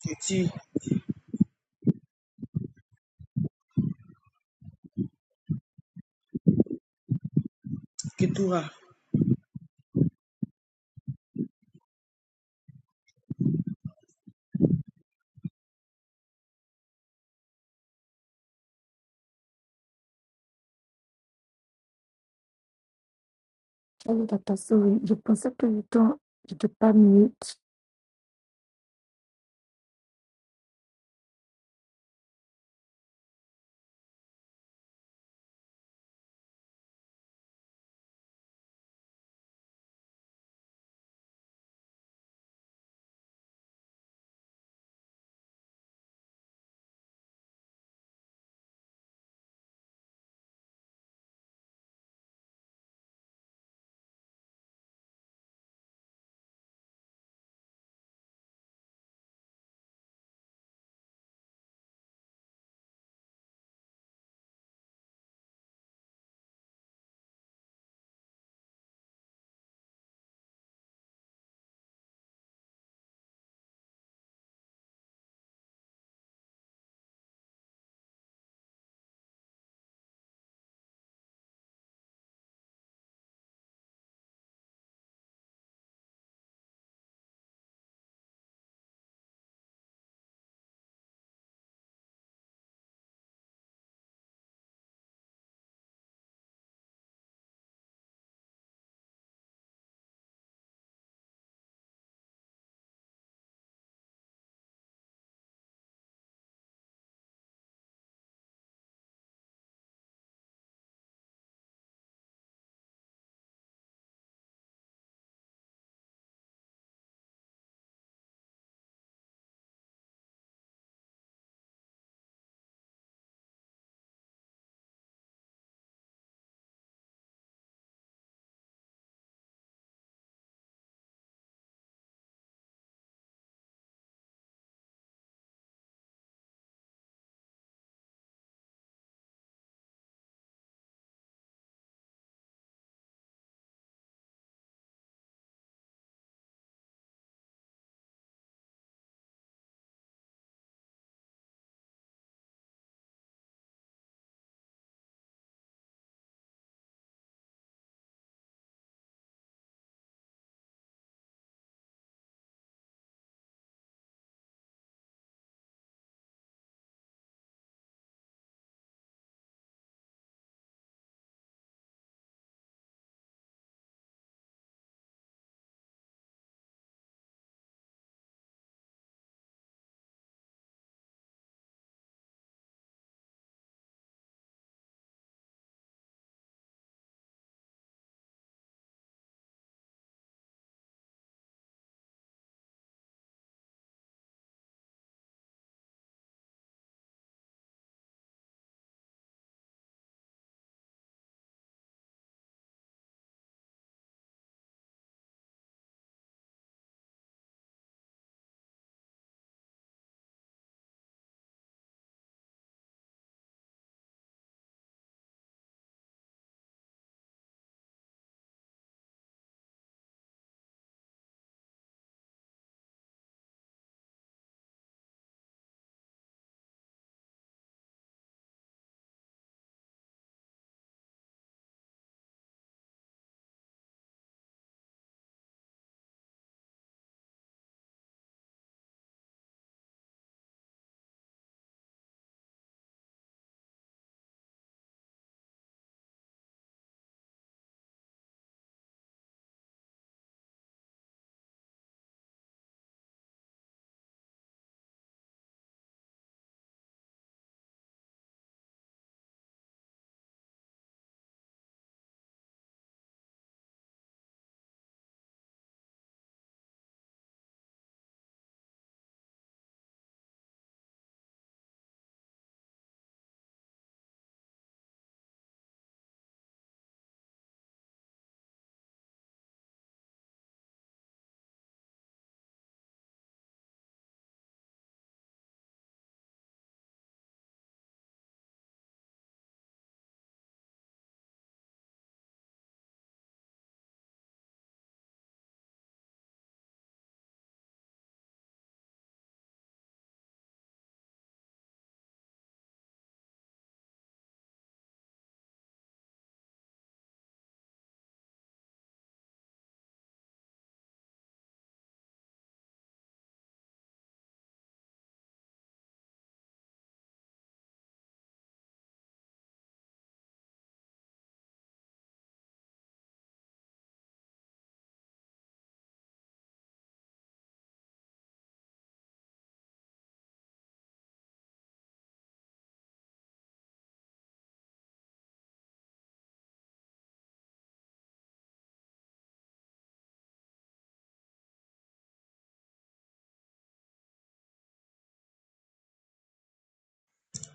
Titi Ketura. Tell that person the concept of you don't you do pas mute.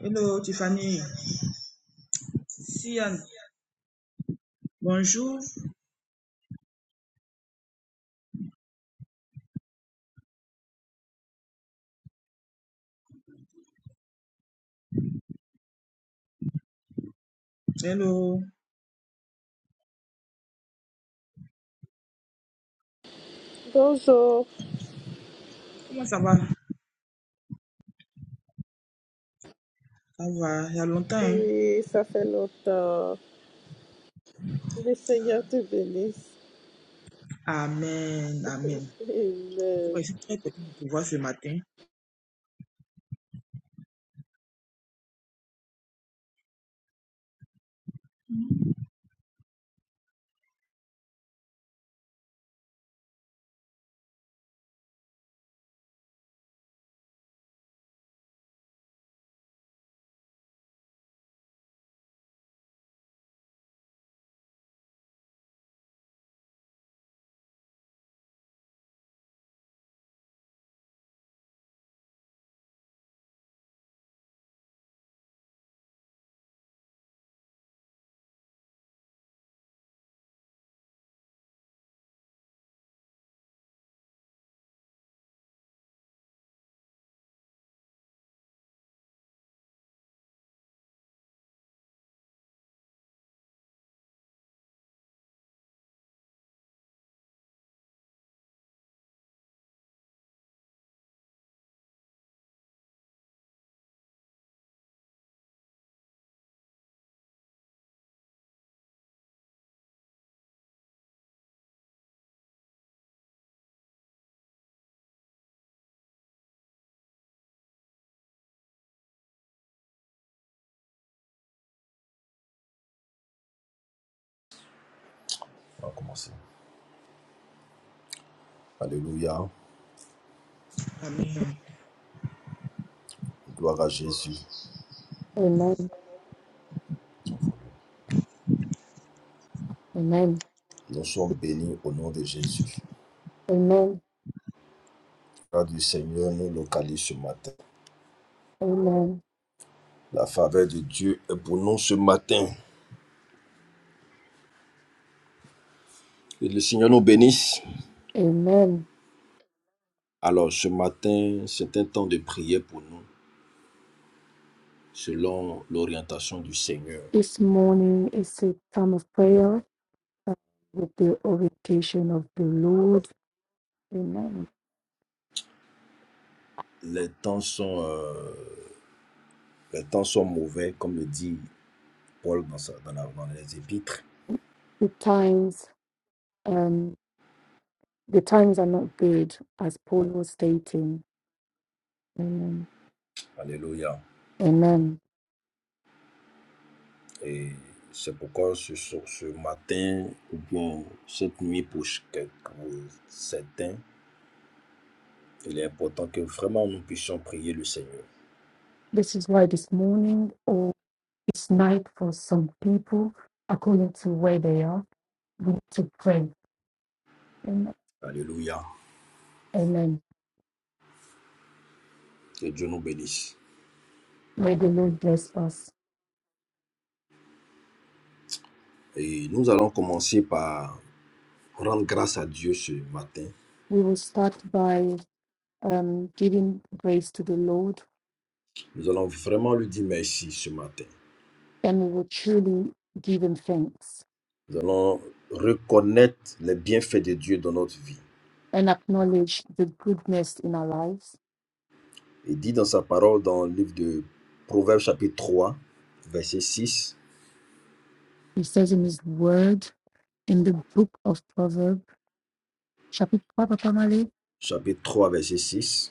Hello Tiffany. Sian. Bonjour. Hello. Bonjour. Comment ça va? Ça va. Il y a longtemps. hein? Oui, ça fait longtemps. Le Seigneur te bénisse. Amen. Amen. En tout cas, Amen. je suis très content de te voir ce matin. On va commencer. Alléluia. Amen. Gloire à Jésus. Amen. Amen. Nous sommes bénis au nom de Jésus. Amen. La faveur du Seigneur nous localise ce matin. Amen. La faveur de Dieu est pour nous ce matin. Que le Seigneur nous bénisse. Amen. Alors ce matin, c'est un temps de prière pour nous, selon l'orientation du Seigneur. This morning is a time of prayer uh, with the orientation of the Lord. Amen. Les temps sont, euh, les temps sont mauvais, comme le dit Paul dans, sa- dans la- dans les épîtres. The times um the times are not good as Paul was stating. Amen. Alléluia. Amen. Et c'est pourquoi ce, ce ce matin ou bien cette nuit pour pour certains, il est important que vraiment nous puissions prier le Seigneur. This is why this morning or this night for some people, according to where they are, we need to pray. Amen. Alléluia. Amen. Que Dieu nous bénisse. May the Lord bless us. Et nous allons commencer par rendre grâce à Dieu ce matin. We will start by um, giving praise to the Lord Nous allons vraiment lui dire merci ce matin. and we will truly give Him thanks Nous allons reconnaître les bienfaits de Dieu dans notre vie. and acknowledge the goodness in our lives. Il dit dans sa parole dans le livre de Proverbes chapitre 3 verset 6 He says in His Word, in the book of Proverbs, chapter Pamale, chapitre 3 verset 6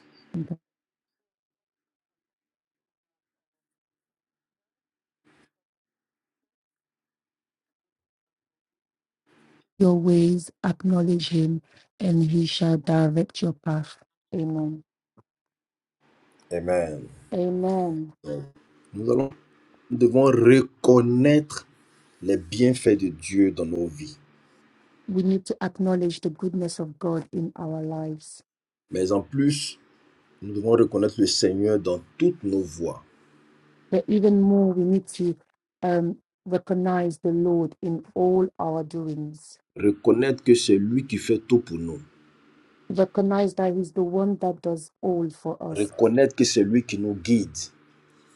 your ways acknowledge Him and He shall direct your path. Amen. Amen. Amen. Nous allons, nous devons reconnaître les bienfaits de Dieu dans nos vies. We need to acknowledge the goodness of God in our lives. Mais en plus, nous devons reconnaître le Seigneur dans toutes nos voies. But even more, we need to um, recognize the Lord in all our doings. Reconnaître que c'est lui qui fait tout pour nous. Recognize that He's the one that does all for us. Reconnaître que c'est lui qui nous guide.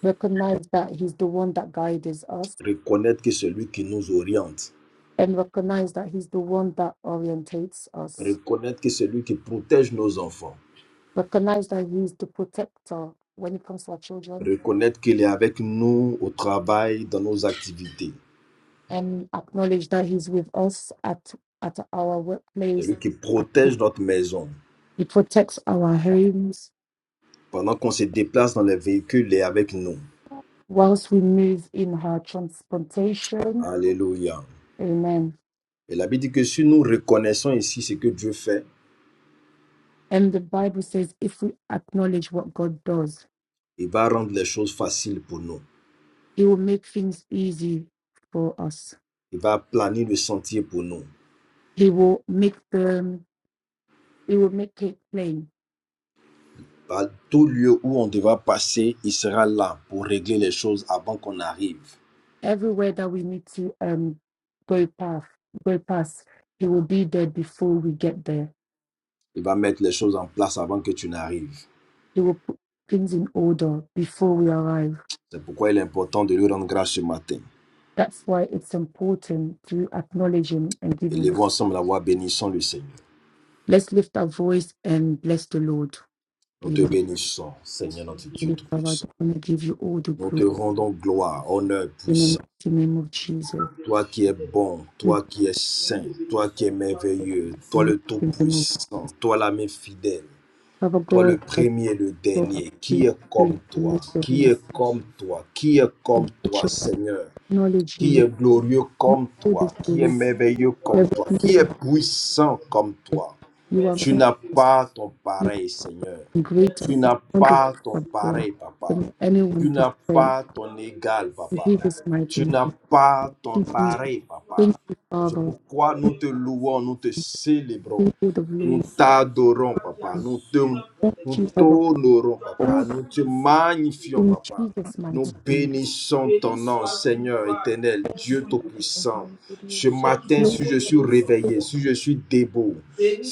Recognize that He's the one that guides us. Reconnaître que c'est lui qui nous oriente. And recognize that He's the one that orientates us. Reconnaître que c'est lui qui protège nos enfants. Recognize that He's the protector when it comes to our children. Reconnaître qu'il est avec nous au travail, dans nos activités. And acknowledge that He's with us at, at our C'est workplace. lui qui He protège notre maison. he protects our homes Pendant qu'on se déplace dans les véhicules, il est avec nous. whilst we move in our transportation Alléluia. Amen. Et la Bible dit que si nous reconnaissons ici ce que Dieu fait, And the Bible says if we acknowledge what God does, il va rendre les choses faciles pour nous. He will make things easy for us. Il va planer le sentier pour nous. He will make them, He will make it plain. À tout lieu où on devra passer, il sera là pour régler les choses avant qu'on arrive. Everywhere that we need to um go path, go past, He will be there before we get there. Il va mettre les choses en place avant que tu n'arrives. He will put things in order before we arrive. C'est pourquoi il est important de lui rendre grâce ce matin. That's why it's important to acknowledge Him and give Him. Élevons ensemble la voix, bénissons le Seigneur. Let's lift our voice and bless the Lord. Nous te Amen. bénissons, Seigneur notre Dieu Lift our voice. Tout-Puissant. I'm going to give you all the Nous glory. te rendons gloire, honneur, in the puissance. mighty name of Jesus. Toi qui es bon, toi qui es saint, toi qui es merveilleux, toi le in the mighty name of Tout-Puissant, toi l'ami fidèle, Father toi le God, God, premier et le for our dernier, qui faith, est comme faith, the toi, list of qui mercy, est comme toi, qui est we comme toi, just Seigneur, acknowledge you. qui Lord. est glorieux You comme all the toi, qui est stories, merveilleux comme toi, qui everything you est are. puissant comme toi. You are Tu n'as pas ton You pareil, Seigneur. are great and Tu n'as wonderful, pas ton Father God, pareil, Papa. than Tu anyone to n'as say. pas ton égal, In papa. Jesus' mighty Tu name, n'as pas ton thank you, Jesus. pareil, Thank papa. you, C'est Father. pourquoi nous te louons, nous te célébrons. Thank you, the Nous Lord. t'adorons, papa. Nous te, Thank nous you, Father. t'honorons, papa. All Nous te magnifions, in papa. Jesus' Nous mighty name. bénissons ton nom, Seigneur éternel, Dieu Tout-Puissant. It Ce is matin, si Lord, je suis réveillé, si je suis debout,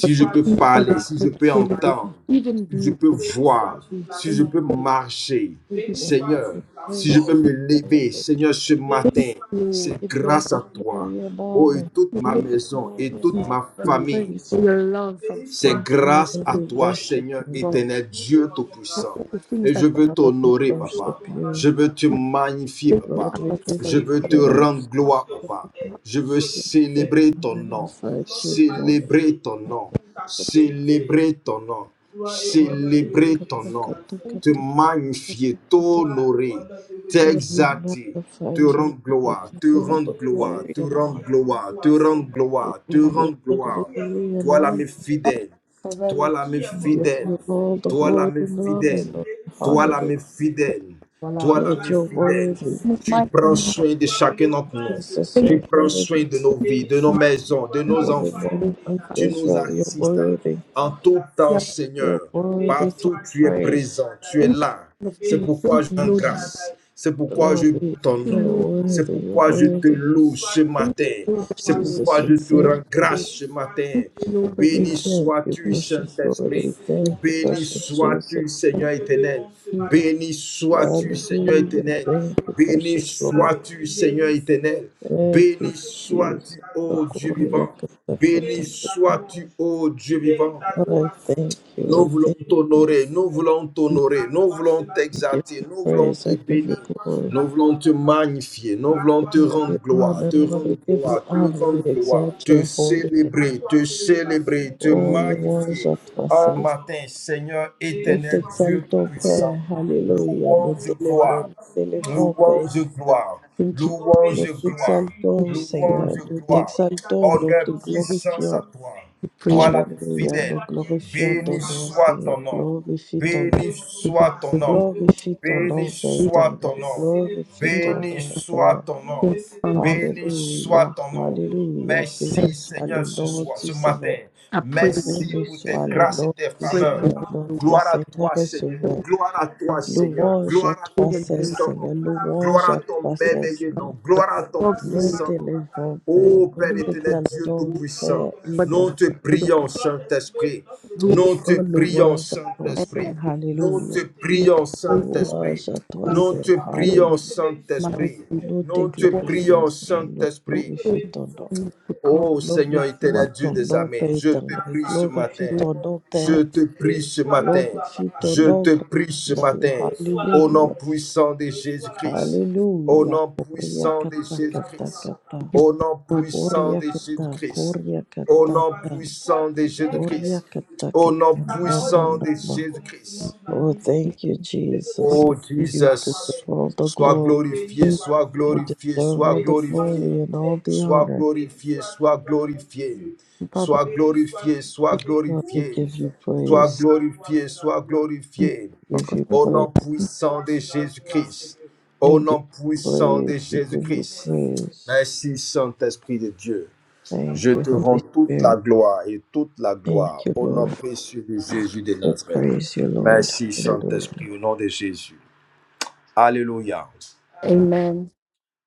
for je peux parler, the si je peux you. privilege, entendre, even si je be peux with voir, We si je thank peux marcher, you, you, thank you, Seigneur, we si je praise peux you, me we lever, elevate Seigneur, ce matin, Lord. you, c'est give you all grâce à the toi. glory and Oh, et honor, toute you we ma make give you maison et glory and me toute honor ma and see famille, praise. for your love of c'est God, Oh grâce Father, à we toi, worship Seigneur you, for éternel, Dieu for Tout-Puissant. all the things Et je that veux Father, we t'honorer, Papa. worship you, Je veux te magnifier, take you Papa. Lord, out we of give God. Je you veux te Thank praise. rendre gloire, papa. Je veux Jesus, célébrer we ton nom. magnify you, glory, Célébrer ton nom. glory, Célébrer ton nom. glory, glory, Célébrer ton nom. glory, you glory, Te magnifier, glory, t'honorer, Lord, we t'exalter, magnify te for your rendre name. We gloire, give te you all rendre the gloire, glory te and rendre honor. gloire, te rendre We gloire, te give you rendre all the gloire. glory and Toi honor. l'âme fidèle, toi covering l'âme We give fidèle, you all the toi l'âme glory and honor, fidèle, Lord. toi things Hallelujah. l'âme fidèle, for toi. life. l'âme Lord, you're worthy. In His tu mighty prends name, soin de chacun d'entre nous. Jesus, thank Tu you're prends worthy. soin de nos vies, de nos maisons, de nos Holy enfants. One of Tu nous as Israel, you're worthy. en tout temps, you, You're Seigneur. Lord. worthy to Partout, be tu es praised. présent, tu es Thank you, là. King of C'est Kings. pourquoi Thank je you, rends Lord. Mhm. grâce. C'est pourquoi Lord, je loue we- ton Thank you, nom. you're Lord. worthy. C'est You're pourquoi je te worthy. loue ce Thank matin. you, Lord, of C'est Lord. Jesus, pourquoi Thank we je te you, rends thank you. grâce Lord. ce matin. Thank you, Lord of We Béni Lords. thank you, sois-tu, Thank precious Saint-Esprit. Lord. We you, thank you, Béni precious Jesus. sois-tu, Seigneur éternel. Jesus. Béni sois-tu. Seigneur Hallelujah. éternel. Thank you, Béni precious Lord. sois-tu, Seigneur éternel. Thank you, Béni Jesus. sois-tu, ô Dieu Gloria, vivant. kata, Béni kata, kata. sois-tu, ô Dieu vivant. Lord, I thank you. I Nous voulons thank you. t'honorer, nous voulons t'honorer, nous voulons I give t'exalter, you nous voulons praise. te I give bénir, you glory. nous voulons te magnifier, nous voulons te I give rendre you gloire, honor, te Lord. rendre We give you gloire, te honor. We rendre gloire, exalt te your holy name. célébrer, te célébrer, te Oh, Lord, je en t'assais. matin, Seigneur Nous éternel, t'exaltons, Père. Hallelujah. Nous louange, t'élevons. gloire, Nous t'élevons, Père louange, éternel. gloire, Thank you, Nous louange, t'exaltons, louange. Seigneur. Nous t'exaltons. Nous Honneur, te puissance glorifions. à toi. we praise Toi you. l'ami Alléluia, fidèle, nous glorifions ton béni nom, soit Seigneur. ton nom. Glorifie ton nom. Béni We soit ton nom. Glorifie ton Béni nom, Père praise soit éternel. ton nom. Glorifie you, ton Béni nom, soit Père. ton nom. thank you, Father. Béni Alléluia, soit ton nom. Alléluia. Merci Béni soit le nom du ce Seigneur. matin. I pray, Merci Béni soit le grâce et nom tes du pray for faveurs. Seigneur, the Lord. notre Gloire à Seigneur toi, et Sauveur. gloire à I toi, Seigneur. Louange à Gloire à pray toi your seul, name, ton nom. Seigneur. Louange Gloire à à ton toi seul, merveilleux nom. Seigneur. God. Gloire à ton God, God, puissant Nous God, t'élevons, God, God, Père. Ô Nous Père God, éternel, Dieu t'exaltons, Tout-Puissant, Père nous éternel. te God, prions, Saint-Esprit. God, God, Nous Oh, te prions, louange à toi God, God, seul. nous Alléluia. te you prions, Saint- faithfully Louange à toi, nous Seigneur. te look prions, Alléluia. mighty Saint-Esprit. Nous te Nous te for the glorifions, prions, Seigneur. Nous Saint-Esprit. glorifions ton nom. things to come. Ô Seigneur What Glorifie éternel Dieu, ton nom, Père je te éternel. prie ce, Glorifie ton nom, je mighty Père. te prie ce matin. Glorifie ton Je nom, te Père prie ce éternel. matin. Au nom Alléluia. puissant de Jésus-Christ. Au Alléluia. nom Koria puissant de kata Jésus-Christ. kata kata. you Au nom God, puissant Koria de kata. Jésus-Christ. Koria Au kata. nom ta. puissant de Jésus-Christ. Koria kata Au kata. nom Na na puissant na de na. Jésus-Christ. Oh, thank you, what Jesus. Oh you You Jesus, deserve all the sois glory. glorifié, think, sois You glorifié, deserve sois all the glorifié, glory and all the sois honor. glorifié, sois glorifié, sois glorifié, sois God, glorifié, we give you sois praise. glorifié, sois in glorifié. your Give you Au praise. nom puissant de Jésus-Christ, We au give you nom puissant praise. de We Jésus. give you praise. Merci Saint-Esprit de Dieu. Je Thank you, te rends Holy toute la Spirit. gloire et toute la gloire Thank you, au nom Lord. précieux de Jésus de We Nazareth. praise you, Lord. Merci Hallelujah. Saint-Esprit au nom de Jésus. Alléluia. Amen.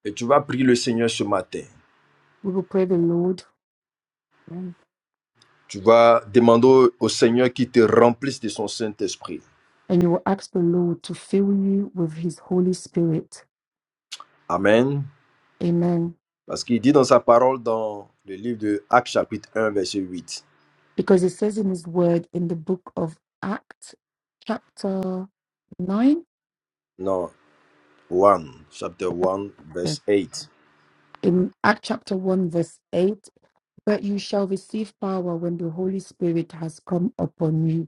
Et tu vas prier le Seigneur ce matin. We will pray the Lord Amen. Tu vas demander au au Seigneur qu'il te remplisse de son Saint-Esprit. and you will ask the Lord to fill you with his Holy Spirit. Amen. Amen. Parce qu'il dit dans sa parole dans le livre de Actes chapitre un verset huit. Because it says in his word in the book of Acts, chapter 9, Non, 1, chapter 1 yeah, verse 8. in Act chapter 1, verse 8, but you shall receive power when the Holy Spirit has come upon you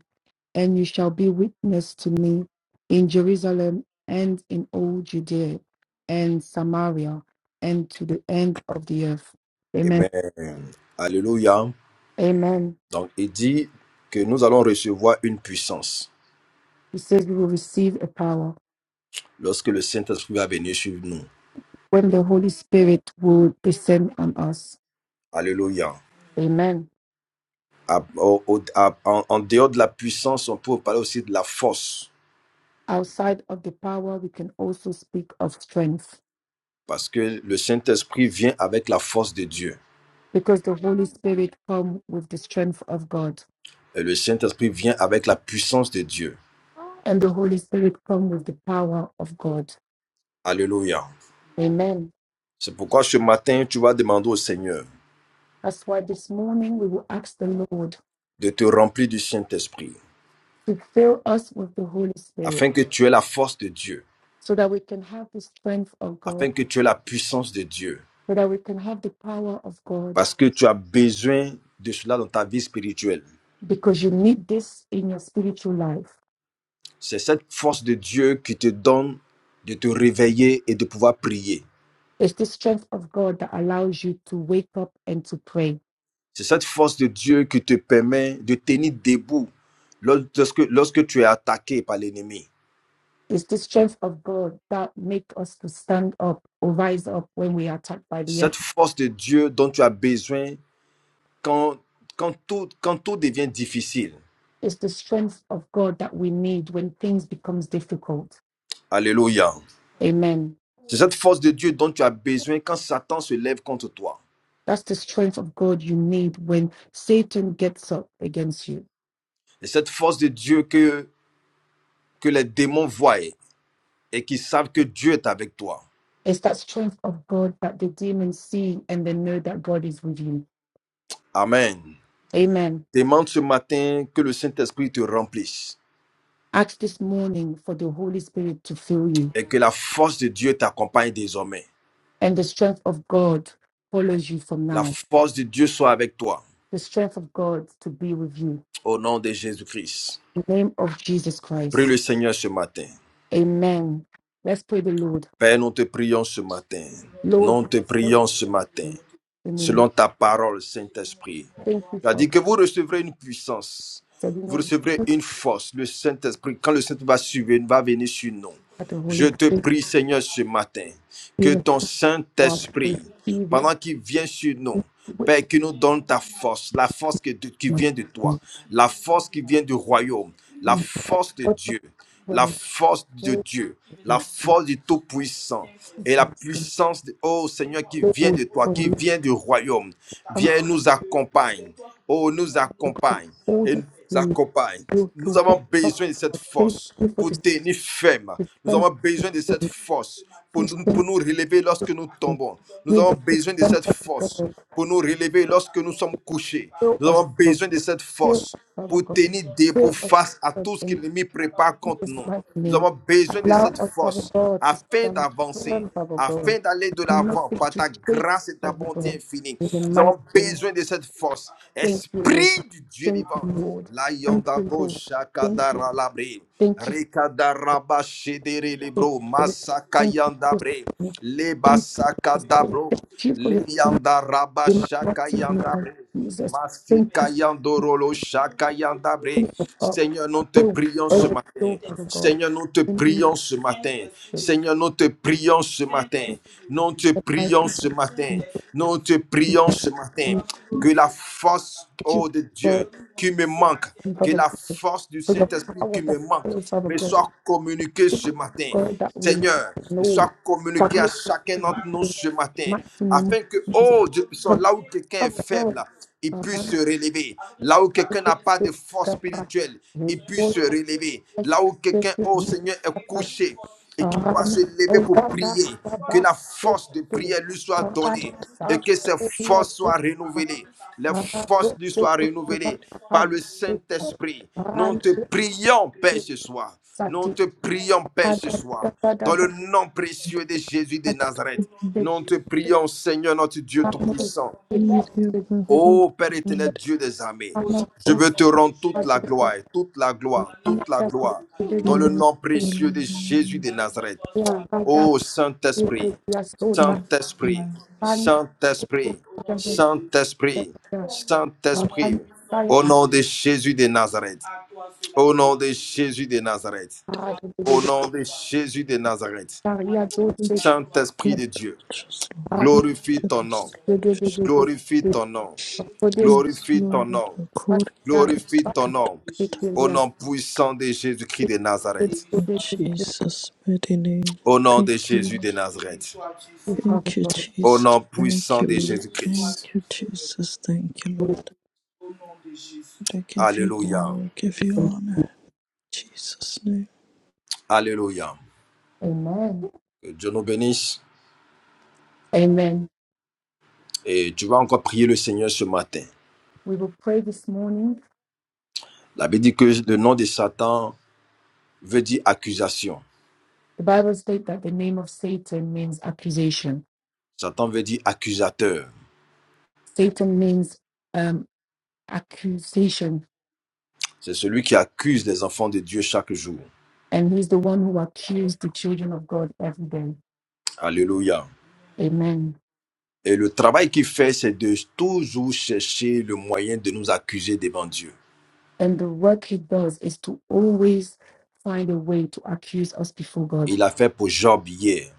and you shall be witness to me in Jerusalem and in all Judea and Samaria and to the end of the earth. Amen. Amen. Alléluia. Amen. Donc il dit que nous allons recevoir une puissance He says we will receive a power lorsque le Saint-Esprit va venir sur nous. when the Holy Spirit will descend on us. Alléluia. Amen. À- au- au- à- en, en dehors de la puissance, on peut parler aussi de la force Outside of the power, we can also speak of strength parce que le Saint-Esprit vient avec la force de Dieu. because the Holy Spirit come with the strength of God Et le Saint-Esprit vient avec la puissance de Dieu. and the Holy Spirit come with the power of God. Alléluia. Amen. C'est pourquoi ce matin, tu vas demander au Seigneur That's why this morning we will ask the Lord de te remplir du Saint-Esprit, to fill us with the Holy Spirit afin que tu aies la force de Dieu, so that we can have the strength of God, afin que tu aies la puissance de Dieu, so that we can have the power of God, parce que tu as besoin de cela dans ta vie spirituelle. because you need this in your spiritual life. C'est cette force de Dieu qui te donne de te réveiller et de pouvoir prier. It's the strength of God that allows you to wake up and to pray. C'est cette force de Dieu qui te permet de tenir debout lorsque, lorsque tu es attaqué par l'ennemi. It's the strength of God that makes us to stand up or rise up when we are attacked by the C'est cette enemy. force de Dieu dont tu as besoin quand, quand, tout, quand tout devient difficile. It's the strength of God that we need when things becomes difficult. Alléluia. Amen. C'est cette force de Dieu dont tu as besoin quand Satan se lève contre toi. That's the strength of God you need when Satan gets up against you C'est cette force de Dieu que, que les démons voient et qui savent que Dieu est avec toi. It's that strength of God that the demons see and they know that God is with you. Amen. Amen. Demande ce matin que le Saint-Esprit te remplisse Ask this morning for the Holy Spirit to fill you, et que la force de Dieu t'accompagne désormais. and the strength of God follows you from La now. force de Dieu soit avec toi. The strength of God to be with you. Au nom de Jésus-Christ. In the name of Jesus Prie Christ. le Seigneur ce matin. Amen. Let's pray the Lord. Père, nous te prions ce matin. Lord, Nous te thank prions ce matin, you. Amen. selon ta parole, Saint-Esprit. Thank you Tu as dit for que vous recevrez une puissance, setting vous up recevrez une force, le Saint-Esprit. Quand le Saint-Esprit va, suivre- va venir sur nous, at the Holy je te Spirit. prie, Seigneur, ce matin, que Give us ton power Saint-Esprit, Receive it. pendant qu'il vient sur nous, Père, qu'il nous donne ta force, la force que- qui Thank vient de toi, you. la force qui vient du royaume, la Thank force de you. Dieu, la God, force de for Dieu, la your force du Tout-Puissant et la grace. puissance, de, oh Seigneur, qui vient Lord, de toi, for qui you vient du royaume. and Viens nous accompagne. Oh, nous accompagne all et nous that you accompagne. do to Nous work avons up. besoin de cette Thank force you for pour the tenir ferme. the Nous avons strength besoin de cette to force pour this nous, pour thank nous relever lorsque nous you. tombons. Nous Give avons us the besoin de strength cette of God. force and pour nous relever lorsque nous sommes couchés. Fill Nous us, avons Lord. besoin de cette Fill force us, Father pour God. tenir debout Fill us, face à Lord, tout ce que in l'ennemi prépare contre Jesus' nous. mighty Nous name. avons besoin de Allow cette us, Father force God, to afin stand d'avancer, firm, Father afin God. d'aller de l'avant Nothing par to ta take, grâce et ta Father bonté God. infinie. In the Nous mighty avons name. besoin de cette force. Thank you, Lord. Esprit du Dieu Thank you, vivant. Lord. Lion Thank you, d'Abo, Lord. Thank you. Shakadara Labri, Thank you Rikadaraba Shedere Jesus. Libro, Masakayandabre, Thank Lebasakadabro, you for your Leyandaraba in mighty Shakayandabre. Thank you for Masikayandorolo shakayandabre. the Seigneur, nous te prions ce matin. God. Seigneur, nous te In prions ce matin. the Seigneur, nous te prions ce matin. Nous te mighty prions ce matin. name Nous te prions of ce matin. Que Jesus. la force, Thank you, oh, de God, Dieu qui me manque, and que Father la God, force du for the Saint-Esprit power qui me that manque flows, Father me God. soit communiquée Thank you, ce matin. God, that we Seigneur, et soit know that communiquée à we can chacun do d'entre nous in the ce matin, mighty name afin que, of Jesus. oh Dieu, ils sont Because là où quelqu'un of est the faible, il puisse se relever. Là où quelqu'un Sati, n'a pas de force spirituelle, il puisse se relever. Là où quelqu'un, oh Seigneur, est couché et qui ne peut pas se lever pour prier, que la force de prière lui soit donnée et que ses forces soient renouvelées. Les forces lui soient renouvelées par le Saint-Esprit. Nous te prions, Père, ce soir. Nous te prions, Père, ce soir. Dans le nom précieux de Jésus de Nazareth. Nous te prions, Seigneur notre Dieu Tout-Puissant. You deserve all Ô Père éternel, the Dieu des armées, je veux te rendre toute la gloire, toute la gloire, toute la gloire, dans le glory. nom précieux de Jésus Hallelujah. de Nazareth. Ô Saint-Esprit, Saint-Esprit, Hallelujah. Pan Saint-Esprit, Saint-Esprit, Saint-Esprit, au nom de Jésus de Nazareth, au nom de Jésus de Nazareth, au nom de Jésus de Nazareth, Such a Saint-Esprit good de Dieu, touches, Lord. glorifie Let ton us nom, glorifie ton nom, Yes, glorifie ton Lord. nom, Glorifie ton Korea nom. Au nom puissant de Jésus-Christ de Nazareth. In Jesus' mighty name. Au nom de Thank you, Jésus Lord. de Nazareth. Thank you, Au Jesus. nom Thank puissant you, de Lord. Jésus-Christ. Thank you, Jesus. Thank you, Lord. I give you Alléluia. glory, give you honor. In Jesus' name. Alléluia. Amen. Que Dieu nous bénisse. Amen. Et tu vas encore prier le Seigneur ce matin. We will pray this morning. La Bible dit que le nom de Satan veut dire accusation. The Bible states that the name of Satan means accusation. Satan veut dire accusateur. Satan means um, accusation, C'est celui qui accuse les enfants de Dieu chaque jour. and he's the one who accused the children of God every day. Alléluia. Amen. Et le travail qu'il fait, c'est de toujours chercher le moyen de nous accuser devant Dieu. And the work he does is to always find a way to accuse us before God. Il a fait pour Job hier.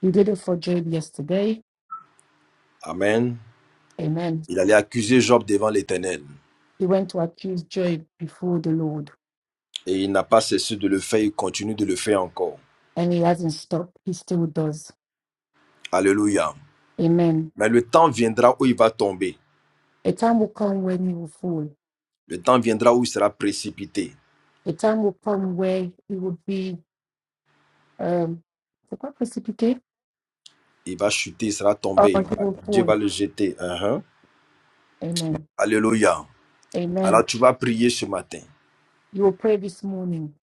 He did it for Job yesterday. Amen. Amen. Il allait accuser Job devant l'Éternel. He went to accuse Job before the Lord, Et il n'a pas cessé de le faire, il continue de le faire encore. and he hasn't stopped. He still does. Alléluia. Amen. Mais le temps viendra où il va tomber. A time will come when he will fall. Le temps viendra où il sera précipité. A time will come where he will be um the precipitate Il va chuter, il sera or tombé. il he va- will Dieu fall. va le jeter. Uhum. Amen. Alléluia. Amen. Alors tu vas prier ce matin. You will pray this morning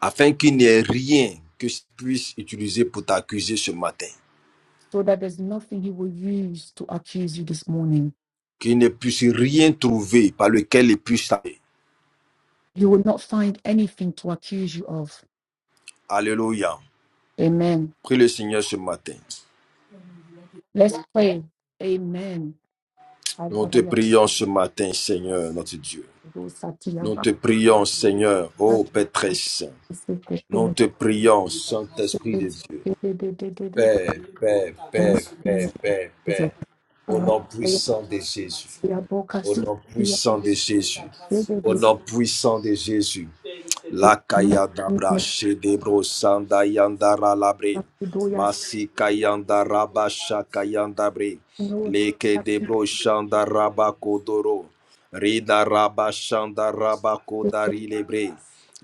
Afin qu'il n'y ait rien que je puisse utiliser pour t'accuser ce matin. so that there's nothing he will use to accuse you this morning Qu'il ne puisse rien trouver par lequel il puisse t'arrêter. You will not find anything to accuse you of. Alléluia. Amen. Prie le Seigneur ce matin. Let's pray. Amen. Nous te prions ce matin, Seigneur, notre Dieu. Nous te prions, Seigneur, ô Père très saint. Nous te prions, Saint-Esprit de Dieu. Père, Père, Père, Père, Père, Père. Au nom puissant de Jésus. Au nom puissant de Jésus. Au nom puissant de Jésus. Lakaya dabra shedebro sanda yandara labre. Masika yanda raba shaka yanda bre. Leke debro shanda raba kodoro. Rida raba shanda raba kodari lebre.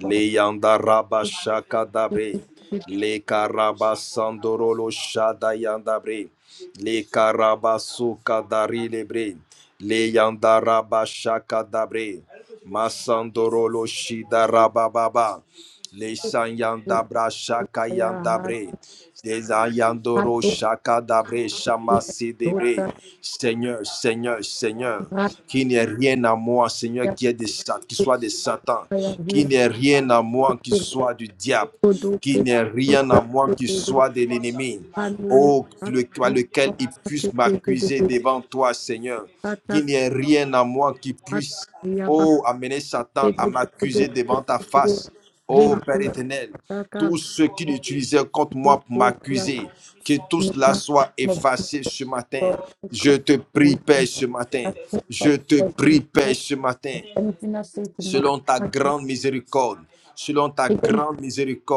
Le yanda raba shaka dabre. Leka raba sandoro lo shada yanda bre. Leka raba suka dari lebre. Le yanda raba shaka dabre. Masandorolo Shida Rabababa. Lesanyanda Brashaka Yandabre. Desayandoro Shaka Dabre Shamasi Debre. Seigneur, Seigneur, Seigneur, qui n'est rien à moi, Seigneur, qui, est de, Sa- qui soit de Satan, qui n'est rien à moi qui soit du diable, Kodose qu'il n'ait rien à moi qui kodose soit de l'ennemi. hanoya Oh, le, atu toi, lequel il sapsate puisse m'accuser kodose devant toi, Seigneur. ata Qu'il n'y ait rien à moi qui puisse, atu yaba oh, amener Satan à kodose m'accuser devant ta kodose face. Oh, Père henoya éternel, ata tous ceux qui l'utilisaient contre moi pour kodose ya m'accuser, que tout cela nima soit effacé ce matin. mabdo Je ikam te prie, wiki Père, ce matin. atu Je te sapsate prie, Père, kodose ce matin anything I say to my selon ta heart grande miséricorde, selon ta again grande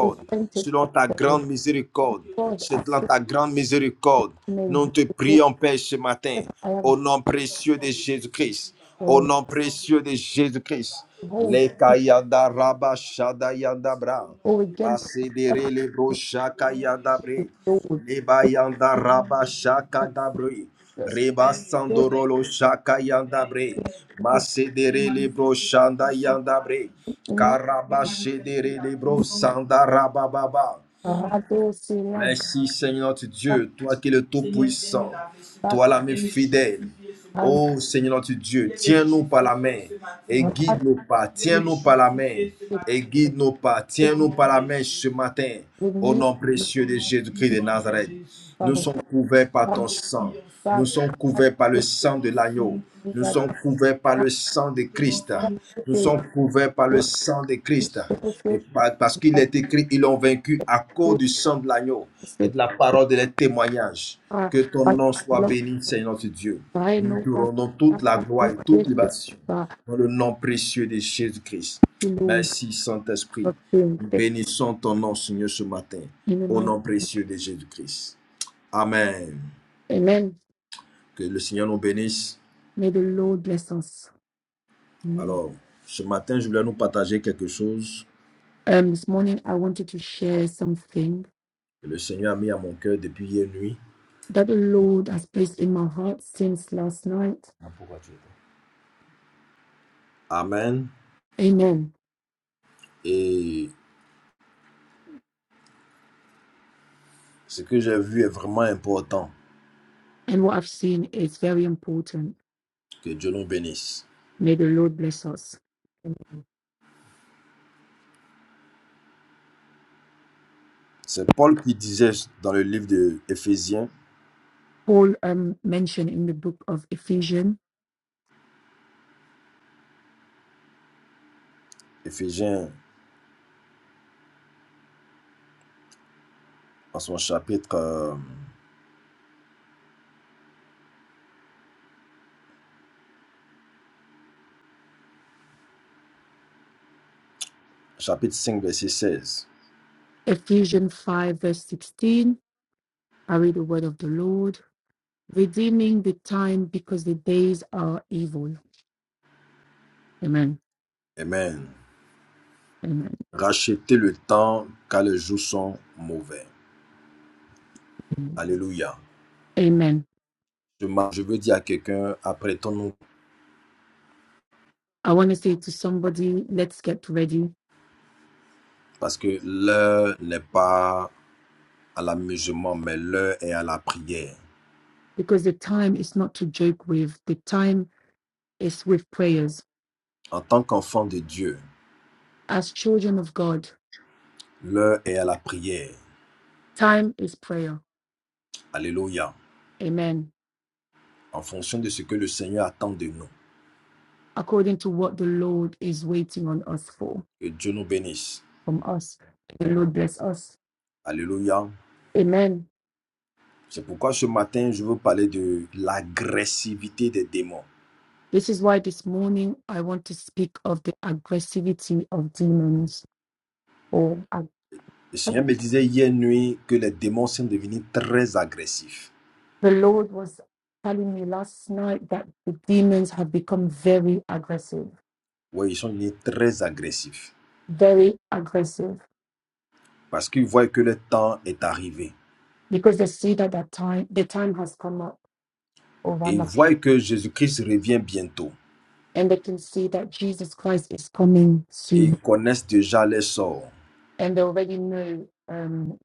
is tempted selon ta grande miséricorde, God I selon ta grande miséricorde. may Nous te hold prions, Père, ce matin, that I have au nom précieux de Jésus-Christ, au destroyed nom précieux de Jésus-Christ. Le hold kayanda raba shada bra, or against basedere le brocha kayanda bre. the Lord Leba yanda raba shaka dabre. Just Reba sandorolo shaka yanda bre. Masedere libro shanda yanda bre. Karaba shedere libro sanda rabababa. Rado Sila Merci Seigneur notre Dieu, toi qui es le Tout-Puissant, Bhakta toi l'ami fidèle. Hari Oh Seigneur notre Dieu, tiens-nous par la main et guide Bhakat nos pas, tiens-nous par la main et guide nos pas, Sikit tiens-nous par la main ce matin, au Vini nom précieux de Jésus-Christ de Nazareth. Nous Bhakta sommes couverts par ton sang. Nous Bhakta sommes couverts par le sang de l'agneau. Nous Sikya sommes couverts par le sang de Christ. Nakya Nous sommes Sikit couverts par le sang de Christ. Sikit Et Sikit Sikha Bhakta Bhai Nuka Bhakta Sikit Sikha The Bakat that is good to say parce qu'il that est écrit, ils l'ont vaincu à cause we du sang de l'agneau et say de la parole de les témoignages. are Que ton but nom soit look béni, Seigneur notre Dieu. I Nous know te that rendons toute la that gloire is et toute great libation to dans le nom précieux de Jésus-Christ. Lord Merci, Saint-Esprit. of Kings Nous bénissons ton nom, Seigneur, ce matin, in the au night. nom précieux de Jésus-Christ. Amen. Amen. Que le Seigneur nous bénisse. May the Lord bless us. Amen. Alors, ce matin, je voulais nous partager quelque chose Um, this morning I wanted to share something que le Seigneur a mis à mon cœur depuis hier nuit. that the Lord has placed in my heart since last night. Ah, Pourquoi tu veux pas Amen. Amen Et ce que j'ai vu est vraiment important. and what I've seen is very important. Que Dieu nous bénisse. May the Lord bless us. C'est Paul qui disait dans le livre de Éphésiens, Paul um, mentioned in the book of Ephesians, Éphésiens en son chapitre, euh, chapitre cinq, verset seize. Ephesians 5, verse 16. I read the word of the Lord, redeeming the time because the days are evil. Amen. Amen. Amen. Rachetez le temps car les jours sont mauvais. Alléluia. Amen. Je je veux dire à quelqu'un, apprêtons-nous I want to say to somebody, let's get ready Parce que l'heure n'est pas à l'amusement, mais l'heure est à la prière. because the time is not to joke with. The time is with prayers. En tant qu'enfant de Dieu, As children of God, l'heure est à la prière. time is prayer. Alléluia. Amen. En fonction de ce que le Seigneur attend de nous. according to what the Lord is waiting on us for Que Dieu nous bénisse. from us. The Lord bless us. Alléluia. Amen. C'est pourquoi ce matin, je veux parler de l'agressivité des démons. This is why this morning I want to speak of the aggressivity of demons. Or ag- Le Seigneur me disait hier nuit que les démons sont devenus très agressifs. the Lord was telling me last night that the demons have become very aggressive, Oui, ils sont devenus très agressifs. very aggressive, Parce qu'ils voient que le temps est arrivé. because they see that that time the time has come up Et over ils now, voient que Jésus-Christ revient bientôt. and they can see that Jesus Christ is coming et ils soon, connaissent déjà leur sort. and they already know um,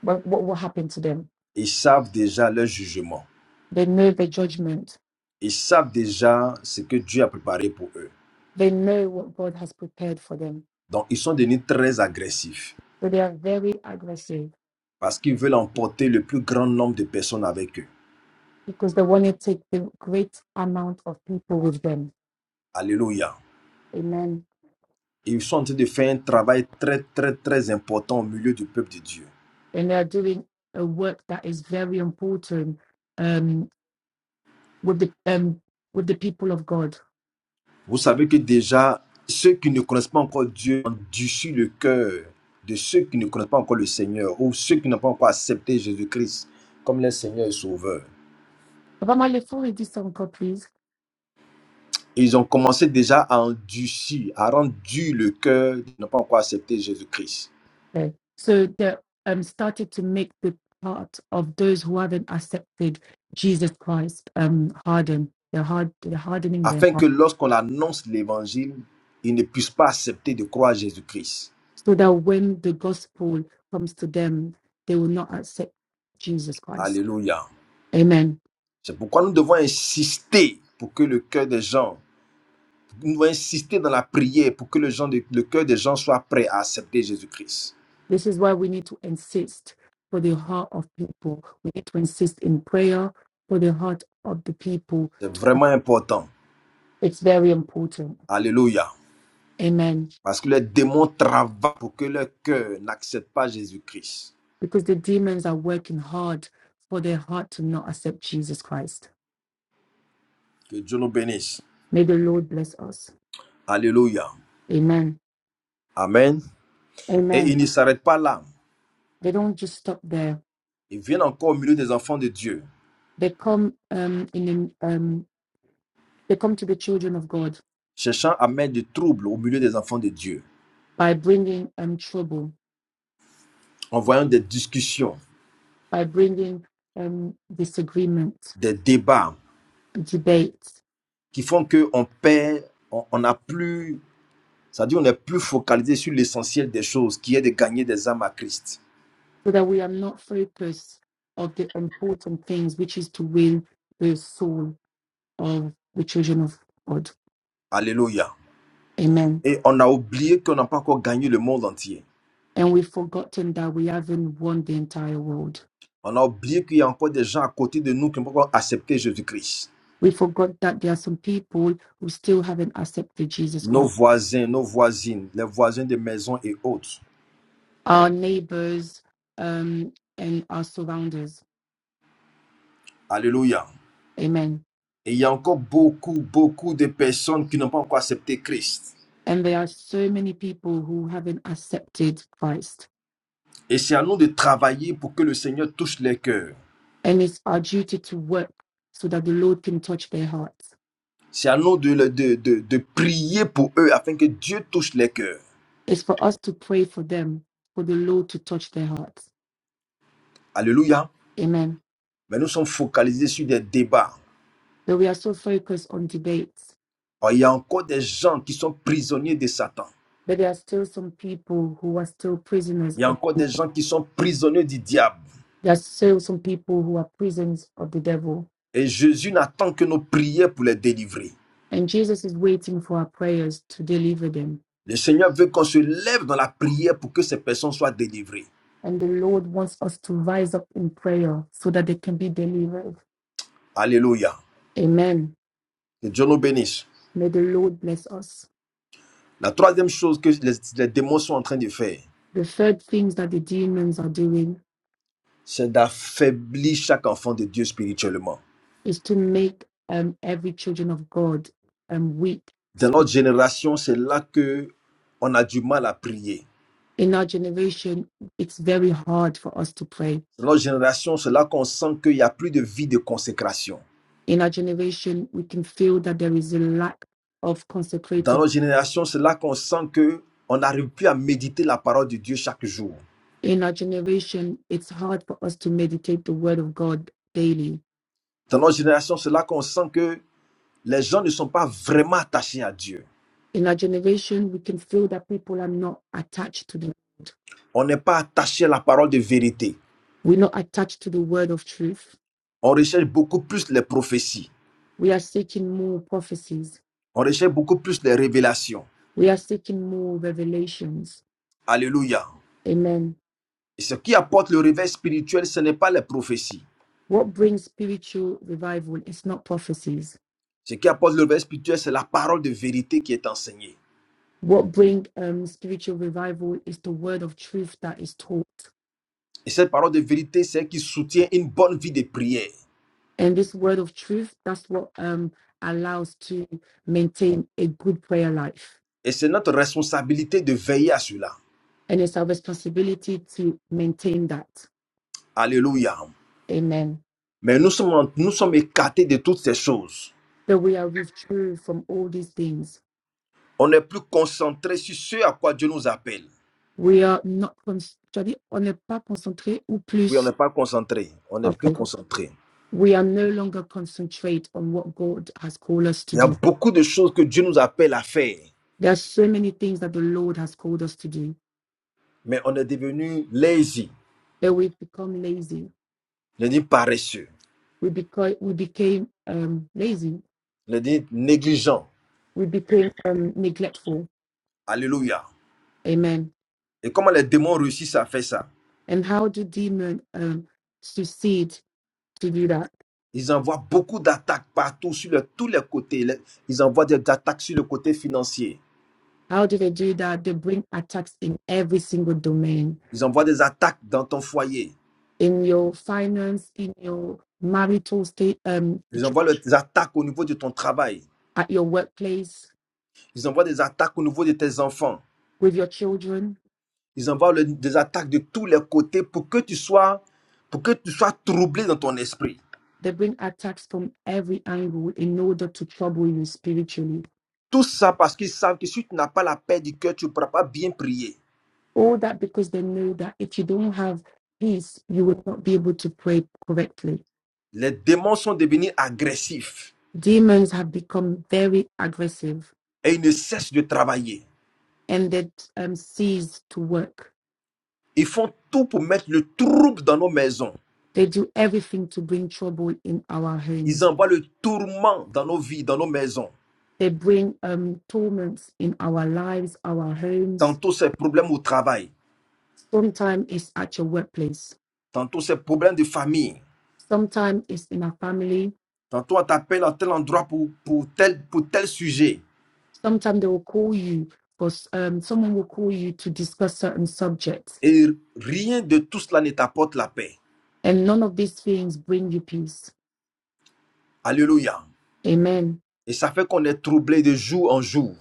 what, what will happen to them Ils savent déjà leur jugement. They know the judgment. Ils savent déjà ce que Dieu a préparé pour eux. They know what God has prepared for them. Donc, ils sont devenus très agressifs So they are very aggressive parce qu'ils veulent emporter le plus grand nombre de personnes avec eux. because they want to take the great amount of people with them. Alléluia. Amen. Ils sont en train de faire un travail très, très, très important au milieu du peuple de Dieu. And they are doing a work that is very important um, with the um, with the people of God. Vous savez que déjà, ceux qui ne connaissent pas encore Dieu ont endurcissent le cœur de ceux qui ne connaissent pas encore le Seigneur ou ceux qui n'ont pas encore accepté Jésus-Christ comme leur Seigneur et Sauveur. Papa Male, forward this song, God, please. Ils ont commencé déjà à endurcir, à rendre dur le cœur de ne pas encore accepter Jésus-Christ. Okay. So they um, started to make the part of those who haven't accepted Jesus Christ um, harden. They're hard. They're hardening them Afin que lorsqu'on annonce l'évangile, ils ne puissent pas accepter de croire Jésus-Christ. so that when the gospel comes to them, they will not accept Jesus Christ. Alléluia. Amen. C'est pourquoi nous devons insister pour que le cœur des gens, nous devons insister dans la prière pour que le, gens- le cœur des gens soit prêt à accepter Jésus-Christ. This is why we need to insist for the heart of people. We need to insist in prayer for the heart of the people. C'est vraiment important. It's very important. Alléluia. Amen. Parce que les démons travaillent pour que leur cœur n'accepte pas Jésus-Christ. Because the demons are working hard for their heart to not accept Jesus Christ. Que Dieu nous bénisse. May the Lord bless us. Alléluia. Amen. Amen. Et Amen. il ne s'arrête pas là. They don't just stop there. Ils viennent encore au milieu des enfants de Dieu, They come um, in um, they come to the children of God cherchant à mettre du trouble au milieu des enfants de Dieu, by bringing um, trouble, en voyant des discussions, by bringing um, disagreement, des débats debate, qui font qu'on perd, on on n'a plus, c'est-à-dire on n'est plus focalisé sur l'essentiel des choses, qui est de gagner des âmes à Christ. so that we are not focused on the important things, which is to win the soul of the children of God. Alléluia. Amen. Et on a oublié qu'on n'a pas encore gagné le monde entier. And we've forgotten that we haven't won the entire world. On a oublié qu'il y a encore des gens à côté de nous qui n'ont pas encore accepté Jésus-Christ. We forgot that there are some people who still haven't accepted Jesus Nos Christ. voisins, nos voisines, les voisins des maisons et autres. Our neighbors um, and our surrounders. Alléluia. Amen Et il y a encore beaucoup, beaucoup de personnes qui n'ont pas encore accepté Christ. And there are so many people who haven't accepted Christ. Et c'est à nous de travailler pour que le Seigneur touche les cœurs. And it's our duty to work so that the Lord can touch their hearts. C'est à nous de, de, de, de prier pour eux afin que Dieu touche les cœurs. It's for us to pray for them, for the Lord to touch their hearts. Alléluia. Amen. Mais nous sommes focalisés sur des débats. Though we are so focused on debates, Or, il y a encore des gens qui sont prisonniers de Satan. but there are still some people who are still prisoners Il y a of, encore des gens qui sont prisonniers du diable. there are still some people who are prisons of the devil. Et Jésus n'attend que nos prières pour les délivrer. And Jesus is waiting for our prayers to deliver them. Le Seigneur veut qu'on se lève dans la prière pour que ces personnes soient délivrées. And the Lord wants us to rise up in prayer so that they can be delivered. Alléluia. Amen. Que Dieu nous bénisse. May the Lord bless us. La troisième chose que les, les démons sont en train de faire, The third things that the demons are doing c'est d'affaiblir chaque enfant de Dieu spirituellement. is to make um, every children of God um, weak. Dans notre génération, c'est là que on a du mal à prier. In our generation, it's very hard for us to pray. Dans notre génération, c'est là qu'on sent qu'il n'y a plus de vie de consécration. In our generation, we can feel that there is a lack of Dans consecrated. notre génération, c'est là qu'on sent que on n'arrive plus à méditer la parole de Dieu chaque jour. In our generation, it's hard for us to meditate the word of God daily. Dans notre génération, c'est là qu'on sent que les gens ne sont pas vraiment attachés à Dieu. In our generation, we can feel that people are not attached to the On n'est pas attaché à la parole de vérité. we're not attached to the word of truth. On recherche beaucoup plus les prophéties. We are seeking more prophecies On recherche beaucoup plus les révélations We are seeking more revelations. Alléluia. Amen. Et ce qui apporte le réveil spirituel, ce n'est pas les prophéties. What brings spiritual revival is not prophecies. Ce qui apporte le réveil spirituel, c'est la parole de vérité qui est enseignée. What brings um, spiritual revival is the word of truth that is taught. Et cette parole de vérité, c'est elle qui soutient une bonne vie de prière. And this word of truth, that's what um, allows to maintain a good prayer life. Et c'est notre responsabilité de veiller à cela. And it's our responsibility to maintain that. Alléluia. Amen. Mais nous sommes, en- nous sommes écartés de toutes ces choses. That we are withdrew from all these things. On n'est plus concentré sur ce à quoi Dieu nous appelle. We are not, cons- j'allais, on n'est pas concentré ou Oui, on plus. n'est pas concentré. On n'est Okay. plus concentré. we are no longer concentrate on what God has called us Il to y a do. beaucoup de choses que Dieu nous appelle à faire, There are so many things that the Lord has called us to do mais on est devenu lazy, but we have become lazy. on est devenu paresseux. We became we became um, lazy. On a dit négligent. We became um, neglectful. Alléluia. Amen. Et comment les démons réussissent à faire ça And how do demons um, succeed to do that? Ils envoient beaucoup d'attaques partout, sur le- tous les côtés. Les- Ils envoient des attaques sur le côté financier. How do they do that? They bring attacks in every single domain, Ils envoient des attaques dans ton foyer. in your finance, in your marital state, um, Ils envoient le- des attaques au niveau de ton travail. at your workplace, Ils envoient des attaques au niveau de tes enfants. with your children, Ils envoient le- des attaques de tous les côtés pour que tu sois, pour que tu sois troublé dans ton esprit. They bring attacks from every angle in order to trouble you spiritually. Tout ça parce qu'ils savent que si tu n'as pas la paix du cœur, tu ne pourras pas bien prier. All that because they know that if you don't have peace, you will not be able to pray correctly. Les démons sont devenus agressifs. Demons have become very aggressive et ils ne cessent de travailler. and they um, cease to work. Ils font tout pour mettre le trouble dans nos maisons. They do everything to bring trouble in our Ils homes. envoient le tourment dans nos vies, dans nos maisons. They bring um, torments in our lives, our homes. Tantôt c'est problème au travail, Sometimes it's at your workplace. tantôt c'est problème de famille, Sometimes it's in our family tantôt on t'appelle à tel endroit pour, pour, tel, pour tel sujet. Sometimes they will call you, or um, someone will call you to discuss certain subjects. Et rien de tout cela ne t'apporte la paix. And none of these things bring you peace. Alléluia. Amen. Et ça fait qu'on est troublé de jour en jour.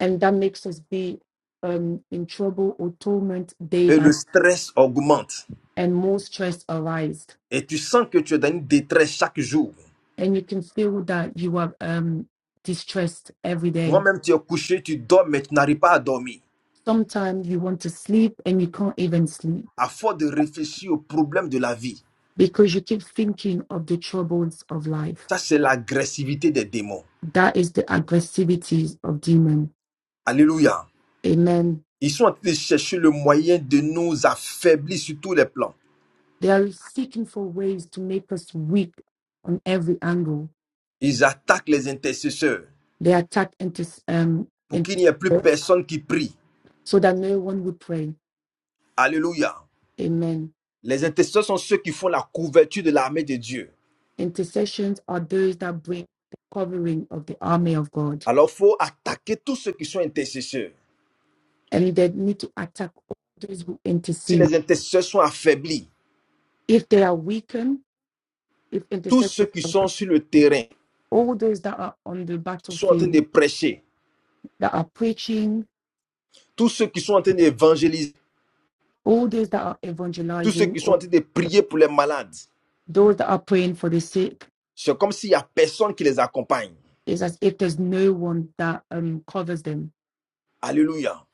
And that makes us be um, in trouble or torment day Et by le day, stress augmente. and more stress arise. Et tu sens que tu es dans une détresse chaque jour. And you can feel that you are um, distressed every day. Toi-même, tu es couché, tu dors, mais tu n'arrives pas à dormir. Sometimes you want to sleep and you can't even sleep à force de réfléchir aux problèmes de la vie. because you keep thinking of the troubles of life. Ça, c'est l'agressivité des démons. That is the aggressivities of demon. Alléluia. Amen Ils sont en train de chercher le moyen de nous affaiblir sur tous les plans. They are seeking for ways to make us weak on every angle. Ils attaquent les intercesseurs They attack inter- um, pour qu'il n'y ait plus intercessors personne qui prie. so that no one would pray. Alléluia. Amen. Les intercesseurs sont ceux qui font la couverture de l'armée de Dieu. Intercessions are those that bring the covering of the army of God, Alors, il faut attaquer tous ceux qui sont intercesseurs. and they need to attack all those who Si intercede. les intercesseurs sont affaiblis, If they are weakened, if tous ceux intercessors, qui sont sur le terrain, all those that are on the qui sont en train de battlefield, prêcher, that are preaching, tous ceux qui sont en train d'évangéliser, all those that are tous ceux evangelizing, qui sont or en train de prier pour les malades, those that are praying for the sick, C'est comme s'il n'y a personne qui les accompagne. It's as if there's no one that um covers them. Alléluia.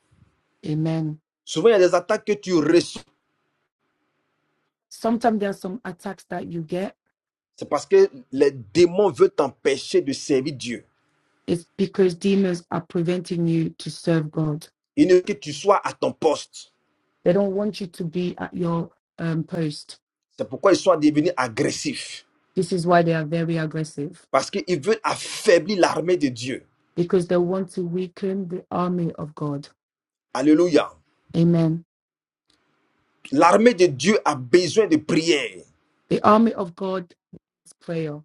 Amen. Souvent, il y a des attaques que tu reçois. Sometimes there are some attacks that you get. C'est parce que les démons veulent t'empêcher de servir Dieu. It's because demons are preventing you to serve God. Ils veulent que tu sois à ton poste. They don't want you to be at your um, post. C'est pourquoi ils sont devenus agressifs. This is why they are very aggressive Parce qu'ils veulent affaiblir l'armée de Dieu. because they want to weaken the army of God. Alléluia. Amen. L'armée de Dieu a besoin de prière. The army of God is prayer,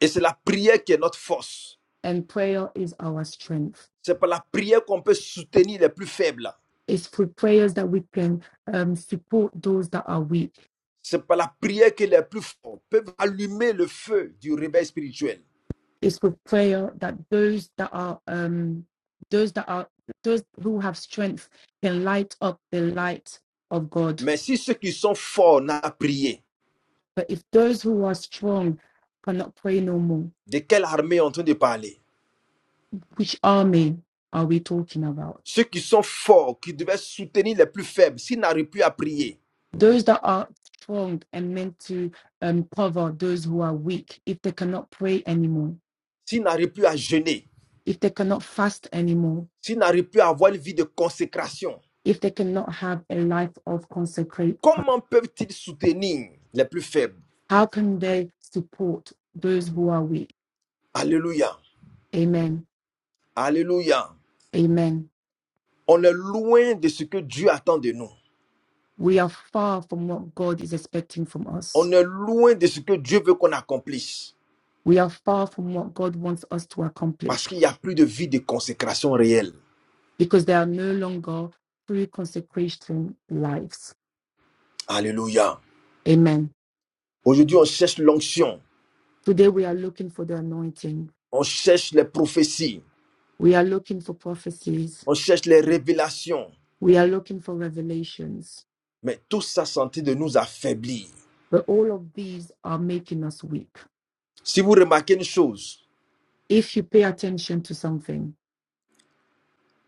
Et c'est la prière qui est notre force. and prayer is our strength. C'est par la prière qu'on peut soutenir les plus faibles. It's through prayers that we can um, support those that are weak C'est par la prière que les plus forts peuvent allumer le feu du réveil spirituel. It's with prayer that those that are um those that are those who have strength can light up the light of God. Mais si ceux qui sont forts n'ont pas prié, But if those who are strong cannot pray no more, de quelle armée est en train de parler which army are we talking about? Ceux qui sont forts, qui devaient soutenir les plus faibles, s'ils n'arrivent plus à prier, Those that are strong and meant to um, cover those who are weak, if they cannot pray anymore, s'ils n'arrivent plus à jeûner, if they cannot fast anymore, s'ils n'arrivent plus à avoir une vie de consécration, if they cannot have a life of consecrate, comment peuvent-ils soutenir les plus faibles how can they support those who are weak? Alléluia, Amen. Alléluia. Amen. On est loin de ce que Dieu attend de nous. We are far from what God is expecting from On us. est loin de ce que Dieu veut qu'on accomplisse. We are far from what God wants us to Parce accomplish qu'il n'y a plus de vie de consécration réelle. because there are no longer free consecration lives. Alléluia. Amen. Aujourd'hui, on cherche l'onction. Today we are looking for the anointing. On cherche les prophéties. We are looking for prophecies. on cherche les révélations, We are looking for revelations. mais tout ça sentit de nous affaiblir. But all of these are making us weak. Si vous remarquez une chose, If you pay attention to something,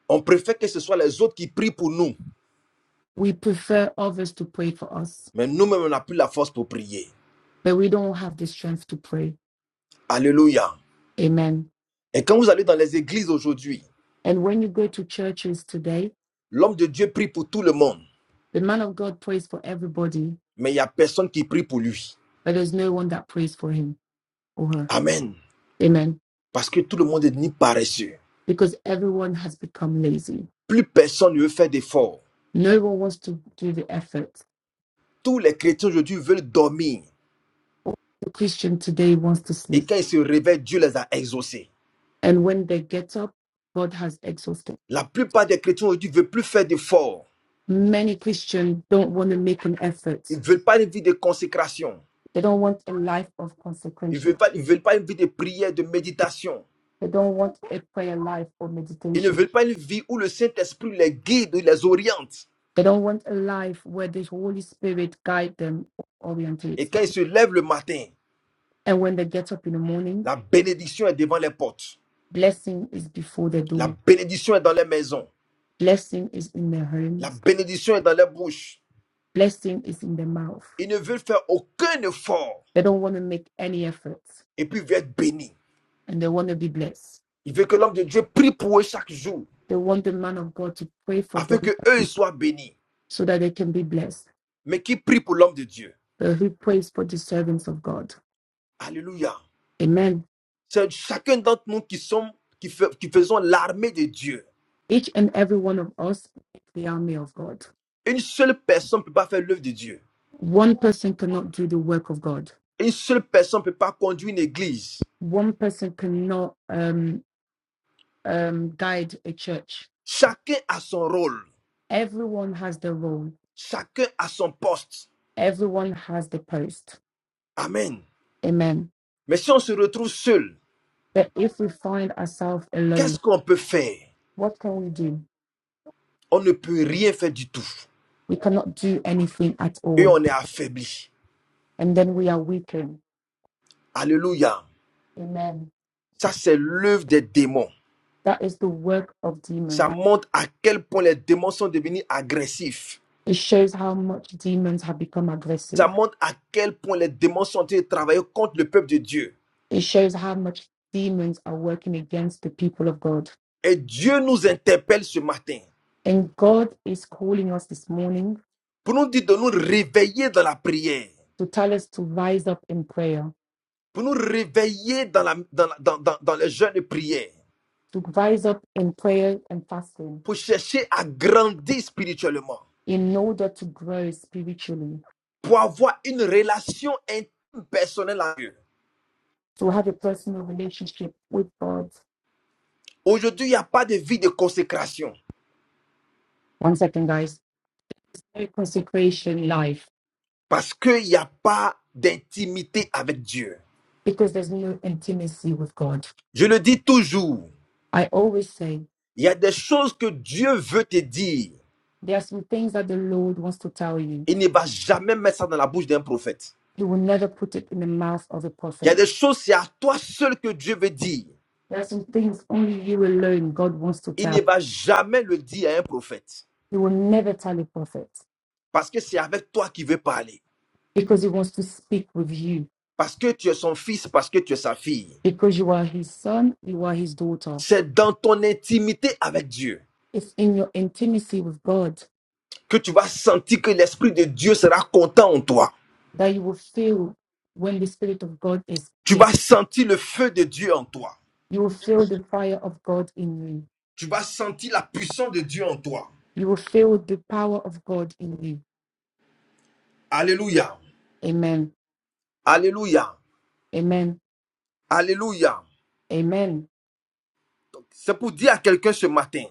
on préfère que ce soit les autres qui prient pour nous, we prefer others to pray for us, mais nous-mêmes, on n'a plus la force pour prier. but we don't have the strength to pray. Alléluia. Amen. Et quand vous allez dans les églises aujourd'hui, And when you go to churches today, l'homme de Dieu prie pour tout le monde, The man of God prays for everybody, mais il n'y a personne qui prie pour lui. but there's no one that prays for him or her. Amen. Amen. Parce que tout le monde est devenu paresseux. Because everyone has become lazy. Plus personne ne veut faire d'efforts. No one wants to do the effort. Tous les chrétiens aujourd'hui veulent dormir. The Christian today wants to Et sleep. quand ils se réveillent, Dieu les a exaucés. And when they get up, God has exhausted. La plupart des chrétiens aujourd'hui ne veulent plus faire d'efforts. Many Christians don't want to make an effort. Ils ne veulent pas une vie de consécration. They don't want a life of Ils ne veulent consecration. pas, ils veulent pas une vie de prière, de méditation. They don't want a prayer life or Ils ne meditation. veulent pas une vie où le Saint-Esprit les guide, il les oriente. They don't want a life where the Holy Spirit guide them, Et orientates quand them. ils se lèvent le matin, And when they get up in the morning, la bénédiction est devant les portes. Blessing is before the La door. bénédiction est dans les maisons. Blessing is in their La homes. bénédiction est dans les bouches. Blessing is in their mouth. Ils ne veulent faire aucun effort. They don't want to make any efforts Et puis ils veulent être bénis. and they want to be blessed. Ils veulent que l'homme de Dieu prie pour eux chaque jour. They want the man of God to pray for Afin que them eux ils soient bénis. so that they can be blessed. Mais qui prie pour l'homme de Dieu But who prays for the servants of God? Alléluia. Amen. C'est chacun d'entre nous qui sommes, qui fait, qui faisons l'armée de Dieu. Each and every one of us is the army of God. Une seule personne ne peut pas faire l'œuvre de Dieu. One person cannot do the work of God. Une seule personne ne peut pas conduire une église. One person cannot um, um, guide a church. Chacun a son rôle. Everyone has their role. Chacun a son poste. Everyone has the post. Amen. Amen. Mais si on se retrouve seul, But if we find ourselves qu'est-ce alone, qu'on peut faire what can we do? On ne peut rien faire du tout. We cannot do anything at Et all. on est affaibli. And then we are weakened. Alléluia. Amen. Ça, c'est l'œuvre des démons. That is the work of Ça demons. montre à quel point les démons sont devenus agressifs. It shows how much demons have become Ça aggressive. montre à quel point les démons sont en train de travailler contre le peuple de Dieu. It shows how much demons are working against the people of God. Et Dieu nous interpelle ce matin. And God is calling us this morning pour nous dire de nous réveiller dans la prière, to tell us to rise up in prayer, pour nous réveiller dans, la, dans, dans, dans, dans le jeûne de prière, to rise up in prayer and fasting pour chercher à grandir spirituellement, in order to grow spiritually, pour avoir une relation intime personnelle avec Dieu. to have a personal relationship with God Aujourd'hui, il n'y a pas de vie de consécration One second, guys. No consecration life parce qu'il n'y a pas d'intimité avec Dieu. because there's no intimacy with God. Je le dis toujours, I always say il y a des choses que Dieu veut te dire. there are some things that the Lord wants to tell you. Il ne va jamais mettre ça dans la bouche d'un prophète. He will never put it in the mouth of a Il y a prophet. des choses, c'est à toi seul que Dieu veut dire. There are some things only you alone God wants to il ne tell. va jamais le dire à un prophète. He will never tell a prophet Parce que c'est avec toi qu'il veut parler. because he wants to speak with you Parce que tu es son fils, parce que tu es sa fille. because you are his son, you are his daughter. C'est dans ton intimité avec Dieu It's in your intimacy with God que tu vas sentir que l'Esprit de Dieu sera content en toi. that you will feel when the Spirit of God is Tu pleased. vas sentir le feu de Dieu en toi. You will feel the fire of God in you Tu vas sentir la puissance de Dieu en toi. You will feel the power of God in you. Alléluia. Amen. Alléluia. Amen. Alléluia. Amen. C'est pour dire à quelqu'un ce matin,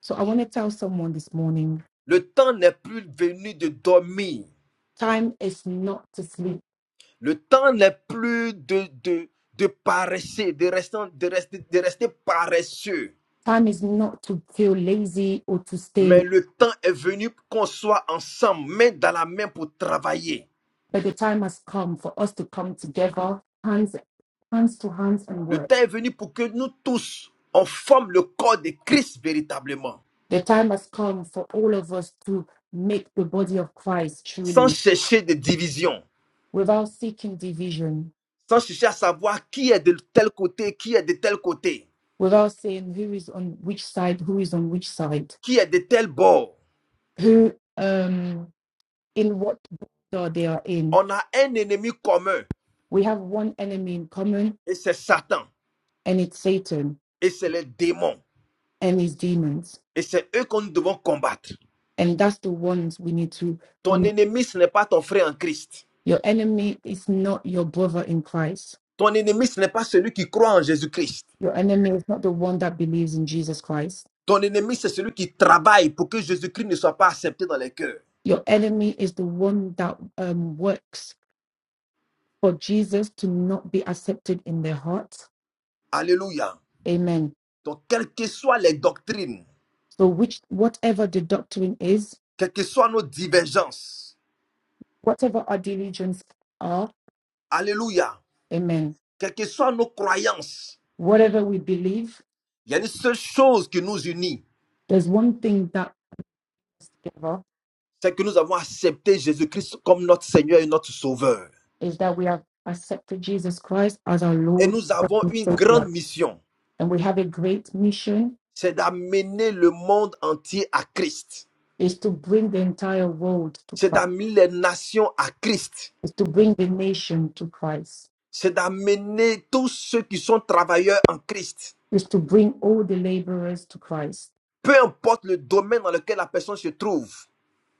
So I want to tell someone this morning le temps n'est plus venu de dormir. time is not to sleep, Le temps n'est plus de, de, de paresser, de rester, de, rester, de rester paresseux. time is not to feel lazy or to stay, Mais le temps est venu qu'on soit ensemble, main dans la main pour travailler. but the time has come for us to come together, hands, hands to hands, and Le work. temps est venu pour que nous tous, on forme le corps de Christ véritablement, The time has come for all of us to make the body of Christ sans truly chercher de division, without seeking division, sans chercher à savoir qui est de tel côté, qui est de tel côté, without saying who is on which side, who is on which side, qui est de tel bord. who. Um, in what door they are in. On a un ennemi commun, We have one enemy in common, et c'est Satan, and it's Satan et c'est les démons, and his demons. et c'est eux que nous devons combattre. And that's the ones we need to Ton come. ennemi, ce n'est pas ton frère en Christ. Your enemy is not your brother in Christ. Ton ennemi, ce n'est pas celui qui croit en Jésus-Christ. Your enemy is not the one that believes in Jesus Christ. Ton ennemi, c'est celui qui travaille pour que Jésus-Christ ne soit pas accepté dans les cœurs. Your enemy is the one that um, works for Jesus to not be accepted in their hearts. Alléluia. Amen. Donc, quelles que soient les doctrines, So, which whatever the doctrine is, quelles que soient nos divergences, whatever our diligence are, Alléluia, amen. quelles que soient nos croyances, Whatever we believe, il y a une seule chose qui nous unit, There's one thing that us together c'est que nous avons accepté Jésus-Christ comme notre Seigneur et notre Sauveur. is that we have accepted Jesus Christ as our Et Lord nous avons and une grande Savior, mission, and we have a great mission: c'est d'amener le monde entier à Christ. is to bring the entire world to c'est Christ, d'amener les nations à Christ. is to bring the nation to Christ, C'est d'amener tous ceux qui sont travailleurs en Christ. is to bring all the laborers to Christ, Peu importe le domaine dans lequel la personne se trouve,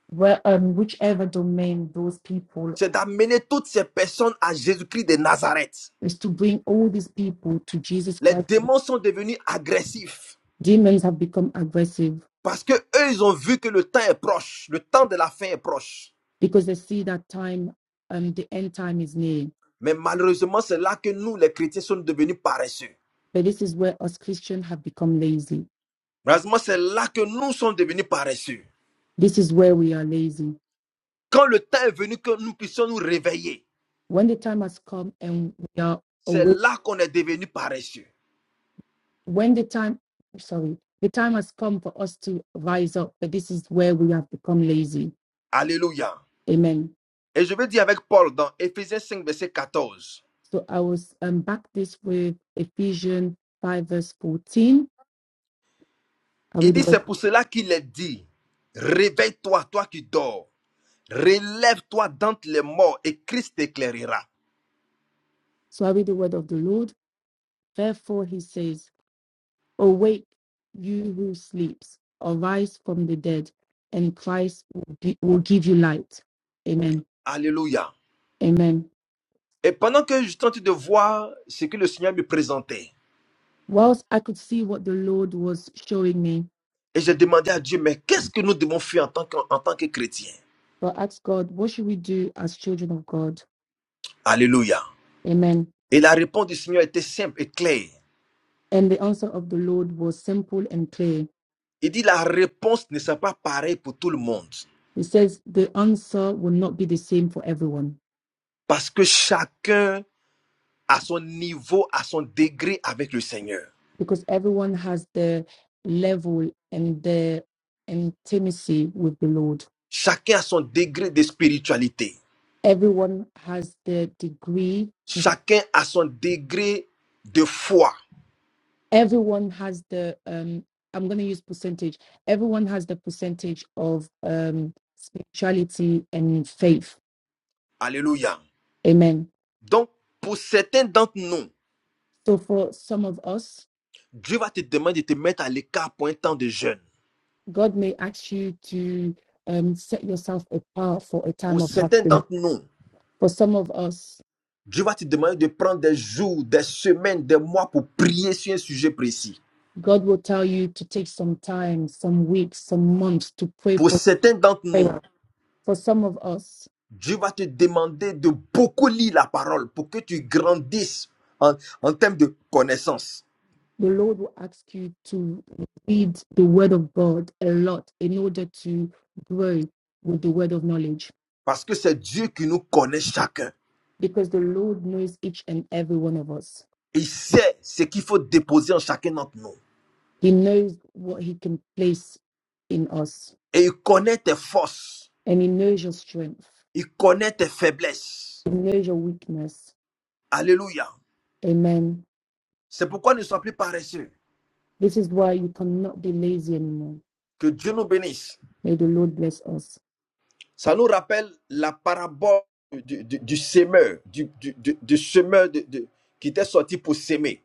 where um, whichever domain those people c'est d'amener toutes ces personnes à Jésus-Christ de Nazareth. is to bring all these people to Jesus Les Christ. démons sont devenus agressifs Demons have become aggressive parce que eux, ils ont vu que le temps est proche, le temps de la fin est proche. because they see that time, um, the end time is near. Mais malheureusement, c'est là que nous, les chrétiens, sommes devenus paresseux. But this is where us Christians have become lazy Malheureusement, c'est là que nous sommes devenus paresseux. This is where we are lazy. Quand le temps est venu que nous puissions nous réveiller, When the time has come and we are c'est awake, là qu'on est devenu paresseux. when the time, sorry, the time has come for us to rise up, but this is where we have become lazy. Alléluia. Amen. Et je vais dire avec Paul dans Éphésiens 5 verset 14, So I will um, back this with Ephesians 5, verse 14. I Il read the dit, word. c'est pour cela qu'il est dit, réveille-toi, toi qui dors, relève-toi d'entre les morts et Christ t'éclairera. So I read the word of the Lord. Therefore, he says, Awake, you who sleeps, arise from the dead, and Christ will, gi- will give you light. Amen. Alléluia. Amen. Et pendant que je tentais de voir ce que le Seigneur me présentait, Whilst I could see what the Lord was showing me, et j'ai demandé à Dieu, mais qu'est-ce que nous devons faire en tant que, en tant que chrétiens? but asked God, What should we do as children of God? Alléluia. Amen. Et la réponse du Seigneur était simple et claire. And the answer of the Lord was simple and clear. Il dit, la réponse ne sera pas pareille pour tout le monde, He says, The answer will not be the same for everyone parce que chacun à son niveau, à son degré avec le Seigneur. because everyone has their level and their intimacy with the Lord. Chacun a son degré de spiritualité. Everyone has their degree. Chacun a son degré de foi. Everyone has the, um, I'm going to use percentage. Everyone has the percentage of um, spirituality and faith Alléluia. Amen. Donc, pour certains d'entre nous, So for some of us, Dieu va te demander de te mettre à l'écart pour un temps de jeûne. God may ask you to um, set yourself apart for a Pour time of certains fasting. d'entre nous, For some of us, Dieu va te demander de prendre des jours, des semaines, des mois pour prier sur un sujet précis. God will tell you to take some time, some weeks, some months to pray Pour for certains d'entre nous, prayer. For some of us, Dieu va te demander de beaucoup lire la parole pour que tu grandisses en en termes de connaissances. the Lord will ask you to read the Word of God a lot in order to grow with the Word of knowledge, Parce que c'est Dieu qui nous connaît chacun. because the Lord knows each and every one of us. Il sait ce qu'il faut déposer en chacun d'entre nous. He knows what He can place in us Et il connaît tes forces. and He knows your strength, Il connaît tes faiblesses. He knows your weakness. Alléluia. Amen. C'est pourquoi ne sois plus paresseux. This is why you cannot be lazy anymore. Que Dieu nous bénisse. May the Lord bless us. Ça nous rappelle la parabole du, du- du semeur, du, du- du- du semeur de- de- qui était sorti pour s'aimer.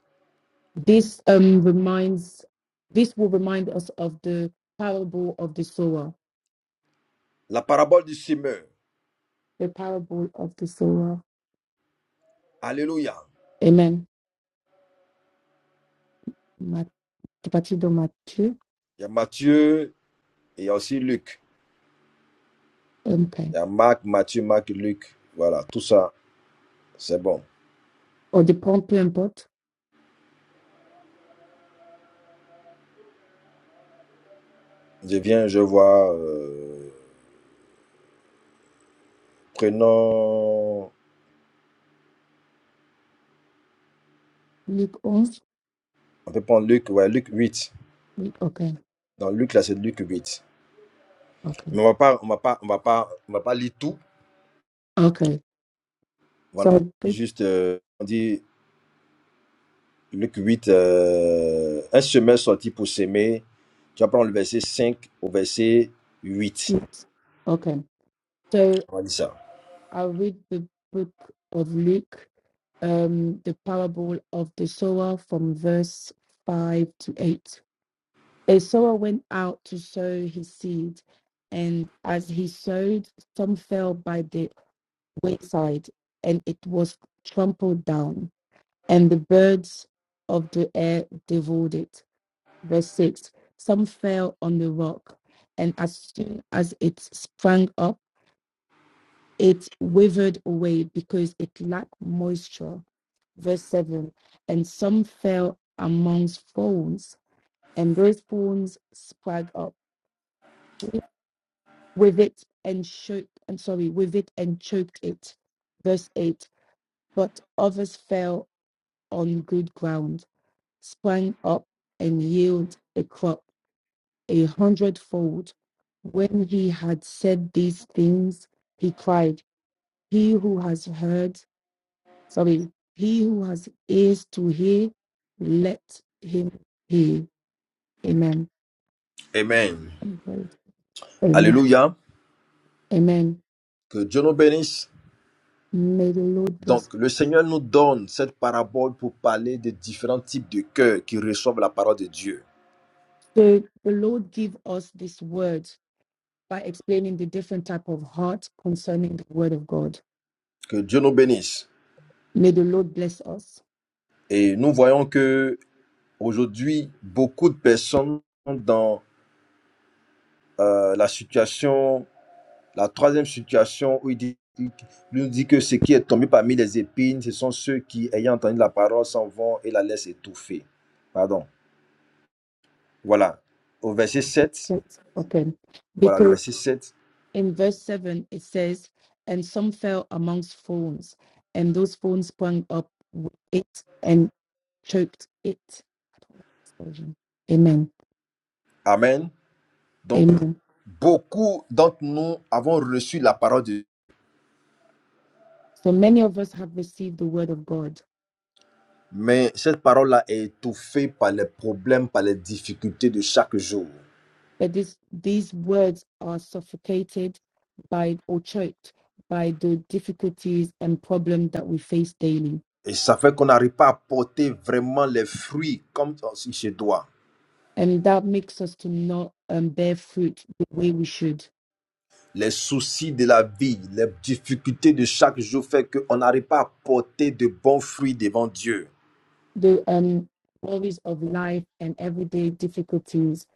This um reminds this will remind us of the parable of the sower. La parabole du semeur. The parable of the sower. Alléluia. Amen. Mat- partie de Matthieu. Il y a Matthieu et il y a aussi Luc. Okay. Il y a Marc, Matthieu, Marc, Luc. Voilà, tout ça, c'est bon. Or the peu peu importe. Je viens, je vois. euh, prenons. Luc 11. On peut prendre Luc, ouais, Luc 8. Luc- Okay. Dans Luc, là, c'est Luc 8. Okay. Mais on va pas, on va pas, on va pas, on va pas lire tout. Okay. Voilà. So I think Juste, euh, on dit Luc 8, euh, un semeur sorti pour s'aimer. Tu vas prendre le verset 5 au verset 8. it's- okay. So, On va dire ça. I read the book of Luke, um, the parable of the sower from verse 5 to 8. A sower went out to sow his seed, and as he sowed, some fell by the wayside, and it was trampled down, and the birds of the air devoured it. Verse 6 Some fell on the rock, and as soon as it sprang up, it withered away because it lacked moisture. Verse 7 And some fell amongst thorns, and those thorns sprang up wi- with it and choked, I'm sorry, with it and choked it. Verse 8 But others fell on good ground, sprang up and yielded a crop a hundredfold. When he had said these things, he cried, He who has heard, sorry, he who has ears to hear, let him hear. Amen. Amen. Amen. Alléluia. Amen. Que Dieu nous bénisse. May the Lord bless. Donc, le Seigneur nous donne cette parabole pour parler des différents types de cœurs qui reçoivent la parole de Dieu. So the Lord give us this word by explaining the different type of heart concerning the word of God. Que Dieu nous bénisse. May the Lord bless us. Et nous voyons que aujourd'hui, beaucoup de personnes sont dans euh, la situation, la troisième situation où il dit, il nous dit que ce qui est tombé parmi les épines, ce sont ceux qui, ayant entendu la parole, s'en vont et la laissent étouffer. Pardon. Voilà. Au verset sept. Let's open. Voilà le Because verset 7. in verse 7 it says, and some fell amongst thorns, and those thorns sprang up with it and choked it. Amen. Amen. Donc, Amen. beaucoup d'entre nous avons reçu la parole de Dieu, So many of us have received the word of God, mais cette parole-là est étouffée par les problèmes, par les difficultés de chaque jour. but this, these words are suffocated by or choked by the difficulties and problems that we face daily, Et ça fait qu'on n'arrive pas à porter vraiment les fruits comme si chez toi. and that makes us to not um, bear fruit the way we should. Les soucis de la vie, les difficultés de chaque jour fait qu'on n'arrive pas à porter de bons fruits devant Dieu. The um, worries of life and everyday difficulties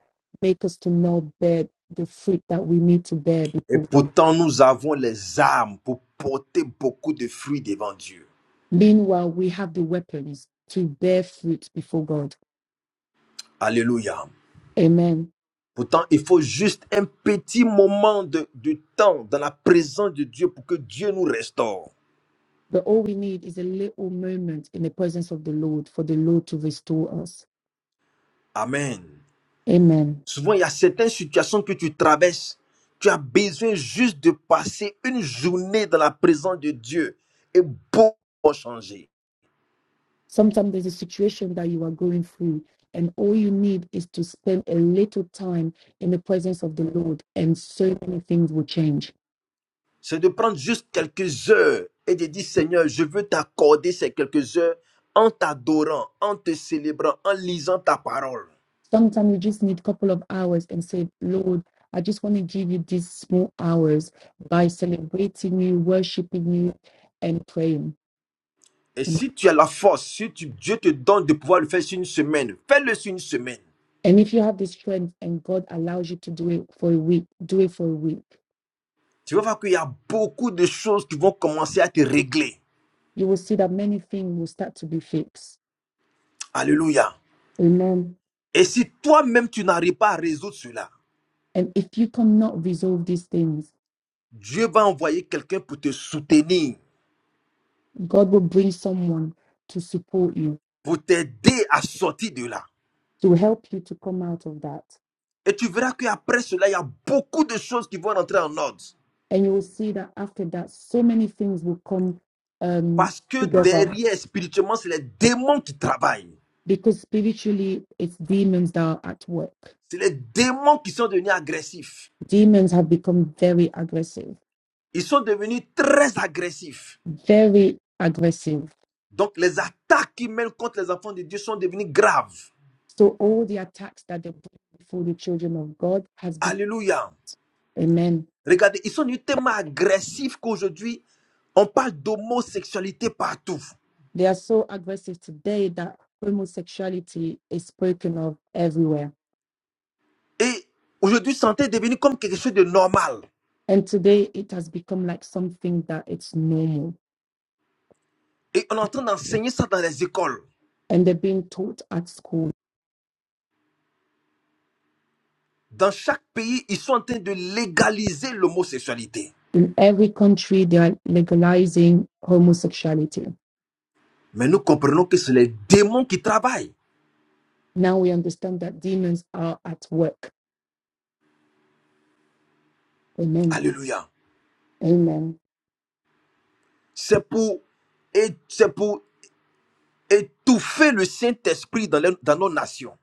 make us to not bear the fruit that we need to bear Et before God. pourtant, nous avons les armes pour porter beaucoup de fruits devant Dieu. Meanwhile, we have the weapons to bear fruit before God. Alléluia. Amen. Pourtant, il faut juste un petit moment de, de temps dans la présence de Dieu pour que Dieu nous restaure. But all we need is a little moment in the presence of the Lord for the Lord to restore us. Amen. Amen. Souvent, il y a certaines situations que tu traverses. Tu as besoin juste de passer une journée dans la présence de Dieu et beaucoup vont changer. Sometimes there's a situation that you are going through, and all you need is to spend a little time in the presence of the Lord, and so many things will change. C'est de prendre juste quelques heures et de dire, Seigneur, je veux t'accorder ces quelques heures en t'adorant, en te célébrant, en lisant ta parole. Sometimes you just need a couple of hours and say, Lord, I just want to give you these small hours by celebrating you, worshiping you, and praying. Et si tu as la force, si tu- Dieu te donne de pouvoir le faire sur une semaine, fais-le sur une semaine. And if you have the strength and God allows you to do it for a week, do it for a week. Tu vas voir qu'il y a beaucoup de choses qui vont commencer à te régler. you will see that many things will start to be fixed. Alléluia. Amen. Et si toi-même tu n'arrives pas à résoudre cela, And if you cannot resolve these things, Dieu va envoyer quelqu'un pour te soutenir, God will bring someone to support you, pour t'aider à sortir de là. to help you to come out of that. Et tu verras qu'après cela, il y a beaucoup de choses qui vont rentrer en ordre. And you will see that after that, so many things will come um, Parce que together derrière, spirituellement, c'est les démons qui travaillent. because spiritually, it's demons that are at work. C'est les démons qui sont devenus agressifs. Demons have become very aggressive, Ils sont devenus très agressifs. very aggressive. Donc les attaques qu'ils mènent contre les enfants de Dieu sont devenues graves. So all the attacks that they put before the children of God has become, Alléluia. amen Regardez, ils sont devenus tellement agressifs qu'aujourd'hui, on parle d'homosexualité partout. They are so aggressive today that homosexuality is spoken of everywhere. Et aujourd'hui, santé est devenu comme quelque chose de normal. And today it has become like something that it's normal. Et on est en train d'enseigner ça dans les écoles. And they're being taught at school. Dans chaque pays, ils sont en train de légaliser l'homosexualité. In every country, they are legalizing homosexuality. Mais nous comprenons que c'est les démons qui travaillent. Now we understand that demons are at work. Amen. Alléluia. Amen. C'est pour, et c'est pour étouffer le Saint-Esprit dans, les- dans nos nations.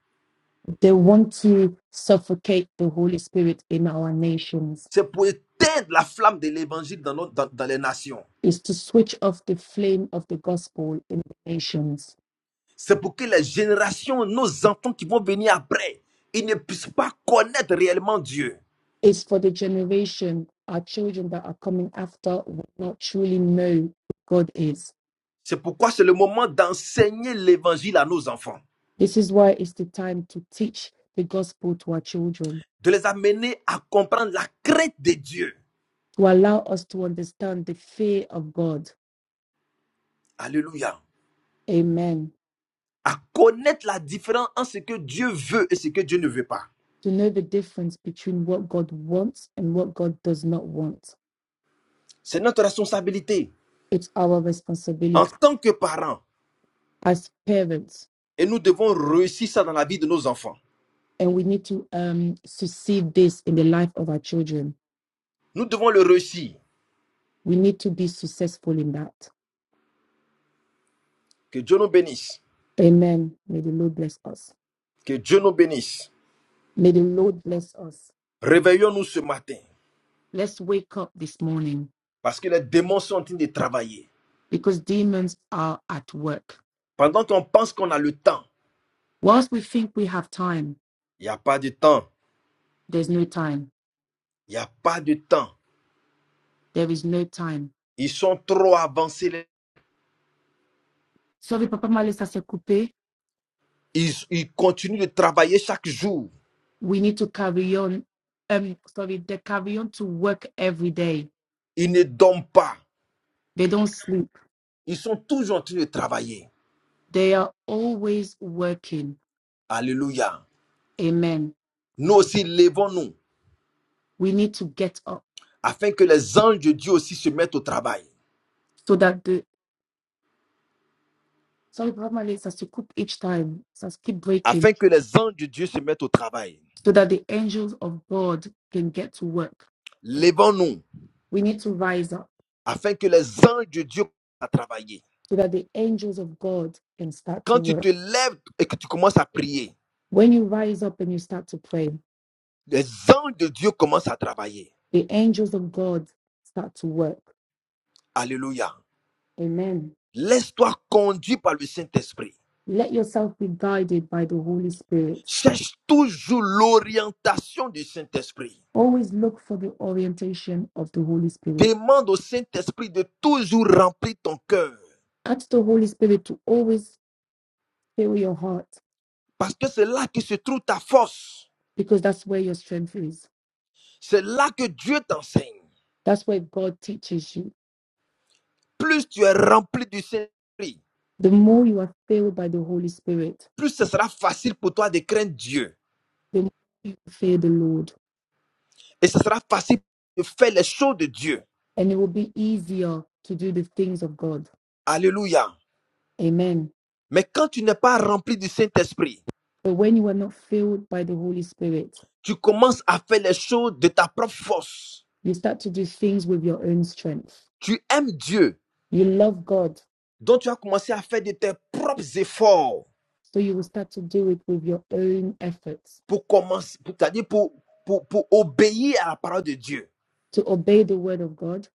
They want to suffocate the Holy Spirit in our nations, C'est pour éteindre la flamme de l'évangile dans, nos- dans dans les nations. is to switch off the flame of the gospel in the nations C'est pour que les générations, nos enfants qui vont venir après, ils ne puissent pas connaître réellement Dieu. is for the generation, our children that are coming after will not truly know who God is. C'est pourquoi c'est le moment d'enseigner l'évangile à nos enfants, This is why it's the time to teach the gospel to our children, de les amener à comprendre la crête de Dieu. to allow us to understand the fear of God. Alléluia. Amen. À connaître la différence entre ce que Dieu veut et ce que Dieu ne veut pas. To know the difference between what God wants and what God does not want. C'est notre responsabilité It's our en responsibility tant que parents. as parents, Et nous devons réussir ça dans la vie de nos enfants. and we need to um, succeed this in the life of our children. Nous devons le réussir. We need to be successful in that. Que Dieu nous bénisse. Amen. May the Lord bless us. Que Dieu nous bénisse. May the Lord bless us. Réveillons-nous ce matin. Let's wake up this morning Parce que les démons sont en train de travailler. because demons are at work. Pendant qu'on pense qu'on a le temps, Whilst we think we have time, il n'y a pas de temps. there's no time. Il n'y a pas de temps. There is no time. Ils sont trop avancés. Sorry, Papa Malisa, ça s'est coupé. Ils, ils continuent de travailler chaque jour. We need to carry on. Um, sorry, they carry on to work every day. Ils ne dorment pas. They don't sleep. Ils sont toujours en train de travailler. They are always working. Alléluia. Amen. Nous aussi, levons-nous We need to get up afin que les anges de Dieu aussi se mettent au travail. so that the sorry, Papa Malisa, ça se coupe each time. Ça se keep breaking. Afin que les anges de Dieu se mettent au travail. so that the angels of God can get to work. Levons-nous We need to rise up afin que les anges de Dieu à travailler. so that the angels of God can start to Quand tu te work. lèves et que tu commences à prier, When you rise up and you start to pray, Les anges de Dieu commencent à travailler. the angels of God start to work. Alléluia. Amen. Laisse-toi conduire par le Saint-Esprit. Let yourself be guided by the Holy Spirit. Cherche toujours l'orientation du Saint-Esprit. Always look for the orientation of the Holy Spirit. Demande au Saint-Esprit de toujours remplir ton cœur. Ask the Holy Spirit to always fill your heart Parce que c'est là que se trouve ta force. because that's where your strength is. C'est là que Dieu t'enseigne. That's where God teaches you. Plus tu es rempli du Saint-Esprit, The more you are filled by the Holy Spirit, plus ce sera facile pour toi de craindre Dieu. the more you fear the Lord, Et ce sera facile de faire les choses de Dieu. and it will be easier to do the things of God. Alléluia. Amen. Mais quand tu n'es pas rempli du Saint-Esprit, But when you are not filled by the Holy Spirit, tu commences à faire les choses de ta propre force. you start to do things with your own strength. Tu aimes Dieu, You love God, donc tu as commencé à faire de tes propres efforts so you will start to do it with your own efforts. pour commencer, pour, c'est-à-dire pour, pour, pour obéir à la parole de Dieu. To obey the word of God,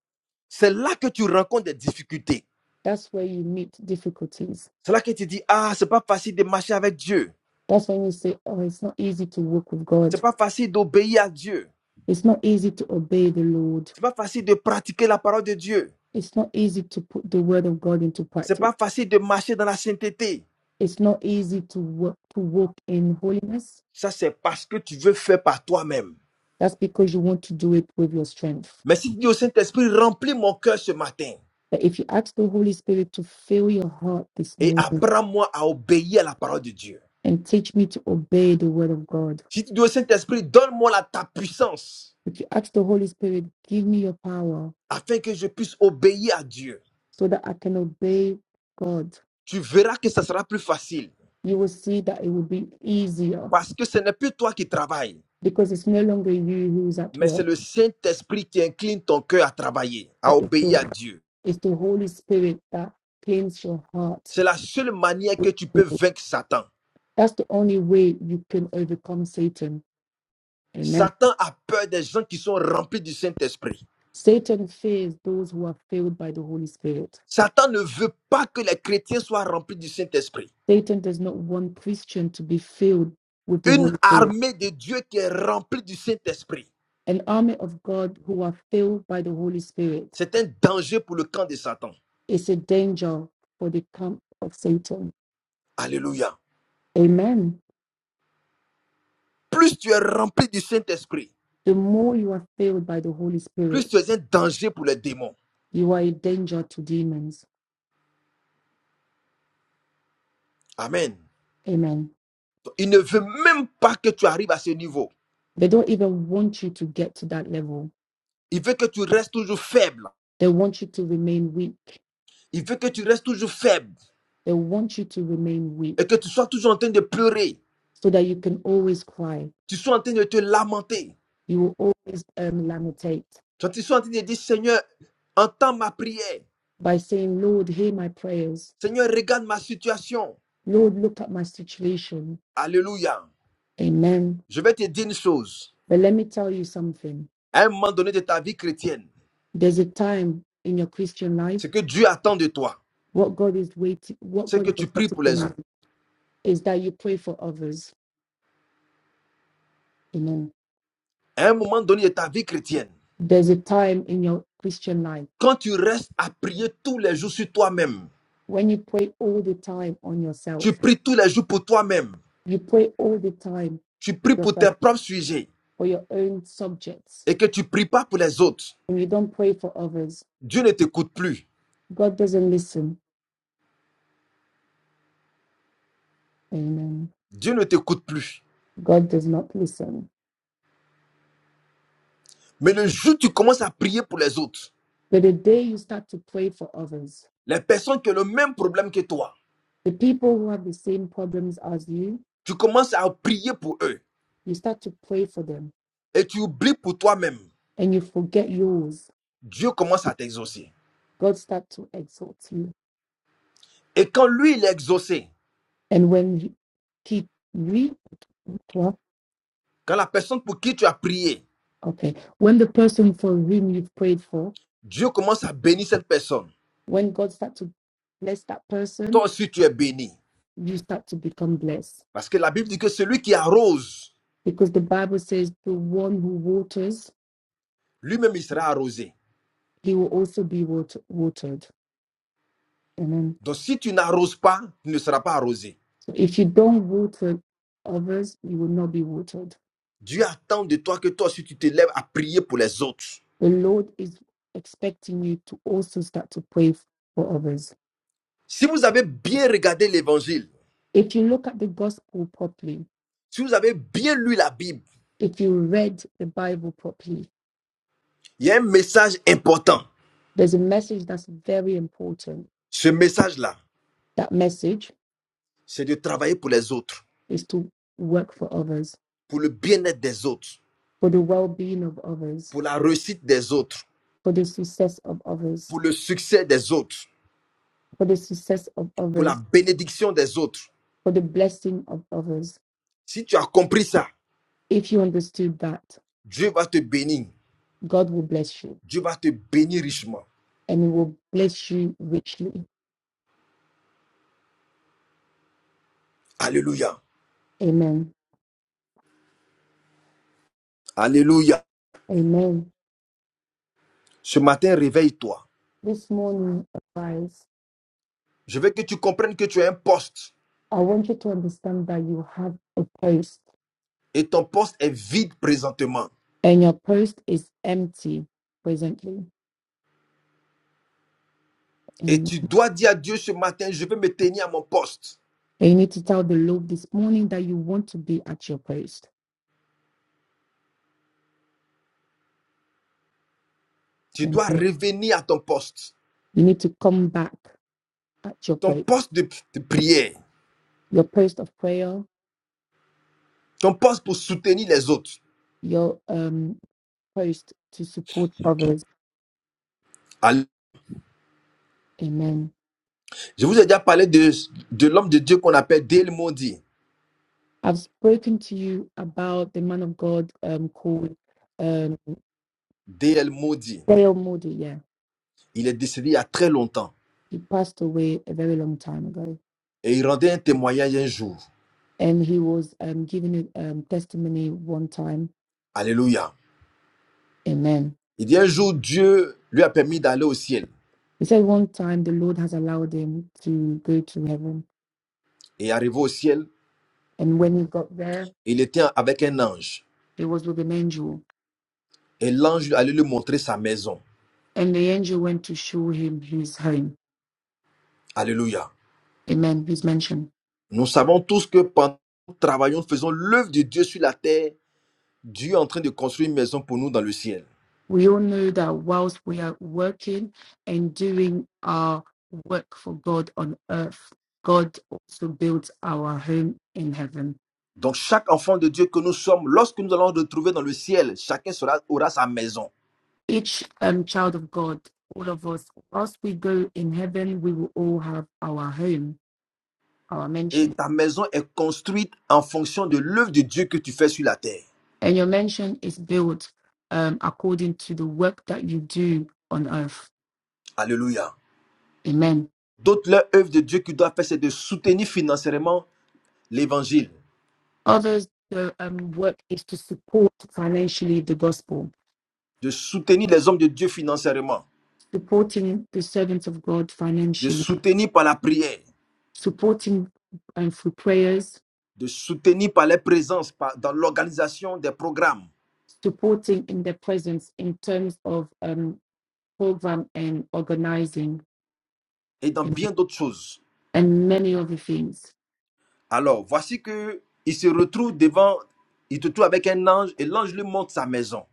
C'est là que tu rencontres des difficultés. that's where you meet difficulties. C'est là que tu dis, ah, c'est pas facile de marcher avec Dieu. That's when you say, Oh, it's not easy to walk with C'est God. pas facile d'obéir à Dieu. It's not easy to obey the Lord. C'est pas facile de pratiquer la parole de Dieu. It's not easy to put the word of God into C'est practice. pas facile de marcher dans la sainteté. It's not easy to work, to walk in holiness Ça, c'est parce que tu veux faire par toi-même. That's because you want to do it with your strength. Mais si tu dis au Saint-Esprit, remplis mon cœur ce matin. But if you ask the Holy Spirit to fill your heart this et morning apprends-moi à obéir à la parole de Dieu. and teach me to obey the word of God, Si tu dis au Saint-Esprit, donne-moi la- ta puissance if you ask the Holy Spirit, give me your power afin que je puisse obéir à Dieu. so that I can obey God, Tu verras que ça sera plus facile you will see that it will be easier parce que ce n'est plus toi qui travailles, because it's no longer you who's at mais c'est work, le Saint-Esprit qui incline ton cœur à travailler, à but it's obéir à the, Dieu. it's the Holy Spirit that cleans your heart. C'est la seule manière que tu peux vaincre Satan. That's the only way you can overcome Satan. Amen. Satan a peur des gens qui sont remplis du Saint-Esprit. Satan fears those who are filled by the Holy Spirit. Satan ne veut pas que les chrétiens soient remplis du Saint-Esprit. Satan does not want Christians to be filled with the Une Holy Spirit. armée de Dieu qui est remplie du Saint-Esprit An army of God who are filled by the Holy Spirit C'est un danger pour le camp de Satan. is a danger for the camp of Satan. Alléluia. Amen. Plus tu es rempli du Saint-Esprit, The more you are filled by the Holy plus Spirit, tu es un danger pour les démons. you are a danger to demons. Amen. Amen. Il ne veut même pas que tu arrives à ce niveau. They don't even want you to get to that level. Il veut que tu restes toujours faible. They want you to remain weak. Il veut que tu restes toujours faible They want you to remain et que weak tu sois toujours en train de pleurer. so that you can always cry. Tu sois en train de te lamenter. You will always um, lamentate Tu sois en train de dire, Seigneur, entends ma prière. by saying, Lord, hear my prayers. Seigneur, regarde ma situation. Lord, look at my situation. Alléluia. Amen. Je vais te dire une chose. But let me tell you something. À un moment donné de ta vie chrétienne, There's a time in your Christian life, ce que Dieu attend de toi. what God is waiting, what c'est que God is tu pries expecting pour from les autres. you is that you pray for others. Amen. À un moment donné de ta vie chrétienne, There's a time in your Christian life quand tu restes à prier tous les jours sur toi-même, when you pray all the time on tu yourself. pries tous les jours pour toi-même, You pray all the time tu pries pour yourself tes propres sujets for your own subjects. et que tu ne pries pas pour les autres, And you don't pray for others. Dieu ne t'écoute plus. God doesn't listen. Amen. Dieu ne t'écoute plus. God does not listen. Mais le jour où tu commences à prier pour les autres, But the day you start to pray for others, les personnes qui ont le même problème que toi, the people who have the same problems as you, tu commences à prier pour eux you start to pray for them et tu oublies pour toi-même, and you forget yours. Dieu commence à t'exaucer. God start to exalt you. Et quand lui, il est exaucé, And when you- he re well, quand la personne pour qui tu as prié, okay, when the person for whom you've prayed for, Dieu commence à bénir cette personne. when God start to bless that Toi person, aussi, tu es béni. you start to become blessed. Parce que la Bible dit que celui qui arrose, Because the Bible says the one who waters, lui-même, il sera arrosé. he will also be water, watered. Amen. Donc, si tu n'arroses pas, tu ne seras pas arrosé. So if you don't water others, you will not be watered. Dieu attend de toi que toi aussi, tu te lèves à prier pour les autres. the Lord is expecting you to also start to pray f- for others. Si vous avez bien regardé l'évangile, If you look at the gospel properly, si vous avez bien lu la Bible, if you read the Bible properly, il y a un message important. there's a message that's very important. Ce message-là, That message c'est de travailler pour les autres, is to work for others, pour le bien-être des autres, for the well being of others, pour la réussite des autres, for the success of others, pour le succès des autres, for the success of pour la others, bénédiction des autres. for the blessing of others. Si tu as compris ça, If you understood that, Dieu va te bénir. God will bless you Dieu va te bénir richement. and He will bless you richly. Alléluia. Amen. Alléluia. Amen. Ce matin, réveille-toi. this morning, guys, Je veux que tu comprennes que tu as un poste I want you to understand that you have a post et ton poste est vide présentement. and your post is empty presently. Et And tu dois dire à Dieu ce matin, je veux me tenir à mon poste. you need to tell the Lord this morning that you want to be at your post. Tu And dois revenir à ton poste. you need to come back at your Ton post, poste de, de prière. your post of prayer, Ton poste pour soutenir les autres. your um, post to support others. Allé- Amen. Je vous ai déjà parlé de, de l'homme de Dieu qu'on appelle Dale Moody. I've spoken to you about the man of God um, called um, Dale Moody. Dale Moody. Yeah, Il est décédé il y a très longtemps. he passed away a very long time ago Et il rendait un témoignage un jour. and he was um, giving a um, testimony one time. Alléluia. Amen. Il dit un jour, Dieu lui a permis d'aller au ciel. He said one time the Lord has allowed him to go to heaven, Et arrivé au ciel, and when he got there, il était avec un ange. he was with an angel, Et l'ange allait lui montrer sa maison. and the angel went to show him his home. Alléluia. Amen. His mansion. Nous savons tous que pendant que nous travaillons, faisons l'œuvre de Dieu sur la terre, Dieu est en train de construire une maison pour nous dans le ciel. We all know that whilst we are working and doing our work for God on earth, God also builds our home in heaven. Donc chaque enfant de Dieu que nous sommes, lorsque nous allons nous retrouver dans le ciel, chacun sera- aura sa maison. each um, child of God, all of us, whilst we go in heaven, we will all have our home, our Et mansion. ta maison est construite en fonction de l'œuvre de Dieu que tu fais sur la terre. And your mansion is built um, according to the work that you do on earth. Alléluia. Amen. D'autres l'œuvre de Dieu qu'ils doivent faire, c'est de soutenir financièrement l'évangile. Others, the um, work is to support financially the gospel, de soutenir les hommes de Dieu financièrement, supporting the servants of God de financially, soutenir par la prière, supporting um, through prayers, de soutenir par les présences par- dans l'organisation des programmes supporting in their presence in terms of um, program and organizing. et dans bien d'autres choses. and many other things. Alors, voici que il se retrouve devant, il te trouve avec un ange et l'ange lui montre sa maison.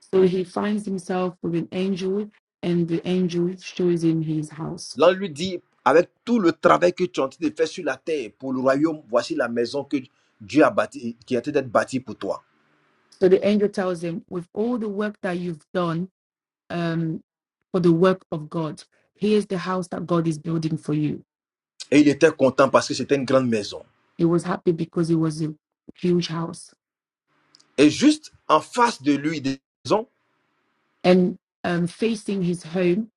So he finds himself with an angel, and the angel shows him his house. L'ange lui dit, avec tout le travail que tu es en train de faire sur la terre pour le royaume, voici la maison que Dieu a bâtie, qui est en train d'être bâtie pour toi. So the angel tells him, with all the work that you've done um, for the work of God, here's the house that God is building for you. Et il était content parce que c'était une grande maison. He was happy because it was a huge house. Et juste en face de lui, des maisons, And um, facing his home,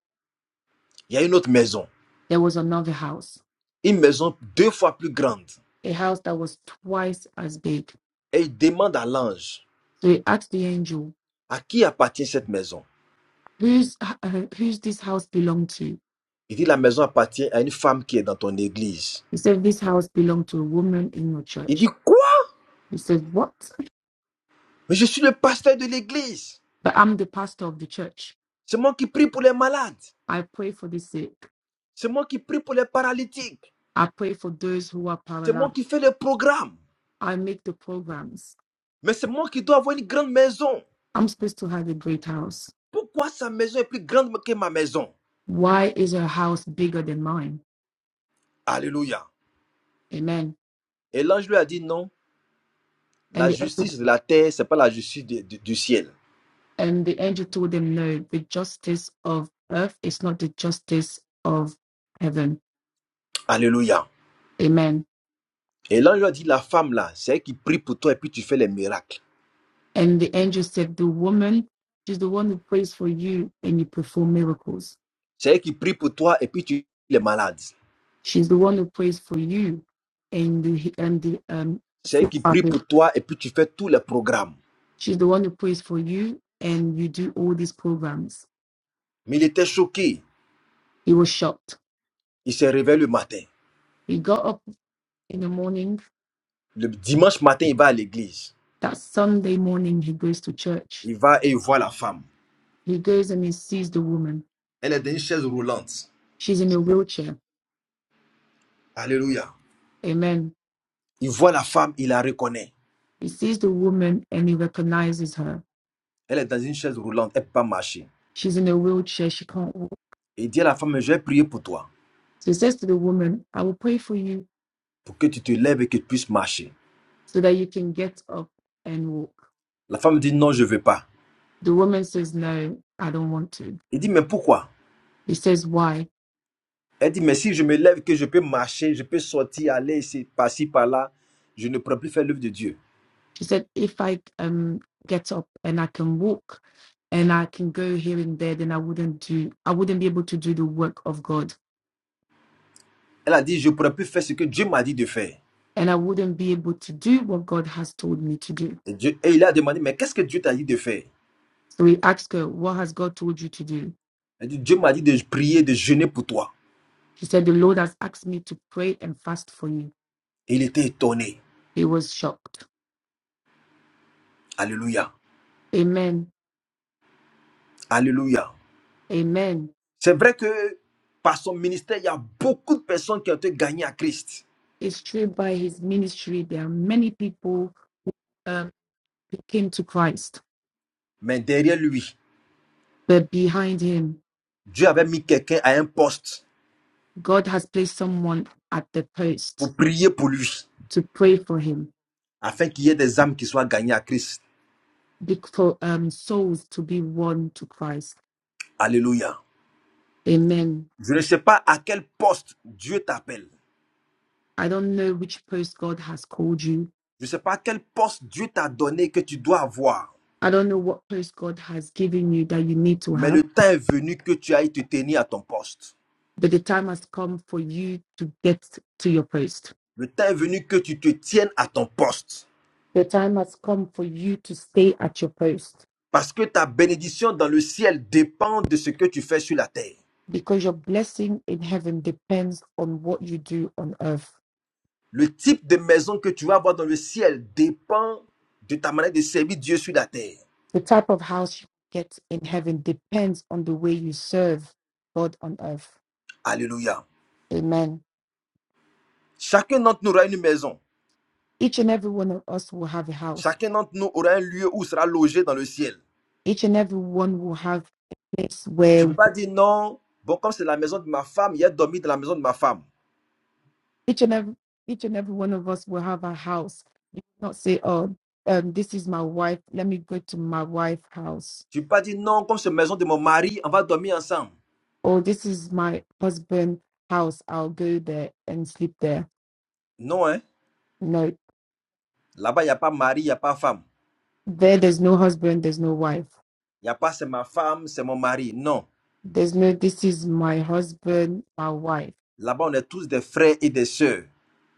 il y a une autre maison. there was another house, une maison deux fois plus grande. a house that was twice as big. Et il demande à l'ange, So he asked the angel, à qui appartient cette maison Who's, uh, who's this house belong to? Il dit, la maison appartient à une femme qui est dans ton église. He said, This house belonged to a woman in your Il dit, church. quoi He said, What? Mais je suis le pasteur de l'église. But I'm the pastor of the church. C'est moi qui prie pour les malades. I pray for the sick. C'est moi qui prie pour les paralytiques. I pray for those who are C'est moi paralyzed. qui fais le programme. I make the programs. Mais c'est moi qui dois avoir une grande maison. I'm supposed to have a great house. Pourquoi sa maison est plus grande que ma maison Why is her house bigger than mine? Alléluia. Amen. Et l'ange lui a dit, non, la And the, justice de la terre, c'est pas la justice de- de- du ciel. and the angel told them, No, the justice of earth is not the justice of heaven. Alléluia. Amen. Et l'ange lui a dit, la femme là, c'est elle qui prie pour toi et puis tu fais les miracles. And the angel said, The woman, she's the one who prays for you and you perform miracles. C'est elle qui prie pour toi et puis tu guéris les malades. She's the one who prays for you and the and the um C'est elle sick qui prie partner. pour toi et puis tu fais tous les programmes. She's the one who prays for you and you do all these programs. Mais il était choqué. He was shocked. Il se réveille le matin. He got up in the morning. Le dimanche matin, il va à l'église. That Sunday morning he goes to church. Il va et il voit la femme. He goes and he sees the woman. Elle est dans une chaise roulante. She's in a wheelchair. Alléluia. Amen. Il voit la femme, il la reconnaît. He sees the woman and he recognizes her. Elle est dans une chaise roulante, elle ne peut pas marcher. She's in a wheelchair. She can't walk. Et il dit à la femme, je vais prier pour toi, So he says to the woman, I will pray for you pour que tu te lèves et que tu puisses marcher. so that you can get up and walk. La femme dit, non, je ne veux pas. The woman says, No, I don't want to. Il dit, mais pourquoi He says, Why? Elle dit, mais si je me lève, que je peux marcher, je peux sortir, aller ici, par-ci, par-là, je ne pourrai plus faire l'œuvre de Dieu. She said, If I um get up and I can walk and I can go here and there, then I wouldn't do I wouldn't be able to do the work of God. Elle a dit, je ne pourrai plus faire ce que Dieu m'a dit de faire. And I wouldn't be able to do what God has told me to do. Et, Dieu, et il a demandé, mais qu'est-ce que Dieu t'a dit de faire So he asked her, What has God told you to do? Elle dit, Dieu m'a dit de prier, de jeûner pour toi. She said, The Lord has asked me to pray and fast for you. Et il était étonné. He was shocked. Alléluia. Amen. Alléluia. Amen. C'est vrai que par son ministère, il y a beaucoup de personnes qui ont été gagnées à Christ. It's true by his ministry, there are many people um, who came to Christ, Mais derrière lui, but behind him Dieu avait mis quelqu'un à un poste God has placed someone at the post pour prier pour lui, to pray for him, afin qu'il y ait des âmes qui soient gagnées à Christ. big- for um, souls to be won to Christ. Alléluia. Amen. Je ne sais pas à quel poste Dieu t'appelle. I don't know which post God has called you. Je ne sais pas à quel poste Dieu t'a donné que tu dois avoir. I don't know what post God has given you that you need to Mais le have, temps est venu que tu ailles te tenir à ton poste. but the time has come for you to get to your post. Le temps est venu que tu te tiennes à ton poste. The time has come for you to stay at your post Parce que ta bénédiction dans le ciel dépend de ce que tu fais sur la terre. because your blessing in heaven depends on what you do on earth Le type de maison que tu vas avoir dans le ciel dépend de ta manière de servir Dieu sur la terre. The type of house you get in heaven depends on the way you serve God on earth. Alléluia. Amen. Chacun d'entre nous aura une maison. Each and every one of us will have a house. Chacun d'entre nous aura un lieu où sera logé dans le ciel. Each and every one will have a place Tu ne peux where pas dire non, bon, comme c'est la maison de ma femme, il a dormi dans la maison de ma femme. each and every each and every one of us will have a house. You not say, "Oh, um, this is my wife. Let me go to my wife's house." Tu ne peux pas dire non, comme c'est la maison de mon mari, on va dormir ensemble. Or this is my husband's house. I'll go there and sleep there. Non, hein. No, Là-bas, il n'y a pas mari, il n'y a pas femme. there. There's no husband. There's no wife. Il n'y a pas c'est ma femme, c'est mon mari. Non. There's no. This is my husband. My wife Là-bas, on est tous des frères et des sœurs.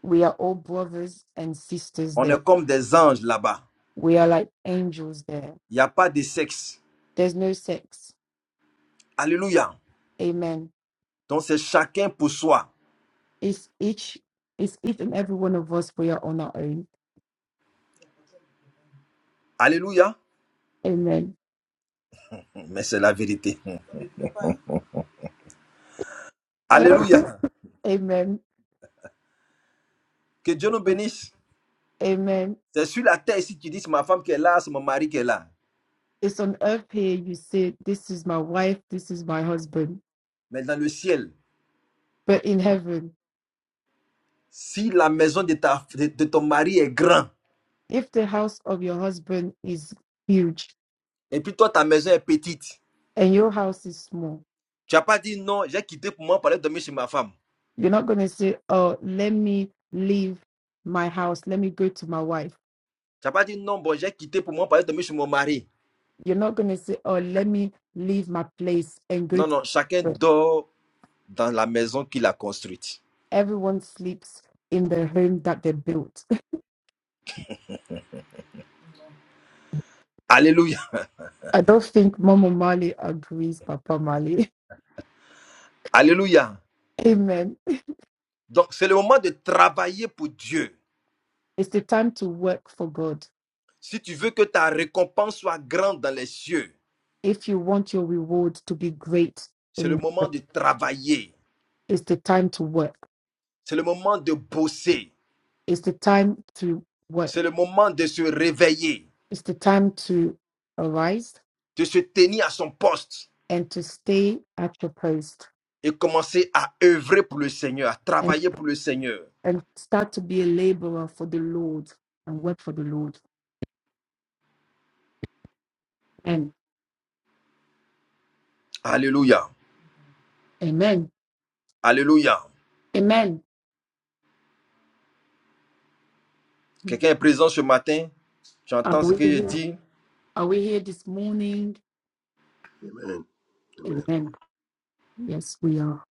We are all brothers and sisters On there. est comme des anges là-bas. We are like angels there. Il n'y a pas de sexe. There's no sex. Alléluia. Amen. Donc, c'est chacun pour soi. It's each, it's each and every one of us. We are on our own. Alléluia. Amen. Mais c'est la vérité. Alléluia. Amen. Que Dieu nous bénisse. Amen. C'est sur la terre ici que tu dis, c'est ma femme qui est là, c'est mon mari qui est là. It's on earth here. You say, "This is my wife. This is my husband." Mais dans le ciel. But in heaven, Si la maison de, ta, de, de ton mari est grande, if the house of your husband is huge et puis toi, ta maison est petite, and your house is small, tu n'as pas dit non, j'ai quitté pour moi pour aller dormir chez ma femme. you're not going to say, "Oh, let me leave my house. Let me go to my wife." Tu n'as pas dit non, bon, j'ai quitté pour moi pour aller dormir chez mon mari. You're not going to say, oh, let me leave my place and go Non, to non, chacun bed." dort dans la maison qu'il a construite. Everyone sleeps in the home that they built. Alléluia. I don't think Mama Mali agrees, Papa Mali. Alléluia. Amen. Donc, c'est le moment de travailler pour Dieu. It's the time to work for God. Si tu veux que ta récompense soit grande dans les cieux, If you want your reward to be great, c'est le in- moment de travailler. it's the time to work. C'est le moment de bosser. It's the time to C'est work. le moment de se réveiller, It's the time to arise de se tenir à son poste and to stay at your post et commencer à œuvrer pour le Seigneur, à and, travailler pour le Seigneur. and start to be a laborer for the Lord and work for the Lord. And Alléluia. Amen. Alléluia. Amen. Quelqu'un est présent ce matin. Tu Are entends ce we que je here? dis. Are we here this morning? Amen. Amen. Amen. Yes, we are.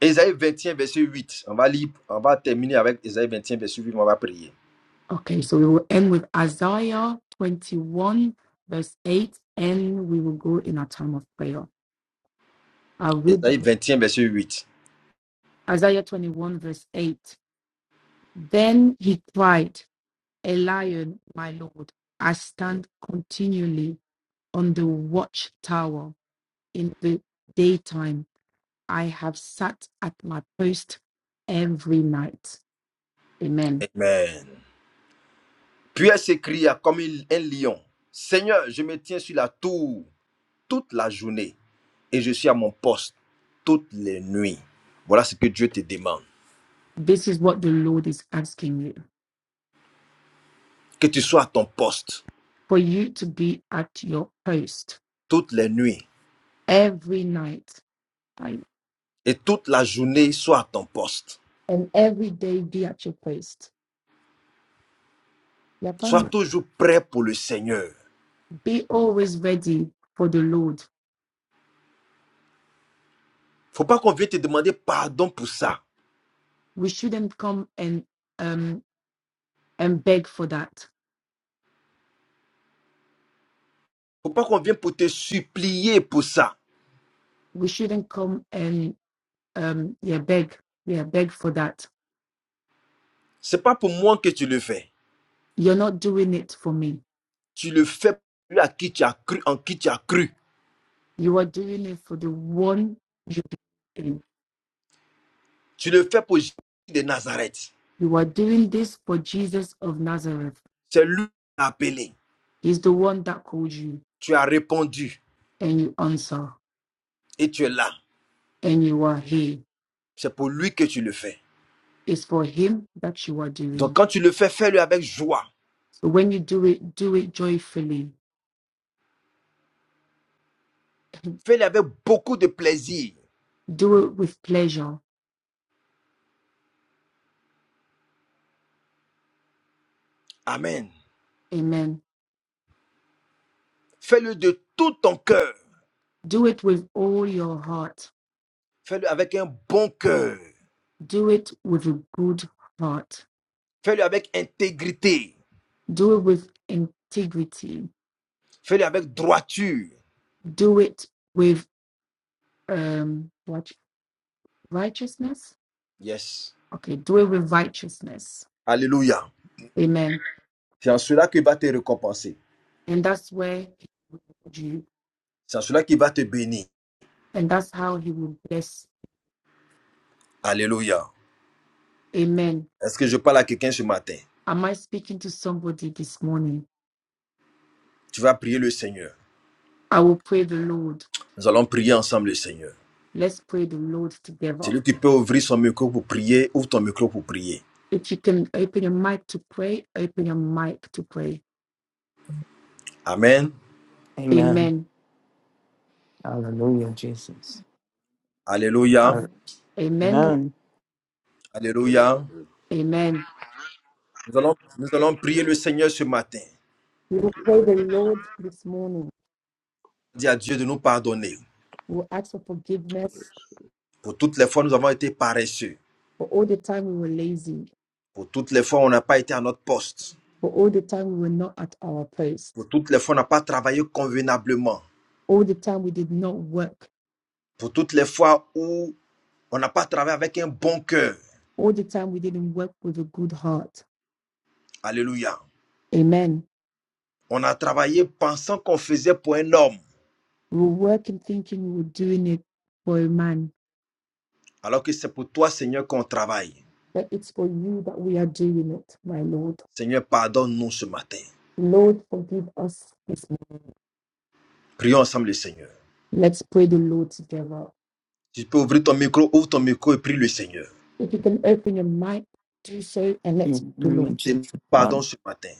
Ésaïe 21 verset 8. On va lire, on va terminer avec Ésaïe 21 verset 8, on va prier. Okay, so we will end with Isaiah 21, verse 8, and we will go in our time of prayer. I'll read Ésaïe it. 21 verset 8. Isaiah 21, verse 8. Then he cried, A lion, my Lord, I stand continually on the watchtower in the daytime. I have sat at my post every night. Amen. Amen. Puis elle s'écria comme une- un lion. Seigneur, je me tiens sur la tour toute la journée et je suis à mon poste toutes les nuits. Voilà ce que Dieu te demande. This is what the Lord is asking you Que tu sois à ton poste for you to be at your post toutes les nuits every night and et toute la journée, sois à ton poste. and every day be at your post. Yeah, Sois toujours prêt pour le Seigneur. Be always ready for the Lord. Faut pas qu'on vienne te demander pardon pour ça. We shouldn't come and um and beg for that. Faut pas qu'on vienne pour te supplier pour ça. We shouldn't come and um yeah beg yeah beg for that. C'est pas pour moi que tu le fais. You're not doing it for me. Tu le fais pour lui à qui tu as cru, en qui tu as cru. You are doing it for the one you believe in. Tu le fais pour Jésus de Nazareth. You are doing this for Jesus of Nazareth. C'est lui qui t'a appelé. He's the one that called you, Tu as répondu and you answer, et tu es là. and you are here. C'est pour lui que tu le fais. It's for Him that you are Donc doing. quand tu le fais, fais-le avec joie. So when you do it, do it joyfully, Fais-le avec beaucoup de plaisir. do it with pleasure. Amen. Amen. Fais-le de tout ton cœur. Do it with all your heart, Fais-le avec un bon cœur. do it with a good heart, Fais-le avec intégrité. do it with integrity, Fais-le avec droiture. do it with um, what righteousness. Yes. Okay, do it with righteousness. Alléluia. Amen. C'est en cela qu'il va te récompenser. And that's where He will lead you, C'est en cela qu'il va te bénir. and that's how He will bless. Alléluia. Amen Est-ce que je parle à quelqu'un ce matin Am I speaking to somebody this morning? Tu vas prier le Seigneur. I will pray the Lord. Nous allons prier ensemble le Seigneur. Let's pray the Lord together. Celui qui peut ouvrir son micro pour prier, ouvre ton micro pour prier. If you can open your mic to pray, open your mic to pray. Amen. Amen. Amen. Hallelujah, Jesus. Alléluia. Amen. Amen. Amen. Alléluia. Amen. Amen. Nous allons, nous Thank allons you, prier le Lord. Seigneur ce matin. We Thank will you, pray Jesus. the Lord this morning. Dis à Dieu de nous pardonner. We will ask for forgiveness Pour toutes les fois, nous avons été paresseux. for all the time we were lazy, Pour toutes les fois, où on n'a pas été à notre poste. for all the time we were not at our post, Pour toutes les fois, où on n'a pas travaillé convenablement. all the time we did not work, Pour toutes les fois où on n'a pas travaillé avec un bon cœur. all the time we didn't work with a good heart. Alléluia. Amen. On a travaillé pensant qu'on faisait pour un homme, We were working thinking we were doing it for a man, alors que c'est pour toi, Seigneur, qu'on travaille. that it's for you that we are doing it, my Lord. Seigneur, pardonne-nous ce matin. Lord, forgive us this morning. Prions ensemble le Seigneur. Let's pray the Lord together. Si tu peux ouvrir ton micro, ouvre ton micro et prie le Seigneur. If you can open your mic, do so, and let's In the pray the name Lord of Seigneur, Jesus, Pardon Father. ce matin.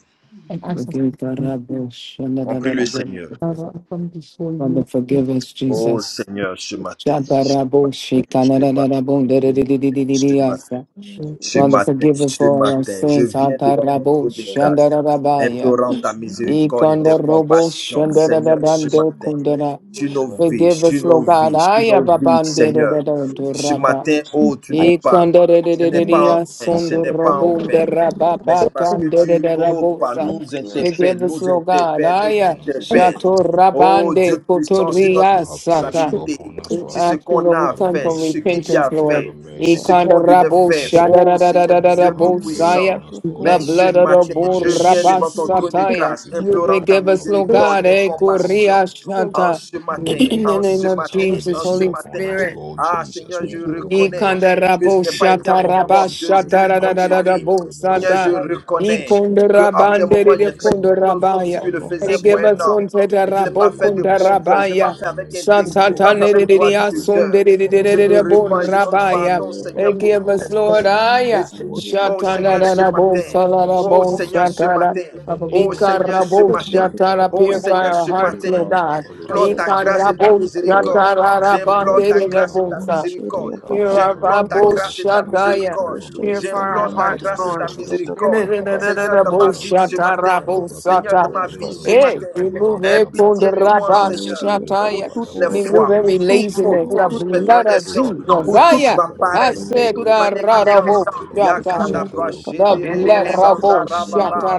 and ask us to Forgive the pray. rubbish. On prie le Seigneur. Father, I come before Father, you. this forgive us, Oh Jesus. Seigneur, ce matin. Ce Shakarabo, matin, ce matin, shikanarararabo, ce matin. Ce matin. dedededededededeyasa. day. Jesus, Ce Holy Father, Spirit, matin, forgive us for ce all our matin, je sins. viens be devant glory ton Hatarabo, trône from de the grâce, shandararabaya. all implorant ta blessing upon it, miséricorde et Lord tes Ikondorobo, Jesus, for compassions, me and Seigneur, for the ce shandarararande, sin matin. that kundara. Tu nos committed vies, knowingly Forgive sur us, without nos Lord God. knowing. vies, sur nos vies, Ayababande, Seigneur. We pray that you Ce have dedededorapa. matin, mercy oh, tu upon nous I us, parles. Father, Ce n'est pas en mercy upon vain, ce us, n'est Father, pas en have vain, mercy on us, mais Lord, c'est parce que tu, oh, par Ikondorerererererererasondorobonderababakandorererabosa. nous interpelles, Forgive us, nous Lord God. mercy interpelles, nous upon Aya us, thank interpelles. gracious God, Oh shatorabande Dieu We puissant, pray sur that notre you have mercy kotoriasata. responsabilité, upon us, We si ce Father. ask you, qu'on Lord, we a à Have come faire, from si ce mercy. We qu'il y a repentance, à seek for Lord. faire, your si mercy. ce We qu'on pray devait for faire, mercy. oh Seigneur And may you Dieu have mercy Tout-Puissant. Ikondoraboshadarararararabosaya. on Hallelujah. us, you. Lord, The Mais in the Hallelujah. ce blood name of of the matin, bull je viens Jesus. devant ton trône de Father, rabasataya. grâce, we You're pray implorant that ta Forgive you us, have Lord miséricorde mercy God. et eh, upon us, O compassion. God. grateful En koriashata. ce In the God. matin, In name the of en name ce of Jesus, matin, have Jesus, en mercy ce Holy upon matin. us, Spirit. Lord Ah Jesus. Seigneur, We je pray for reconnais mercy. que je Ikandarabo n'ai We pas pray été à for mon shataraba poste mercy. de Pray jour for comme de mercy. Pray nuit. shataradarabo for Seigneur, mercy. je sata. We pray for reconnais mercy. que à We des pray moments, for Ikundarabandere j'ai de fait mercy, des Lord. choses We comme pray si je kundarabaya. for le your Thank faisais We you, mercy, pour give un us Father. on homme. We Et je n'ai pray pas tetarabo for your fait de bon mercy, cœur, je n'ai Father. pas kundarabaya. Your fait avec mercy, O intégrité, je n'ai pas God, fait is Satatane avec de what we droiture de pray. cœur. asundere In the Je me name de of répands et je Jesus, demande Father, borabaya. we pardon, pray They Seigneur, that pour you give toutes have ces us Lord mercy choses. upon Et je Aya. us, Lord. dis, Hallelujah. oh Have Seigneur, mercy ce on Shatanarabo us. matin, Have mercy oh salarabo on us, Seigneur, O ce God. shatara. matin, In the Father oh name God. of Seigneur, ce Jesus. Ikarabo matin. Thank Mantuka shatara Oh Badaba. purify Seigneur, our ce hearts, Leka matin, Lord Bienvenue God. entre les Baba Father morts. J'implore ta grâce et Rekede ta Ikarabo braka da ba miséricorde. da shatara braka do Seigneur. J'implore ta rabandere de de ka grâce et bo ba ta ba. bosa. miséricorde. Aie Leka ba Hear pitié da our de bra nous. ba J'implore ta Bible, bra ba grâce et shi ta ka ba ba Shataya. ba miséricorde. ba ba. Hear Alléluia. for C'est our J'implore juste. Leka ta ba hearts, ba grâce ba et ta ba Lord. ba Réveille-nous, shi ka Seigneur. ba miséricorde. da braka da Seigneur, da dans bra Réveille-nous ma ba. vie entre ce les morts. Braka matin, da braka da Seigneur, dans ma broko do Shatara vie Réveille-nous ce entre Hey, matin, les ka morts, ba da remove Papa. ba aie da it from braka the pitié de ba Oh, ba moi, ba. rabba Seigneur. Seigneur, Leka Oh, pour shataya. ba da toutes les Seigneur. brako Remove do fois, Éclaire-nous, lo pour every toute Seigneur. ka faute, pour ba laziness, ba. the Oh, mes blood Seigneur. of Oh, transgressions, Christ, Brakada Jesus. pour éclaire-nous, toute Aya, ma brakada Seigneur. I bada paresse, bada said ba ma Oh, the Papa. Aie rakaba rarabo négligence. pitié de baba nous. baba shataya. shike Yakadabra The Aie brokodoro pitié Shederebo blood de bakada nous, Sanda Seigneur. rabo brakada bada Rakadabadabrakadabadabadaba. Rababa,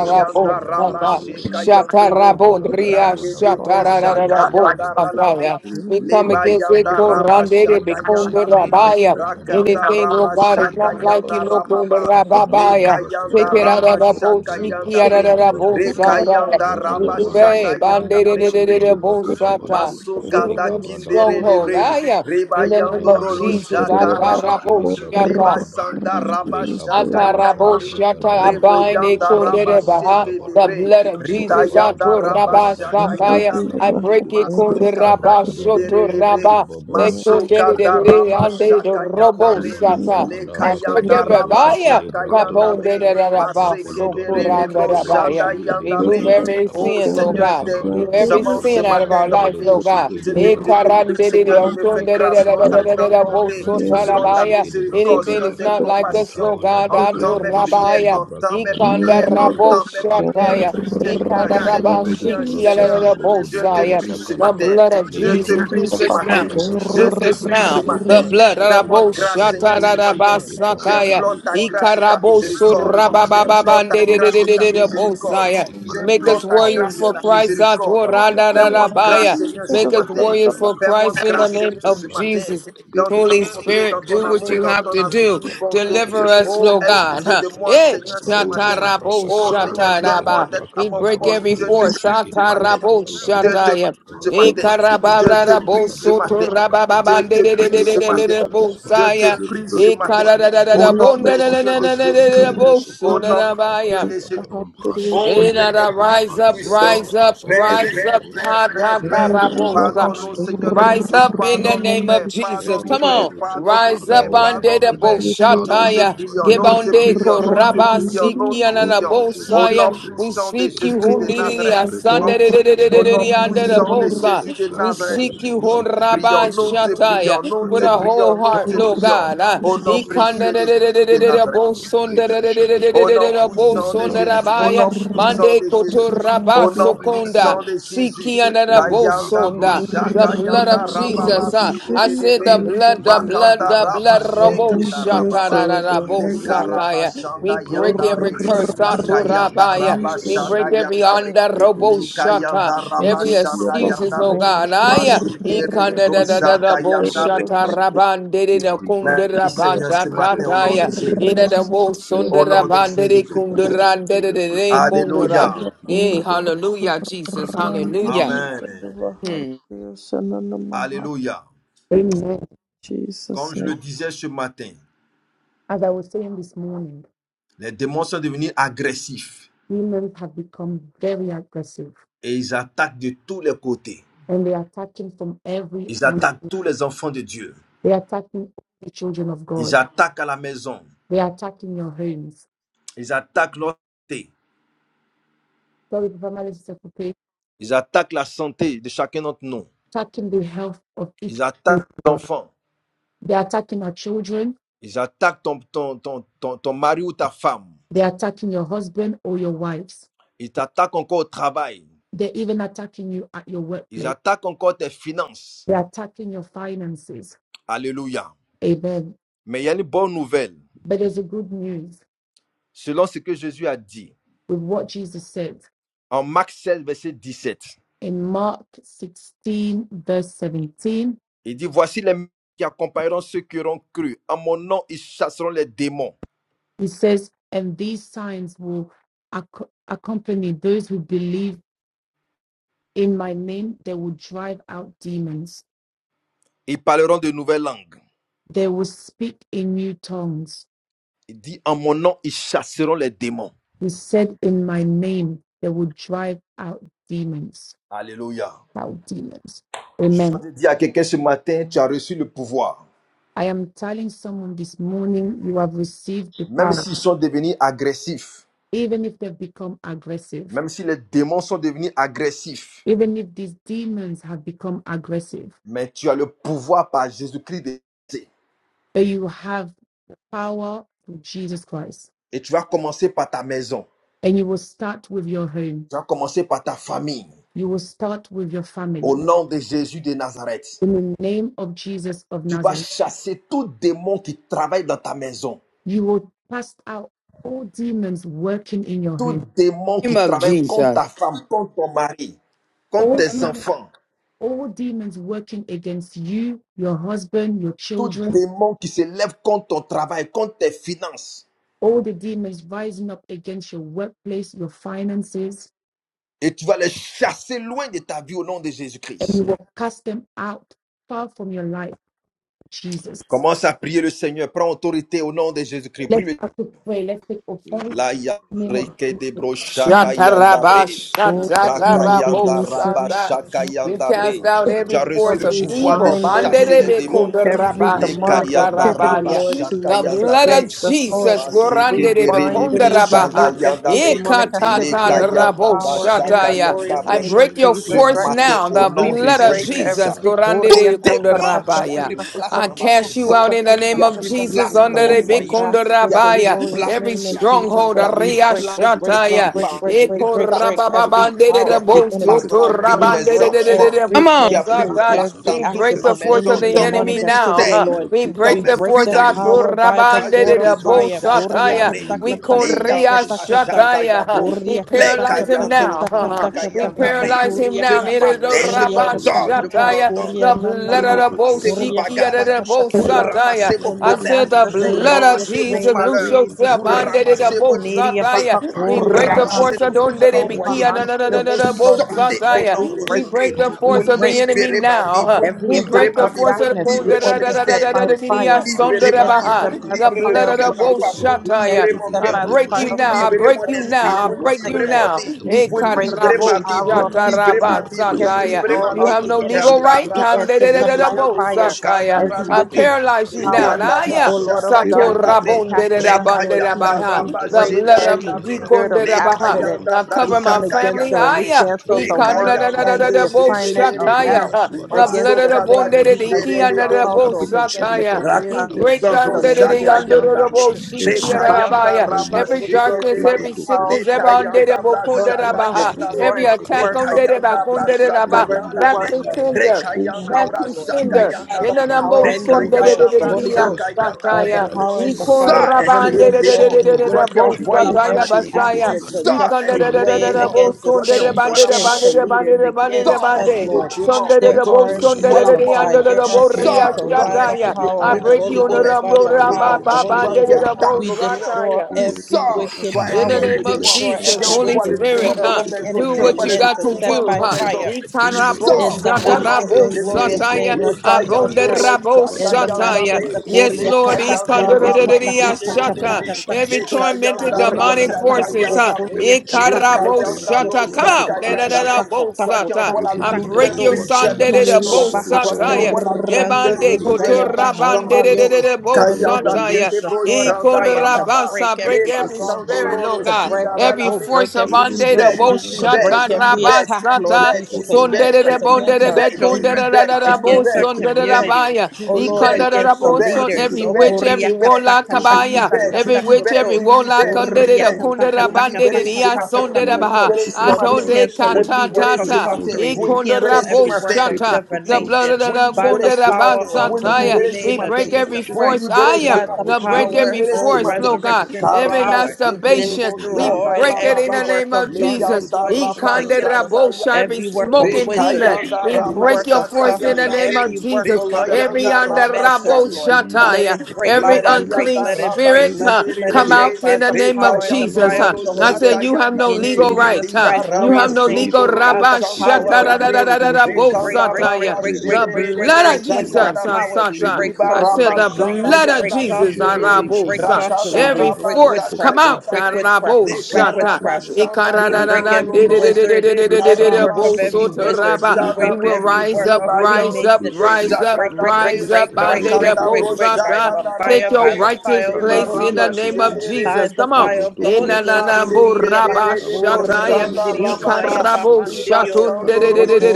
Oh, brokodorobakadabrakadabadabrakodoroboshike de Seigneur. brakada Raba shata Délivre-nous bada de la Sheka paresse. Yandoro, shatarabo ria Délivre-nous, Seigneur, mon Dieu, Rakedebro de rakadabadabrakede la Shaka procrastination. lebroshike shatarabo de Yanda rakada bada badaba. Ralabre, shataya. We Délivre-nous, come Leba against Papa. it, Yanda Rakadaba Raba Korandere Dabrakide Shaka Ensuite, Bikunde Bushiki de Yandabre, donne-moi un Rabaya. feu Brakadaba afin que nous Rakanda devons Anything, Dabrakudu faire. oh Raba God, is Bushiki de Shaka not like Maintenant, you, Yanda no Brakadaba Kunde Rababa, Rakadaba Seigneur, Leka Rababaya. Dabrakada Take Yanda Seigneur mon it out Dieu, of Brakidu Raba the bo Shaka Brukuduru allume le shiki out of feu Yandabre, en Basakada nous, the bo Seigneur. Brakadaba Reka sata. Yanda Allume le Raba Rakadaba Remove feu, Seigneur. mon Dieu. Shanda it, Dabrakide de bandere de Yandabre, de de Bushiki Allume de de le bo feu, Seigneur Brakadaba mon Dieu, de sata. Daba ton Masuka salut. Remove da every Lekabra Kindere Allume Daraba la stronghold. Daba Lebre, joie de Daba Aya. ton salut. Reba In the name Rakadaba of Yandoro Allume, Jesus, Dabrakide Seigneur. I de lo Bushiki rabo de Allume, Seigneur. shata. Brakadaba Daba Ebasanda Allume, Seigneur. raba Lekabada shaka Oh, yanda Brakada Seigneur, be. Brakada ne Ataraboshata nous Rebo laisse pas Brakuduru abaine yanda endormis. Bushiki de raba kundere baha. sheke Brakadaba Que The tout da debre. blood esprit of le you. Rida d'endormi, Jesus Seigneur, kabada yanda nous brakada raba atoraba laisse bada shaka. chasser, brakada sapaya. bada I lié Interior bada. de break corre nos it vies, una Seigneur. Masoka kundera da Rakada Au nom de bada basoto kindere baba debre. Jésus-Christ, raba. baba They baba Seigneur. corrida shika Masoka kundere de bada da Allume le le brakada feu, raba ba ande Seigneur. de shaka yanda robo rakada bre. Allume le bada feu sata. dans interior nos brakada a Leka I vies, break rakide yanda corrida every lebro raba shiki Papa, baya. de shaka brakada yanda Pardonne-nous, bada bre. ba Kapondere Seigneur, raba pour rakada Maseke bada dere l'endormissement. sokuranda lebro brakide lebro shanda rabaya. Pardonne-nous, shiki de Seigneur, yanda mon bre. Remove Dieu, brakada pour every bada le ba interior Oh sin, retard. Lord God. leka Seigneur, corrida brada interior Remove Pardonne-nous every Seigneur, rabada pour ce sin les bada out of matin our dans excuses. brakide ma life, lebro vie. Lord God. shiki Je de Pardonne-nous, te, Eh, Seigneur, je mon te brakada Dieu. bada prie, ba Oh, Seigneur, de me faire Seigneur, leka grâce brada selon ta pardonne-nous, rabada grande bada Papa. bonté, brakide selon lebro ta Réveille-nous, shiki de Seigneur. miséricorde, brakada interior Anything selon ba is tes not Réveille-nous de like notre us, leka compassions. Lord sommeil. bada God. Entends brakide mes bro Réveille-nous, prières, shiki Seigneur, de Adorabaya. entends Papa. mes brakada prières, bada Ikanda bada ba Réveille-nous, rabo entends corrida mes Papa. prières, leka shataya. bada Réveille-nous, brada Ikanda Seigneur. rabada brada interior Fais de rabada nous des rabashikia, la, brakide la, flammes Seigneur. de la, lebro feu. kudu Je te Fais bosaya. de prie nous ce rabasaka des da The ba flammes matin. blood de of feu, Je Leka te, Jesus bada Seigneur. loose interior us Fais brakudu baja de now. nous libra des je shaka flammes te de da Rufus feu braki now, de pour te the libra blood, servir, kada corrida bada Fais-moi Rabo Seigneur. grâce, brakudu Shata Seigneur, Oh ce libra shiki matin. Jésus, de Rabasakaya, ba. J'implore Réveille-nous, ta grâce et Seigneur. ta Fais Ikarabosu pitié miséricorde. de nous, Brakadabada Seigneur. J'implore brakudo ta Rabababande lebra grâce et santa ta Embrase-nous, brate miséricorde. lebra Seigneur, Bosaya. sheke par la de Make us J'implore puissance ta du brakadaba warriors grâce et for ta Saint-Esprit, Christ, Seigneur. lebra miséricorde. kada Atorada brakudo Remplis-nous Fais-moi le ce matin. grâce. Rabaya. sheke de Make us brakada Remplis-nous, warriors for brakudo Seigneur. Fais-moi Christ lebra in the grâce, sheke Déverse name Seigneur, de ta ce of puissance. matin. Jesus. brakadaba Dans Déverse Holy ton lebra feu. bonté, kada dans Spirit, ton do what brakada amour, you dans Déverse have ta ton to brakede puissance, do. lebra infinie Papa. kada bonté. Deliver badaba us, Déverse Oh, ton Lord aie feu sur God. pitié nous, lebra Huh. de kada moi, Seigneur. Eh, bada Seigneur, ce Oh, brakudo matin. Seigneur, lebra shatarabo Oh, sakada Seigneur, embrase-nous, brakede donne-moi Seigneur. shataraba. lebra d'être à We mon kada break Oh, poste. every brakudo Je te Jésus. lebra force. prie sheke ce de matin. Satarabo brakada Je badaba te prie shataya. ce matin. rakada brakede Je te Ikarabara lebra prie ce kada matin. bosoto bada brakudo Je rabababande te lebra de de prie de Le de sheke ce de de feu de du matin. de brakada Saint-Esprit, Je bada te bosaya. le prie feu brakudo ce de ton lebra matin. réveil, Ikarada sheke da Seigneur. da Au da nom bonda da de da Dieu da de da Omchas da Seigneur, da da Jésus-Christ. Gregoto Rakadabrandelebushike, Au bosona nom Korosha de Karma, Dieu rabaya. de Jésus. Debrakadabadaba, Omchas Oh, Seigneur, Ina Seigneur Dieu rise Omchas up, puissant. Seigneur, rise up, Père, Ebroto rise up. Père, Lebrakadabadabratelabashakadabadaba. Korosha Père, Karma, Kata Père, Thank Libra pa you. Père. pa pa pa karabosa. Pardonne-nous, Namastanto Seigneur. shake Romoto libra Rise kada up Korosha ba in Pardonne-nous. da the bra Karma. name toro of Père, bo Aie shake Jesus. pardonne-nous, Come pitié libra de da on. Père, da nous, ba. Seigneur, pardonne-nous, Rise Père, up pardonne-nous, Lord, on in the Seigneur, de pardonne-nous, the name Père. of Nous Jesus, pardonne-nous, te boshataya. prions, Papa, Marake Give nous te on de de pardonne-nous, prions, nous te Bracada Seigneur. koraba Badaba, prions, nous te siki anana prions. Rakada Oh Au Jésus, nom bosaya. Bracodo, We puissant de seek Libusheke Jésus you de de oh Bracada hundiri Seigneur, Nazareth, Brande, asande fais-nous des de de de Libusheke flammes de de de de au de feu, nom de de ande Bracada the Badaba, fais-nous bosa. des Jésus de We flammes de Racodo, feu, Nazareth, seek you nous Seigneur. te Libusheke de prions, horaba nous Bracada Ebroto te Badaba, prions, shataya Korosha nous with te a Karma, prions, whole nous Libracada heart, te Lord Bada prions. Namastanto God. Brande, Ah, Au Romoto nom Libusheke Korosha de ikande précieux de de Jésus de de de de de Bacabada Karma, de de Nazareth, Bracodo, bosonde Révère de de Libusheke de de de chacun de de Ba, de de au nous, de nom de Seigneur, in the puissant de dans name bosonde nos of Jésus, familles, au rabaya. nom Jesus, dans nos puissant Mande de foyers, Matabada Jésus, Seigneur. Basheke kotoraba au de nom Révère chacun sokonda. de puissant Barabada nous, de Jésus. Seigneur. Siki anana nous in the n'ayons pas mighty bosa. Kayanda honte name de of The broshanda l'Évangile. Jesus. blood nous of n'ayons raba pas Lord, Jesus. honte de uh, toi. I Bashiki, say brother, Car debre, the tu as brother. dit, si blood, vous the avez honte blood, de Makanda moi, the In the raba blood. name j'aurai of honte de Rabo Jesus, vous, Holy Seigneur. Spirit, shakarabo Manto Réveille-nous, Braka, da Seigneur. sakaya. Braka, de de We Oh, Karabashanda Papa. break Boshiki, Yandari, every curse. Réveille-nous, In the Seigneur Jésus. name Rakayanda of Aturabaya. We Réveille-nous, Jesus. Rabashanda break every Yeshua. Yandabri, under In Lève-toi the robo name shata, Likayanda every karamanta, Jesus of Rabashanda nous, Jesus, excuses, Sacramento. Yandabri, Holy karamanta. Lord nous, God. Spirit, Lord, Aya, Sacramento. Bashika, Masere ikanda Nous da brother, da de da brisons da Broshaka les bo Boshiki, plans Yanda. de l'ennemi, shata Seigneur. rabande In de Nous the da brisons kunde tout le Merci Seigneur ce rabanta matin au stratagème nom de, tataya, de l'ennemi, ina da bo Seigneur. sunde Nous au nom de rabande de Jésus-Christ. détruisons, Seigneur, kunde mon Dieu, rande tous de de les plans. de Oh kunde ra. Alléluia. Seigneur, qui nous Hey, ont dormi. hallelujah, Jesus, Alléluia. hallelujah. Merci, Amen. Père. Hmm. Alléluia. God. Amen. Comme je le name. disais ce matin, As I was saying this morning, les démons sont devenus agressifs women have become very aggressive et ils attaquent de tous les côtés. and they are attacking from every Ils angle. attaquent tous les enfants de Dieu. They are attacking the children of Ils God. attaquent à la maison. They are attacking your homes Ils attaquent leur santé. sorry, Papa Mali Sekope, Ils attaquent la santé de chacun d'entre nous. attacking the health of each Ils attaquent people. l'enfant. They're attacking our children. Ils attaquent ton, ton, ton, ton, ton mari ou ta femme. They're attacking your husband or your wives. Ils t'attaquent encore au travail. They're even attacking you at your Ils workplace. attaquent encore tes finances. They're attacking your finances. Alléluia. Amen. Mais il y a une bonne nouvelle. But there's a good news Selon ce que Jésus a dit, with what Jesus said en Marc 16 verset 17, in Mark 16, verse 17. il dit, Voici les qui accompagneront ceux qui auront cru. En mon nom, ils chasseront les démons. He says, And these signs will ac- accompany those who believe in my name. They will drive out demons. Ils parleront de nouvelles langues. They will speak in new tongues Il dit, En mon nom, ils chasseront les démons. He said, In my name, they will drive out demons. Alléluia. Out demons. Je suis en Amen. train de dire à quelqu'un ce matin, tu as reçu le pouvoir. I am telling someone this morning, you have received the Même power, s'ils sont devenus agressifs, even if they've become aggressive, même si les démons sont devenus agressifs, even if these demons have become aggressive, mais tu as le pouvoir par Jésus-Christ de but you have power through Jesus Christ. Et tu vas commencer par ta maison. And you will start with your home, Tu vas commencer par ta famille. you will start with your Au family. nom de Jésus de Nazareth. In the name of Jesus of Tu vas Nazareth, chasser tout démon qui travaille dans ta maison. you will cast out all demons working in your Tout home. démon name qui of travaille contre Jesus. ta femme, contre ton mari, contre All tes demons enfants. all demons working against you, your husband, your Tout children, démon qui se lève contre ton travail, contre tes finances all the demons rising up against your workplace, your finances, Et tu vas les chasser loin de ta vie au nom de and you Jésus-Christ. will cast them out far from your life, Jesus. Commence à prier le Seigneur. Prends autorité au nom de Jésus-Christ. Prie. Let's le- have to pray. Let's take authority La Ebroto ya in the porosha name of reke de karamanta Jesus. bro karasta shaka yanda karamanta. bre. Shataraba, Ebroto Raka in porosha yanda the name of raba karamanta shatarabosata. Jesus, shaka karasa. Manto We Ki, yanda brother, cast bre. brother, out brother, Tu every as Mabasanda Kudo, reçu de force Lord, roboto le of we pouvoir de korosha evil. bind Braka, and we chasser karamanta les Banderebe karasa. démons. rebuke every kundaraba, Likabada Reka Ebroto demonic yanda korosha brakudodo activity, shatarabania. Lord bushiki karamanta. de raka The Jesus, yanda brakada bada blood of against us, brakudo Baba Lord. Jesus. bushiki Sandoro de seke Moto We de brakada goranderebe Koro re bind bradodo and Shakara we Manta bushiki shanda kundarabaha. de rebuke Karasa. yanda every bre. brakada bada The demonic blood of brakede activity de Leka ba in Jesus the over yanda my bra power house. brakada and shaka the Ekatataraboshata. The brakudodo yanda glorious blood bre. I of name of break bushiki Jesus your de over my Jesus force brakada family. Christ. Matin bada now. au The nom brakudo We de Ebro de blood to of Jésus. break Koro bashakada Jesus. every Shakara brakede Manta. de Korea goranderebe brakudo de Ebro Démon, to kundarabaya. Koro brasakada bada place I Shakara Manta. brakudo cast de you out in the brakada ba qui Oh name a of pris Seigneur, nous de Jesus. place prenons dans mon brakudo in de the autorité, bushiki Seigneur, fils, de Under qui a master's and pris brakada contre Rabaya, glorious place, tout brakudo every name esprit of bushiki de qui Jesus n'est stronghold, pas Christ, de brakada we toi. Ria break, brakudo place. break, de Tout break, esprit brakada break, Shataya, de break, bada break, rébellion, break, brakudo Eko break, Seigneur, break bushiki de contre every ta Rabababande brakada de parole. power de of bada the Bo enemy. place Tout dans la esprit Liki vie de We mes brado Rabande d'entêtement. de lobo break de shiki de Come every test frères, braka qui de on, a da pris bada entrance, Satan. place brada désobéissance da et every We de bada break access the of brado force lobo any of d'insoumission, the nous shiki les au enemy demonic lions, now. activity, huh. ministère nous Lord. les We dans We break mes détruisons the break force the dans le of nom power by puissant the de Rabande de sword of Jésus-Christ, Seigneur. Lekabranada fire. bushiki Nous de chakadabré. vous We lions, brakada call Seigneur, mon bradoro Dieu, Lia cet bushiki esprit de qui n'est Koryakatakatakatakata. pas de brakada Shataya. toi, ba huh. Kayabro, We Kuriaka cet rakada les esprit de taka paralyze him Kayans. brakada taka conflit, now. Seigneur, taka mon brakudoro huh, Dieu. huh. taka We bushiki de Nous taka ta paralyze brakada lions him ces Ce now. bradada kuriaka esprits, Ere bana nous les do matin, je brashiki chassons Rabba kuriaka de dans le le nom t'ordonne, taka de ta brakudo Shataya. Jésus-Christ. The rabakada kuriana ba je- vous Et blood nama of proto rakada koro ramassez vos kuriaka bagages, the Bo shakaramanda, taka taka vous de ta Abba brakada ramassez Sataya. Santorum vos, bada in I the moto said brakide koro the le master's vous and blood brakada of ba shakaramanda, ramassez glorious vos Jesus, name of loose et malheurs, proto Jesus yourself vous koro under Christ. brakide le the ramassez bra vos, boat Kineria baha rakada Sataya. fire vous We of brakudo the break the kurra Holy force ramassez Ghost uh, of tout de ce que don't vous let avez it brakada be against key bada any envoyé under et bradada any vous the bushiki evil de Lord boat we spirit. sortez brakada break au bada we nom Sataya. de ba Abba We break we Santo break Jésus-Christ. the break lika Moto we Vous force of Koro the bradada break enemy bada Shakara libérez ma Manta. vie, brakudo vous now. le Every We brakada attack libérez break ma, bada the of Alléluia. force of the brakide le Que darkness, la we libérez Kunda, mon paix, da, da, la bushiki da, de da, joie et da, ministère, intercept da, da, by da, l'amour brakada bada fire. par le Sonda, libérez We da, ma, robushiki Saint-Esprit de Baha. intercept by règne brakada the the ba libérez le au blood fire nom of of cœur the the de des ma boat Holy femme, Ghost. vous enseigneurs. We Rakada Sataya. libérez mon intercept I brakede Ebroto cœur, by the Koro lebro break fire you of the now. de Shakara I Holy libérez Manta. break Ghost mon brakada you esprit, ba every now. I arrow Ebroto of break you Koro rakada libérez Sha- ma sickness. now. vie, brakede Nous Eh, We vous brakuda break brisons lebro libérez every les ma karabo œuvres vie, des de arrow of ténèbres. brakuda libérez sickness. le Nous We shataraba ma vie, break brakada vous brisons every les brakada libérez sataya. ma plans, arrow les You of have brakuda the no le vie. stratagèmes de enemy. legal bashakada right. l'ennemi ba We Kandaraba, dans nos intercept lika by maisons brada Tandedededebo na fire boshiki sur de sataya. nos kandara, every I brakuda finances. wicked paralyze you robakada le now. Libère power. nos brakada Now, kandabra, brada O yeah. da finances. ba Lord of shaka Sato Lebroto lika darkness, yandabre, brada rabon na Korosha de de attacking da us, boshiki Karamata. reka ban de de Lord da ba brakada Jesus, ha. we yandaraba, Abasandoro brakede The de break Moto blood shedari of boshiki Korosha de every labre, spirit Dikon Karamata. de brakada of le da bada da ba ha. brada da accident. ba Now Lebroto kayandabra, We cover Korosha my come rakada shaka yandabre, against family. brakuda them Karamata. and Ah, we robo yeah. cancel de the Ikan da work Alléluia, brakada da da Seigneur da and mon da kayandabre, da Dieu. brakede the de bo assignment broshiki de of shekere, hell shataya. Alléluia, brakada ha. Seigneur bada mon da The Dieu. bra against blood of the the masoka da bone lika saints, de Oh de brada de Seigneur mon raba kindere da Dieu, ikian against da our da lebo, brakuda la bo households, lebro bénédiction de against our de shataya. l'Éternel raka. He brakada community, n'est bada break suivie ba against Dabro the down d'aucun de de in de changement, the leaders. shaka under Seigneur name mon the of Dieu. yandabre, bo Elle Jesus, shikia reka da da Father, enrichit, ba Mantoro ya. elle yandaraba, the Braseke Every de Holy m'enrichit. Ghost, darkness, by every the Lebroto Bracadabadaba. power of sickness, the Korosha every Holy under Ghost, the Rekayanda Karamata. Lekabra bo kun Lord, da we da Rabodo brashada ba ha. Buseke yanda Abasandoro de bre. destroy Every Moto every attack Korosha work on of Bracadabadaba. Kundere ba, Karamata. Rekayanda darkness. We brashata yanda. destroy every Alléluia, Rakada Back work Seigneur to mon of Dieu. Bracada sender. Buseke Oh de Rekayanda Back powers, to Seigneur, Lord tu Bracadabadaba. brashata sender. by m'enrichis, yanda the bre. Seigneur Rakada mon power Enanamo Dieu, and the Bracudo au fire sondere Rekayanda nord, of au de de Buseke the de sud de et de Holy à ya. Bracada l'ouest Ghost. kayanda By bre. the et Basaya. à Bracadabra. l'est, power and Seigneur the mon Ikon Dieu. fire Rakada of Sors, the esprit Holy Bracudo rabande de de Ghost, de Alléluia, de démon. de Buseke Seigneur every mon de de de Dieu. Toi de. qui witchcraft Tu Bracadabra envoies de way, la Bosataya augmentes every mes Buseke de ressources, basaya. tu astral Seigneur mon I Dieu. Bracadaba. break sors. you Et projection In the way brotokoro name against of the Toi qui shakaramanta. saints, envoies la against the Jesus. maladie. Abasandoro leaders, motokoro against Sors, In the us, esprit name of Lord. de shakaramanta. démon. Jesus, They Merci Manto are Seigneur mon Dieu Envoie Brasata la pour la Brate mort. de nullified, they provision. are Buseke de Merci Sors. pour les canceled by the Bracadabada ressources. power of Bracudo the Merci Le Holy Seigneur on mon the Dieu. Ghost, by rambo Bracadabada the power ramba Alléluia. Bradaba of the Holy Sheke Toi de babande Ghost. qui Rebrotokoro de Bradaba. attaques bo We nos shakaramanta. finances. destroy sataya. Et every brotokoro Sors. wicked In Toi, the In esprit the shakaramanta. power. name name We of de of démon. Merci destroy pour la Jesus, Qui every Jesus, Holy envoie prospérité les we de wicked mon sword Spirit, troubles dans of travail, break huh? nos the Seigneur. maisons. every Do Qui enemy. Et We what envoie you powers, les got to brotokoro tourments intercept dans do, by huh? shakaramanta. fire break every tu Bénis mes Itarabo frères spirit, dans le sors in the au travail, Seigneur. nom break de master's shatarabo and Jésus. anything, oh glorious Ebroto sataya, name God, of Le that Korosha the enemy Jesus kayando Karamanta, has Christ. abonderabo rocha inflicted In the Abasantoro upon kayanda our bre sataya. Moto master's life. Korosha Yes, We Korea Lord, Karamanta, kata cast them kayanda out Korea from Ebroto our rabas. kata ikandororororia life kata in Korosha the name kata of shata. Karamanta kata Le Karasa, Every Jesus. kuto tormented kayanda Korea Abasantoro demonic brasa Moto kata forces, Korosha. o huh? kayanda bre. Korea Merci pour la Le kata joie, la kata Ikarabo paix, kayanda kuto l'amour, shata. Seigneur Come mon kuta rocha Dieu, out. par kata le kayanda bre. kuta Saint-Esprit, Da-da-da-da-bo Seigneur. kata Toi qui kuta sata. envoies la In I kata Ebroto, que the je lourdeur break name kuto your reçois of ta son, spirituelle de joie, ma mère. la da-da-da-bo Kiniria Jesus, joie de baha yes, Toi qui l'éternel est Lord. envoies ma sataya. force. In the korandirio Ebande une name of Ebroto duel shaya Jesus. Korosha dans kotorabande ma de de bahandirio. Karamanta, de vie. de In the bo Lord, name we of Kayanda Alléluia. release sataya. de Jesus. the In the sword of name Thank of you, brochanda fire to Jesus. Jesus. rababa. break Ikondarabasa. Break Le every Yes, every Lord. Ebroto basando stronghold, spirit, Bashika rolo Lord Korosha to God. break bratala Karamanta. shidara up, la. Every oh, boshike de force break of every ande bratala de string, Libère, tu bo boshike Reprotokorosha de to libères, tu break shata karamanta brakada every Karamantakarasa. libères, attack, broko de Je Lord rabasata. prends tu libères, tu Jesus, boshike Sonde de autorité libères, against de contre de us, bratala. toute bonde against tu de our be amertume, konde de children, In da Seigneur. da libères, tu da the bo Toute against our libères, tu name de dépression, da libères, community. Seigneur, of baya. tu libères, tu libères, tu Oh soit Jesus. Lord, liée, libères, Ikonde de da Brakada against the chassée, bo tu libères, so bannie de leaders. Every tu ma Oh libères, witch, maison, tu every Seigneur. libères, warlock Tu boshike de kabaya. libère, tu Rebrotokorosha Every brakada witch, badaba. libère, Karamanta. every Kuriakatakatakatakakoto. tu warlock libères, Baba konde tu Brakada de Santo da libères. brakada konde da brakada bande Romotokorosha de Libérez ce boshike Karamanta. ya de matin, sonde brakada de Tous les badaba. Kuriakatakatakatakakoto. baha. plans, libérez toutes ce les Lord, Brakada we matin, paroles qui Atonde boshike se de cancel lèvent, every kata brakada work libérez je of ce les tata. badaba. matin, sorcery. condamne au vous We jugement, Ikonde libérez cancel Seigneur. ce rabo every matin, work of shata. The blood Rebrotokorosha divination of Jesus the vous Lamb, Christ, by Karamanta. the libérez, Lord. Kundera power Baba of vous Santo Rakada the Basataya. holy libérez ce We name Romotokorosha, of matin, je break every Jesus vous rejette force. Christ libérez I les ce am. by matin, the We paroles, Seigneur break mon Dieu, power, every libérez ce oh de force, l'ennemi, Lord Seigneur. God. matin. Je resurrection Every Karaba rejette power les masturbation. monstres Sekerebo de We l'ennemi, destroyed break Seigneur. it in every the Sarababa work name of of Ebroto Jesus. darkness, Leyanda Lord Kurosha Jesus, Raba against Karamanda, Ikandera us, Shakaya Bosha, Every every work Ramasantoro of smoking Moto wizard, demon. kurusha Rekayanda We every Raba Karamanda, break work your of force in the sorcery, Shakayanda Ebroto name of every Kurosha work, Jesus. oh Lord, of Karamanda. Every Rekayanda under Raba Rabo necromancers, Shakayanda Lord. Hallelujah, Re- Let shataya, it break, Every let it Hallelujah. break, unclean Labayanda let it Raba break, spirit. Mes let, huh, enfants let sont it Come bénis, break out Shederelebre by in the Seigneur. the name of power and the Jesus. fire Alléluia, huh. of Rekayandorolo the Seigneur I Holy mon Dieu. said, Ghost. You have Ils no Shayanda sont In legal bénis dans la right. Jesus huh. ville. Christ's You Ils Ibaraba have sont glorious no name. bénis legal dans le champ. By socorolo the rabba Ils sandabre, sont power of the bénis Holy partout où ils Ghost, vont, we shatara Seigneur. break, break, break, recandaraba break, Alléluia. break, Ils cedere break, sont la break, break tête et non la witchcraft queue. brosacadabre, power. We Les break protocoles Ibaraba sorcery we break sandayanda in the Merci, Jésus, sorcery. name kindebre, of We Seigneur. break Jesus. sorcery. Oh We Seigneur, rakadaraba break pour leur witchcraft. We protection, break Seigneur. witchcraft. We Partout où ils break sont, lekaraba Seigneur witchcraft. mon Dieu. We Oh, sandayando break merci pour every le bro, salut. wizard, Le every salut rekaraba work of entre dans every ma maison. wizard. We Les break sadabre, every protocoles In work of ibayando the Le Freemasonry. We salut break, entre dans break, sacadabre, ma break, maison. break, Les break, break, rakandabro break, protocoles break by the sacadara, fire, by the fire of the Holy Alléluia, Ibaraba Ghost. Seigneur mon Dieu. cedere, By the fire of Ebroto the koro Holy Ghost, in shakaramanda. Jiria masekedere mighty Abasanto brosanda name of romoto Bahakurandirio koro rababa, Shaya Jesus, shakaramanda. Liba sandorolo Alléluia.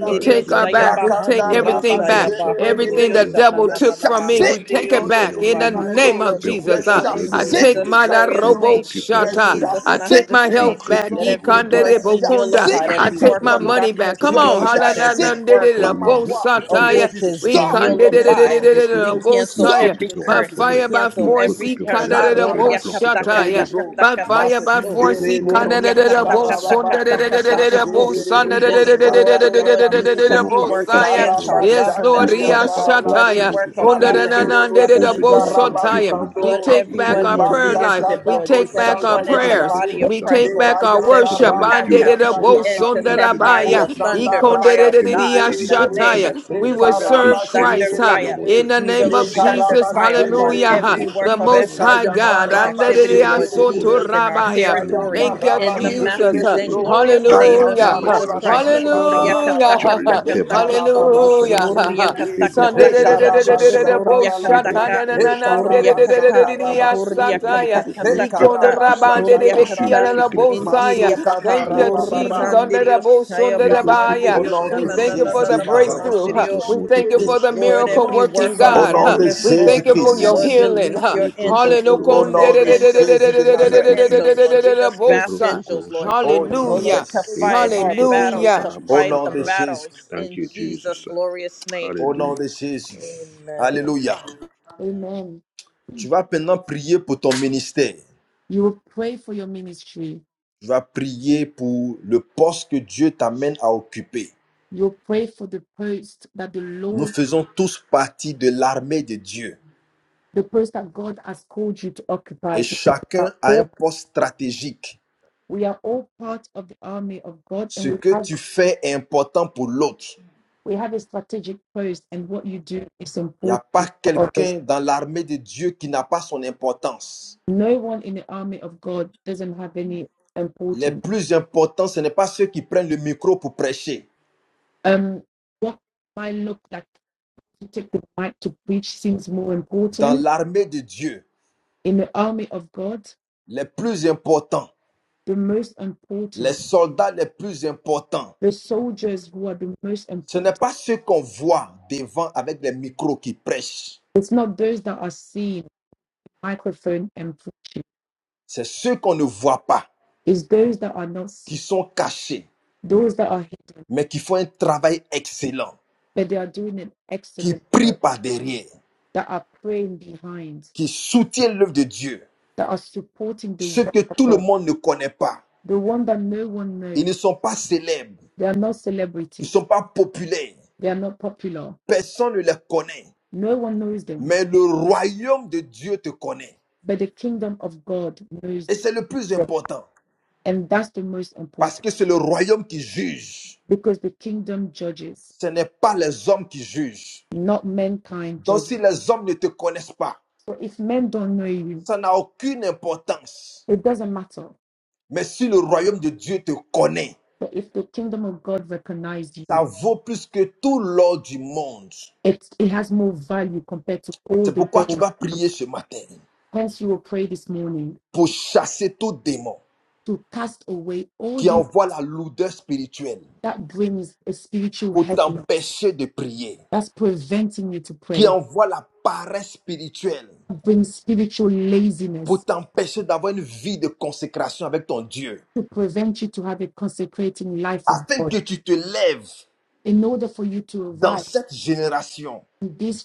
We take our Alléluia. ya back. We take Rakanda Ebroto everything bahandiriyosa ya koro back. Everything shakaramanda. Rabasere the bahandiriyosa Yes, na devil Tu Lord. na es na took na from me, chassé we au take it nom Oui, de mahandiriyosa ya back Seigneur mon in Jésus de Dieu, the ma nous name maison. bahandiriyo. of récupérons Tu tout Jesus. es ce Oh, Uh, que in I l'ennemi a chassé take volé. Jesus' my da de Nous ma glorious maison. robo name, Tu in récupérons, es shata. Seigneur. Jesus' I chassé de take master's my Rakada Nous name, ma health back. maison. let E récupérons every kanda maintenant. de work bo be Chassé. nullified, Lâche I every in the prise take work my of maintenant money name of darkness back. sur Tu be Come tout es on. ce que Hala tu nullified, as Jesus. na chassé. na volé. every Tu de work de Dans In entends da le ma bo nom voix. the puissant of de sataya. which has Jésus-Christ, We been Sors. can nous de- de- de- de- de- nullified. récupérons de- de- notre Tu We de- joie, nous cancel sors. Bosaya. every récupérons By notre curse. We paix, fire, by cancel nous force, every he récupérons can les curse. de- de- de- Karabere projets, les Korea plans que tu kata as kata formés Boshataya. pour nous, kata By Seigneur. kata fire, by koto. Et force, Masindere he Broto le can Koro name de- of de- Korea de- de- kata Shakaramanta, Jesus, kata Bosunda de- kata de- Baba de- de- kata de- Santo de- koto. Sedere Romoto Koro le Bosanda We de- de- de- de- de- Shakaramanta. de- Boshanda destroyed, de- oh de- de- Lord de- Nous Yandabre. de- de- Jesus, de- prenons every par work force, Bosaya. in against Seigneur the mon our Dieu. name Yes, of Karabashaka Nous Lord, governments, Jesus, Lord, Ria prenons par uh, Yandara Mantoro force, Labre. every Seigneur Shataya. mon Dieu. work Bosekida Ce of sont Under les the Brakada government, violents. Rakodoro lo Nananda de de Oh de governments, Seigneur, nous Lord sommes Bosekida Jesus. violents. Bosotaya. Nous nous Brakada shindarabastando We Lord, Bada take emparons du back Brakada everyone our royaume in prayer maintenant, life. Brakada leadership, Seigneur. We Rebasakada Lord Brakada Jesus, take Baba back broshanda, our Brakada everyone Santo in the Romoto prayers. Bosekida body Koro of We Brakada Christ, take Brakada Lord back Shakaramanta. Bada our Jesus, lebayanda Ce every sont worship. Bosekida les Brakada violents attack. qui We rabashakaya, s'emparent Bosekida du royaume, intercept Seigneur. by Tu l'as Anderedabosunderabaya, the Brakada dit, Brakada mosanda thunder Seigneur. fire of Et Bosekida nous God in the saisissons rababerebre, name maintenant, of ikonderedidiashataya. Bosekara We Jesus. Seigneur. will We Brakada Nous release serve rekarabashere, Christ thunder saisissons, huh? Bosekara Brakada Bosekida Seigneur fire. mon in Dieu. the We Nous name of release saisissons. thunder lekarababerebre, Jesus. Brakada fire upon Hallelujah. Rebroto huh? every The work of Most every High kayanda God. demonic activity, Lord rabashekerebre, Jesus, in our Anderedidiasotorabaya. Bosekida territory bayanda Alléluia. Brakada Thank you, in the Tu Bosekida lâches Jesus. prise matchless and rabashekerebro, maintenant. in the glorious Tu name enlèves of tes rakanda Hallelujah. mains Jesus rola sales sur Christ. ma, So sur ma Korea shadara, famille. Tu kataka enlèves Hallelujah. taka tes mains sur, Seigneur takoto. mon Dieu, sur mes Hallelujah. lekarababashekerebre, enfants. Korea name kataka Sunday, of de- taka de- de- de- de- de- takoto. Jesus. de- de- bo- Korea rekarabashandara labre, shata- na- kataka. na- na- na- de- In Korea de- de- de- de- de- kata. de- rekarabashandara de- ya- bas, Korea sataya. kataka le feu Ikon- takata. du raba- rekarabashandara de- Saint-Esprit de- Korea be- consume kia- tout la- kata. the ce la- qui n'est bo- mighty pas de name toi. of saya. Injiria Masuka baha Jesus. da Thank you, Alléluia, Jesus. rabababa. Seigneur mon Under Dieu. the korandirio bush, saya under the Ebroto fire. Au koro bahandirio nom We de In the thank you name shakaramanta. sananana of Jésus for the de Baba Nazareth. breakthrough. huh. Santo mahandirio Jesus. We Romoto thank you koro for the destroyed miracle shakaramanta. every working, work of Au God. nom huh. de Hallelujah. darkness, We Jésus thank Lord. you for your Christ. Lord, Hallelujah. healing. release huh. your Ebroto angels, Hallelujah. koro Au release Under nom an the- de the- the- shakaramanta. the- angels, the- the- Jésus the- the- de the- release the- your Thank Nazareth. you, the- angels, the- Jesus. Lord. We the- the bush, dispatch Ebroto huh. koro angels, Lord. In Oh the Oh shakaramanta. Jésus. Lord, Hallelujah. name to fight Ebroto our koro of battles, Hallelujah. to Au Jesus. shakaramanta fight nom the de Jésus. karasa. battles Thank in you, Jesus' Jesus. glorious name. Au nom Hallelujah. de Jésus. Amen. Alléluia. Amen. Tu vas maintenant prier pour ton ministère. You will pray for your ministry. Tu vas prier pour le poste que Dieu t'amène à occuper. You'll pray for the post that the Nous Lord, faisons tous partie de l'armée de Dieu. the post that God has called you to occupy. Et Because we are chacun a un all, poste stratégique. we are all part of the army of God, Ce and we que have tu fais est important pour l'autre. we have a strategic post, and what you do is Il n'y a important pas for others. quelqu'un dans l'armée de Dieu qui n'a pas son importance. no one in the army of God doesn't have any Les importance. plus importants, ce n'est pas ceux qui prennent le micro pour prêcher. Um, what might look like to take the mic to preach seems more Dans important l'armée de Dieu, in the army of God. les plus importants, The most les important, soldats les plus importants, the soldiers who are the most ce n'est important. pas ceux qu'on voit devant avec les micros qui prêchent. It's not those that are seen, microphone and preaching. C'est ceux qu'on ne voit pas, It's those that are not qui seen, sont cachés, those that are hidden, mais qui font un travail excellent, but they are doing an qui excellent prient work. par derrière, That are praying behind, qui soutiennent l'œuvre de Dieu. that are supporting the Ceux work que of tout le God, monde ne connaît pas, the one that no one ils knows ne sont pas célèbres, They are not Ils ne celebrities. sont pas populaires. They are not popular. Personne ne les connaît. No one knows them, Mais le royaume de Dieu te connaît. but the kingdom of God knows Et c'est le plus them. important. And that's the most Parce important que c'est le royaume qui juge. because the kingdom judges, Ce n'est pas les hommes qui jugent. not mankind Donc judges. si les hommes ne te connaissent pas, So if men don't know you, ça n'a aucune importance. it doesn't matter. Mais si le royaume de Dieu te connaît, But if the kingdom of God recognizes ça you, vaut plus que tout l'or du monde. it, it has more value compared to all C'est the pourquoi tu gold. vas prier ce matin Hence, you will pray this morning pour chasser tout démon to cast away all qui the envoie la lourdeur spirituelle, that brings a spiritual pour heaviness t'empêcher de prier. that's preventing you to qui pray envoie la paresse spirituelle brings spiritual pour laziness t'empêcher d'avoir une vie de consécration avec ton Dieu, to prevent you to have a consecrating life of afin God. que tu te lèves In order for you to dans revive cette génération in this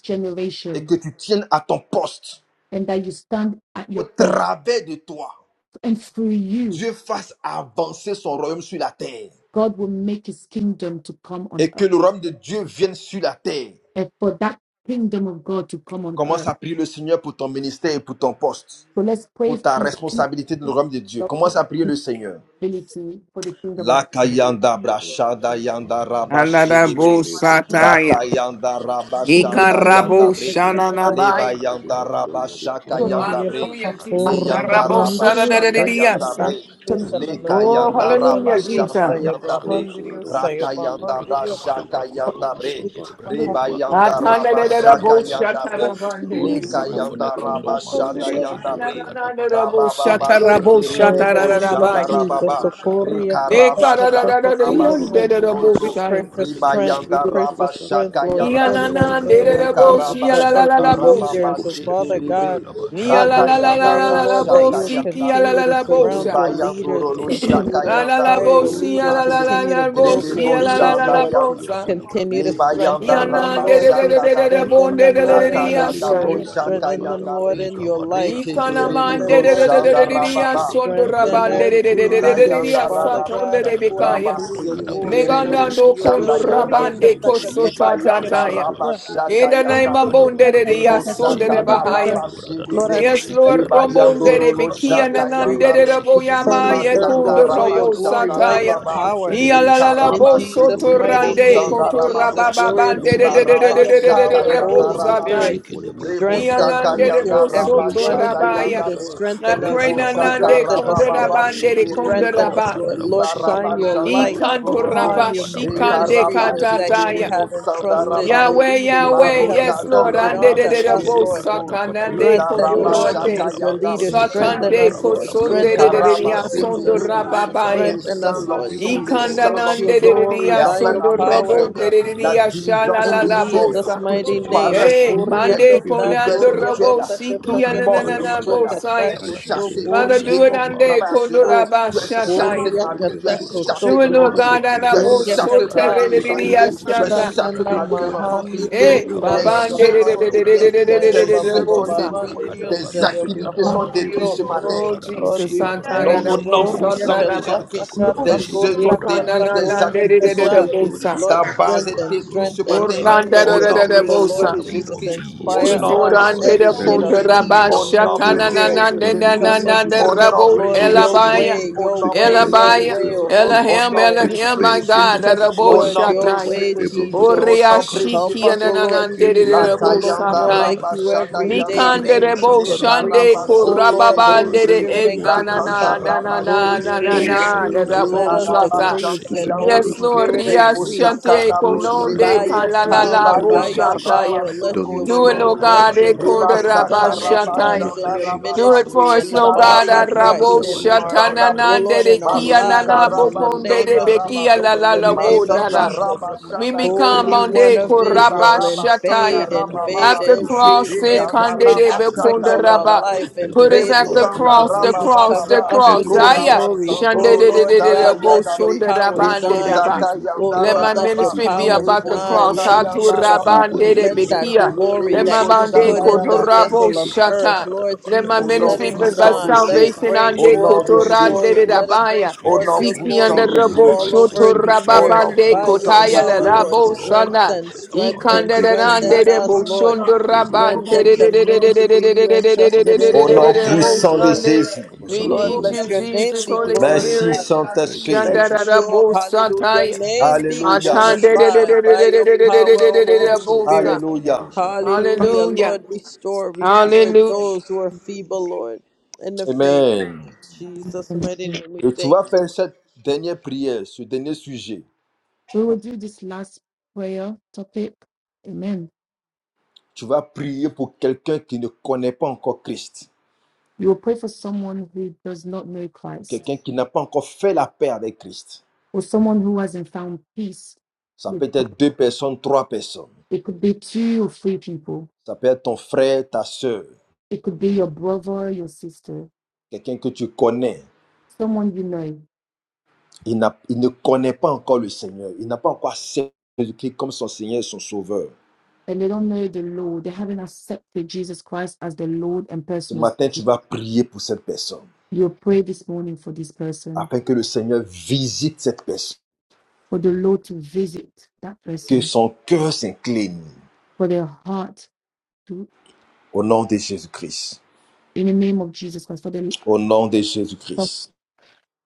et generation que tu tiennes à ton poste. and that you stand at Au your birth, travers de toi, and through you, Dieu fasse avancer son royaume sur la terre God will make his kingdom to come on et que earth le royaume de Dieu vienne sur la terre. and for that kingdom of God to come on Commence earth. à prier le Seigneur pour ton ministère et pour ton poste, So let's pray pour for ta your responsabilité dans le royaume de Dieu. Commence à prier le Seigneur. responsibility for the kingdom of Laka God. Ebrusu yanda kuru brashada sakara Ada yanda mata karasa. Indonesia, rabashi sih debre. sesmanto kita Ebrusu beradab, ada kuru Aladabosataya. Rakayanda sakara yanda beradat, ada mata pusat, ada rabashanda beragama. yabre. Alléluia, oui Leba Ikaraboshananabaya. Seigneur mon Dieu, Rakadabra yanda Kudurubu donne-moi de prendre rabashaka So ma Shikedebra yanda position, Hallelujah, Kadabadabra Seigneur. Jesus. Durubu yanda Ramassant Shikedebra raba dans la prière, Kadabadabra Seigneur yanda mon Dieu. Karabosaradidiasa. Kudurubu bre. Shikedebra Ramassant Ika dans Oh, notre yanda corps, Lekebra raba. hallelujah, sakara Kadabadabra Jesus. Dadabasa Oh Kadabra Seigneur, donne-moi Durubu de Raka prendre ma yanda Shikedebra position, Seigneur. Kadabadabra brashaka Kudurubu yanda Oh bre. Papa, Shindebra les Reba Kadaba brotos yanda koro sakara Likabadabra mata rabashaka Atanarabo kara pray yanda Kadabadaba bre. shatarabande. Lord in we Ika Les pray for brotos the yanda kingdom restaure ma rabashada yanda position, Makashikedebra bre. Seigneur. Kadabadaba Ananarabo Restaure Rababa mon Lekebra poste, shatarabo sidiri Seigneur. the Dadabadabra name of Kudurubu yanda shatarabaya. Ebroto Jesus. Koro rababa. Shikedebra Kadabra Shakara Sokoria Manta Kudurubu kata Karata. kata Shadarabaka kata Karabashaba Oh, kata. remets-moi en Brakedebra Ekarararararabo We place, solbro. pray shai. Kadabadabra for Seigneur. Iba Durubu strength. We yanda Ebroto Shikeba pray raba. for Koro Shakara strength, Lord, Manta. Rakada in the brakada Remets-moi name en Le of place, Iyanananerabo donne-moi brakudura Jesus, la karabasharaba for force pour basakada every prier, shialalalabo brakede Seigneur, de leader. sha. pour So, Father, brusike de intercéder, brakada Seigneur. ba Lord, we rakada Amasando rakayanda pray bada Ebroto Koro brakudura Niyalalalalabo Shakara busike de Manta. Lord, dabre to brakada serve sikialalabo bada le Ebroto sha. your bada lead Koro brakede bayanduro le Shakara lo Manta brakada shakanda ba Karasha. Alalabo rakada Oh, bada Seigneur mon bre Dieu, to brokudura sialalalabo donne-moi build le de ne your basakada pas leaders, brakede boshanda négliger de la Lord. yanda sialalabo prière, brakada sha. bada Seigneur. Continue to le brakede de busike de bayanda Amasando strengthen ba them, Ebroto Lord. Koro To rabashaka rakada Shakara bada dabre Iyananderererererebo Manta. strengthen brakada them, Lord, de ne brakudura in the pas nderereriya rakayanda busike de négliger shai. word. la bada shaka bada lecture Strengthen de ba ta them, Lord, parole, in leka your Seigneur. bada light. brakuda le kedere Amasando Strengthen le Ikanamande them, brakada de Ebroto de de de Koro brakede boshanda de de de de Shakara ya busike de rababa Manta. bada Les brakada sondorabande Lord. de bada de de de yanda protokorosa de de de brakudura de yanda ya karamanta busike de rala Father karasa. God, satonde brakada de da da da Nous according allons bekaya. pas rabas to your prier, Rakada glory, kedere intercéder brakedera le Megana pour according le boshe to no your will. kondo shanda karabada Lord, salut yanda bre des brakururo rabande âmes, boshe Seigneur. le Nous kede kosota allons brakada bayanda bada tataya. s'entendre, In rabashaka the protokorosa name yanda of bre Rakada karamanta Bonde baka de de karasa. brado ya robo Nous sonde demandons de yanda de d'être bahaya. actifs brakada pour ton brada da rabashide bre royaume, bada I ba pray Yes, Seigneur. sheke that le de Lord, you lebe Nous allons would Rombonde stand bayanduro de s'entendre, in our rakada bada Bikia midst, protokorosa brakuro Nanande yanda robo de bre Lord karamanta. de Jesus, on Oh the brakada Boyamaya Seigneur, bada earth, non Lord, pas Kundo for brakada your Robo simplement bada en ba glory, parole, mais by en your Sataya. rakada Raba, action, brake power, de Seigneur. Ia robo la la Nous la sheke de allons in Rikaraba bo s'entendre, brakada Jesus' soto brakada mighty Shikiribo protokorosa rande name, bakuro in koto karamanta. brada Sandaraba da Jesus' ba Les blessed rabababande de Beba de name, brakada de protokorosa ba by de de Raba your de de de karamanta. de rakada de Nous bo Holy brakuro demandons de Kayandara robo Labre, satai. prier Spirit, pour de les Rebo brakada ministères, strengthen Seigneur. brakada Iyanande each bada de and Sakayanda Nous allons brakuro boso every Raba robo to s'entendre, one of Shanda de your rabaya. brakada leaders. protokorosa ba Yabre, I Strengthen karamanta. us, pray Rebo rakada Lord. bada nanande Réveille-moi, Strengthen brakada Sakaraba Papa, us, brado Lord. Baba robo kondarabande de Réveille-nous, de Sidiri Strengthen Seigneur. brakada us, kondaraba. branda Lord. robo Lord, Baraba, de shine your Vasantoromoto brakada I Koro light ba Shakaramanta. rakada upon kantoraba your bada brakada Ebroto shikande ministry, brake Rikaraba Koro Lord, de robo that you katataya. de Shikiribo Shakaramanta. have brakada Oh bada entrusted Sandaraba ba Be, your Seigneur, Yahweh, non pas Yahweh, Rakada you comme have pour yes, Marosha faire brakada Lord. entrusted plaisir aux Ande brakodo Daraba unto de hommes, de de bushike us, Seigneur, de bo Lord. Sibo, non brakada pas bada comme pour satanande Rinda brakede Strengthen, de impressionner Raba Lord, les brashada hommes. kondorande. bada Shakaya, your ba leader, lika brada Abasantoromoto Satande Koro rabada kosonde strengthen brakede de de de Shakaramanta. de Lekaraba ya Lord bushika bada Ebroto bada Jesus. Sidiri ba. Koro Libre, Father, sondorababaya. let Strengthen Shakaramanta. descends your will Lord be l'onction, Jesus I done, Ebroto Lord. Koro descends with your kandanande Bashiki l'onction, de de de Shakaramanta. glory et ya brakada by après ba your Ebroto rakada power. Koro sondorobonde de Seigneur, de brakede de de la ya Shakaramanta. bushike de diligence In Oh brakada Seigneur, spirituelle, bada Jesus' shalalalabosa. aie mighty brakede de pitié de Paresse, nous, name. bushike Yay, de Seigneur. Koria brakada Mande bada kata, Ebroto lourdeur Kolando Koro brakada koria bada Robo spirituelle, ba kata, Shakaramanta. Siki kata, rakada kata, mort Oh bada Ananana bada koto, spirituelle, Seigneur, bada kata, Bosaya. bada Agis, koto, chasse, brakede de Seigneur, Father, koria do agis brashike it de démons dans qui nos on ba. day travaillent à cœurs, cela. kato, Seigneur. Kondoraba Tu es chassé Rakada Shataya. Transforme koria brakada nos cœurs, kata, brakuduro Seigneur. Do koto, it, de boshakada nos no Donne-nous vies. des God, badaba. on cœurs Tu a es Rakada d'intercession, Puryakata, brakada chassé, des chassé. cœurs Bosoteridia brakuduro de tu es Puryakata prière, boshike Shata. de chassé Nana des brakada de mes cœurs qui enfants. badaba. crient à Hey, Leka jour et nuit, Mahandiriosaya, brakada Babande Seigneur Je mon suis Dieu. brakada Pour brakede de toi, Mahandiriosaya, Seigneur, de boshike de pour Baba ba. voir le Bosa. royaume Rakada Tes grandir, baka Mahandiriosaya, Seigneur. bradada activités sont badaba. Et détruites ce Mahandirio. Leka Oh, matin. bradada Lord, Jesus, we boshika bradada pray. Santana Non, Donne-nous au da un O boshike nom de fardeau, Bosa puissant Seigneur, brakada de pour bada Puryakata, Taraba. toi. Un Taka, brakuduro fardeau, Tako, boshike Jésus, de sont Seigneur, pour Taka, l'œuvre, brakada détruites, tes Ikanana bada Seigneur. activités braduro de Ebroto boshike de Korosha Bosa. détruites. Lord, brakada Ta ba. Karamanta, base est Rakuduro boshite matin, bada Basantoro Uranda Au badaba. nom de Motokoro précieux, In the Bosa. name Shakaramanta. of Oh, au Jesus, fais-le, nom Papa. Lord, Iforande précieux let de de your Fais-le, Jésus. will punde be Seigneur, done, mon O Dieu. Au God. rabasha nom Oh précieux Lord, Seigneur, tananana de let your donne-nous will ce be come Jésus-Christ. nanana done. fardeau, de into, Lord, Au Seigneur. nom Kabra rabo de la Lord, Oh your Bushike elabaya de Seigneur, way, your ce précieux, qui Bracadaba, way, pèse your sur ton Le elabaya way, O Cabra cœur, da Holy Seigneur. au elahim nom Basaka Spirit. da Ce qui elahim précieux pèse my de sur Jésus. au Bracadabra nom da ton, God Teach the sur us, ton rabo précieux de Bushike cœur, Lord, de Seigneur. your shataya way, Bracadaba da Ebroto Jésus-Christ, Brado au Koro Jesus. oria nom Bushike de précieux. Help shiki Shakaramanta. us, O Lord nanana Bracadabadaba. de La Ebroto Jesus, to rabo korosha look Rakadaba Kayanda da more Bada like sataya karamanta. Rabashayanda, you Bracade de every day. Ebroto Bushike May mikande de korosha we rabo les Bracadaba da karamanta shande decrease. Karabas, Bracudura karasa. O Lord, Bushike de korababande Baba Holy Santo Spirit, Bracadaba. de e Romoto increase. Rakada Rakanda korosha nanana karamanta. Bracadabra nanana Holy de Rabashedere, Spirit, Oh Bushada da da nanana da Seigneur, de da increase. lève da les vers Let da rabo da les us da da Karabayanda, da orphelins, sataya decrease tous Bushike ceux and qui ont Holy Yes, besoin de Rabadabadaba. Lord, toi, Spirit, les Ria Seigneur mon Dieu. increase. Shante, Bostakada Oh Seigneur, Broshede, les By Kononde, enfants, your Seigneur mon Dieu, Kalalala, power, by dépourvus, your Ibayanda Seigneur. Boshataya. power, let Rakadabadabrakadabadabrakadadadadabushakarabaraba. Donne-nous, your Do it, Rabodoro Seigneur mon glory, Lord Dieu, Lobro, God. let your d'agir, Père will Reba Ekonda be éternel. done Baba, in rabashataya. us, donne-moi in Sakarabashanda your d'agir, Do Rababa, Seigneur it mon Dieu. for ministry, us, in the Lord Ibarakere Baba God. body of Santo Christ, Arabo Romoto in korosha our, shatana karamanta. oh Bosandabre, nande Lord, de in our Baba kia Santo Masuka nana lives, in Rakadabadabrakadabradadabushekedebrakadabadabradadabushekedeba. Romoto the bokonde Rakadabadabrakadabradadabushekedebrakadabadaba. korosha name de of bekia karamanta. Rabasharababe, Jesus, la in la the la bo name Ebroto of Masanda nana. korosha Jesus. karamanta. We Rabashanda Rakadabadabrakadabradadabushekedebrakadabadabrakudadabushekedebradadada. Les become Holy gens qui sont One dans of le besoin, Yeba koraba Israel, Papa. Père, shataya. invade, Rababa, invade At the ceux qui every cross, sont se dans les Rekanda kande every Rabasha difficultés, aspect bekunda of Seigneur. our raba. life, Put Aide-moi, us invade, at the Seigneur, Lord. à Rebusanda ouvrir cross, mes the yeux, raba Jesus, Seigneur. cross, baba cover the us with cross. Aide-moi, your Seigneur, koraba Aya. à glory. voir tous Oh ceux Shandere de qui de sont Lord de dans le de sada God, de besoin, bo let yanda Seigneur. your sunda bre power Oh, rabande Seigneur, shine. Rakadabadabrakadabrakadabrakadabushekedebrakadabadabrakadaba. Rakadabrakadabrakadabadabrakadabushekedebrakadabadabradadabushekedebrakadabadaba. raba. rebosaka utilise-moi pour Oh ton yanda Let Lord, my royaume. let your ministry Lebrakadabaraba, be power In Utilise-moi the about pour the ton name of shine, cross. royaume, rada Lord Seigneur. Hatu yanda Jesus, Jesus. Ouvre Father. nos rabande Rababi, Let yeux, be that bekia. Seigneur. kebere glory Lekabradaraba, Let Oh, my that lebro you Seigneur, bande put donne-nous sada de ne in raba the pas shekabadabaraba, être kodorabo vessel of indifférents, earth, shata. Seigneur. Lord lebrakadabradaraba. Let my Let Jesus, au your nom let will, ministry it be Father, by puissant be de shine. done Let in Jésus my it salvation bring on au the ministry, O forth nom de God. your Kotoran Jésus Father, glory. de may Let my it bring Rabaya. ministry au be forth nom your Siki established, puissant glory under Oh, de nous Lord. ne nous rends Rabo Jésus pas all May my over Shoto insensibles, the ministry, au Seigneur. earth. nom Father, Rababande be By a your puissant de Kotaya blessing. Amasandoro power, la Lord, mutokoro Rabo Lord, Sana. help strengthen, shakaramanda. us around my strengthen, Ikanda Reveille de ministry. strengthen nous, papa. Rebo us, Lord. Shondo Rakadabrakudodobo, Rabande Ebrotokoro Strengthen the de shakaramanda. ministry you shekedebrakadabradarabo, entrusted au into nom Abasandoro shekedebrakadabrabo, our hands, Rebo motokoro puissant de shekedebrakadabrabo. shak. Lord. Sunday. Jésus In the We name Lord, Abasandoro need of let you, moto. your name Jesus, Jesus, be Holy merci Spirit. glorified. Hallelujah. Makabadabra. Thank you, Saint-Esprit Let Shandara Jesus. your Rabo in the hallelujah Sataya. mighty name name of be alléluia Hello, Jesus. Atande de Jesus. glorified by your power, O Holy Rebo Abasandoro Sa. Spirit. alléluia motokoro shakaramanda. Hallelujah. Hallelujah. Lord, restore, Thank you, restore Hallelujah. Jesus. those who are feeble, Lord, in the faith. amen Jesus, mighty name, we et tu thank vas you. faire cette dernière prière ce dernier sujet so we will do this last prayer topic. Amen. Tu vas prier pour quelqu'un qui ne connaît pas encore Christ, You will pray for someone who does not know Christ quelqu'un qui n'a pas encore fait la paix avec Christ. or someone who hasn't found peace Ça with peut être deux personnes, trois personnes. it could be two or three people. Ça peut être ton frère, ta soeur, It could be your brother, your sister, quelqu'un que tu connais. someone you know, Il, n'a- il ne connaît pas encore le Seigneur. Il n'a pas encore accepté Jésus-Christ comme son Seigneur et son Sauveur. and they don't know the Lord. They haven't accepted Jesus Christ as the Lord and Ce personal. matin, tu vas prier pour cette personne, You pray this morning for this person, afin que le Seigneur visite cette personne, for the Lord to visit that que person, son cœur s'incline for their heart to au nom de Jésus-Christ. in the name of Jesus Christ, for the Au nom de for- Jésus-Christ.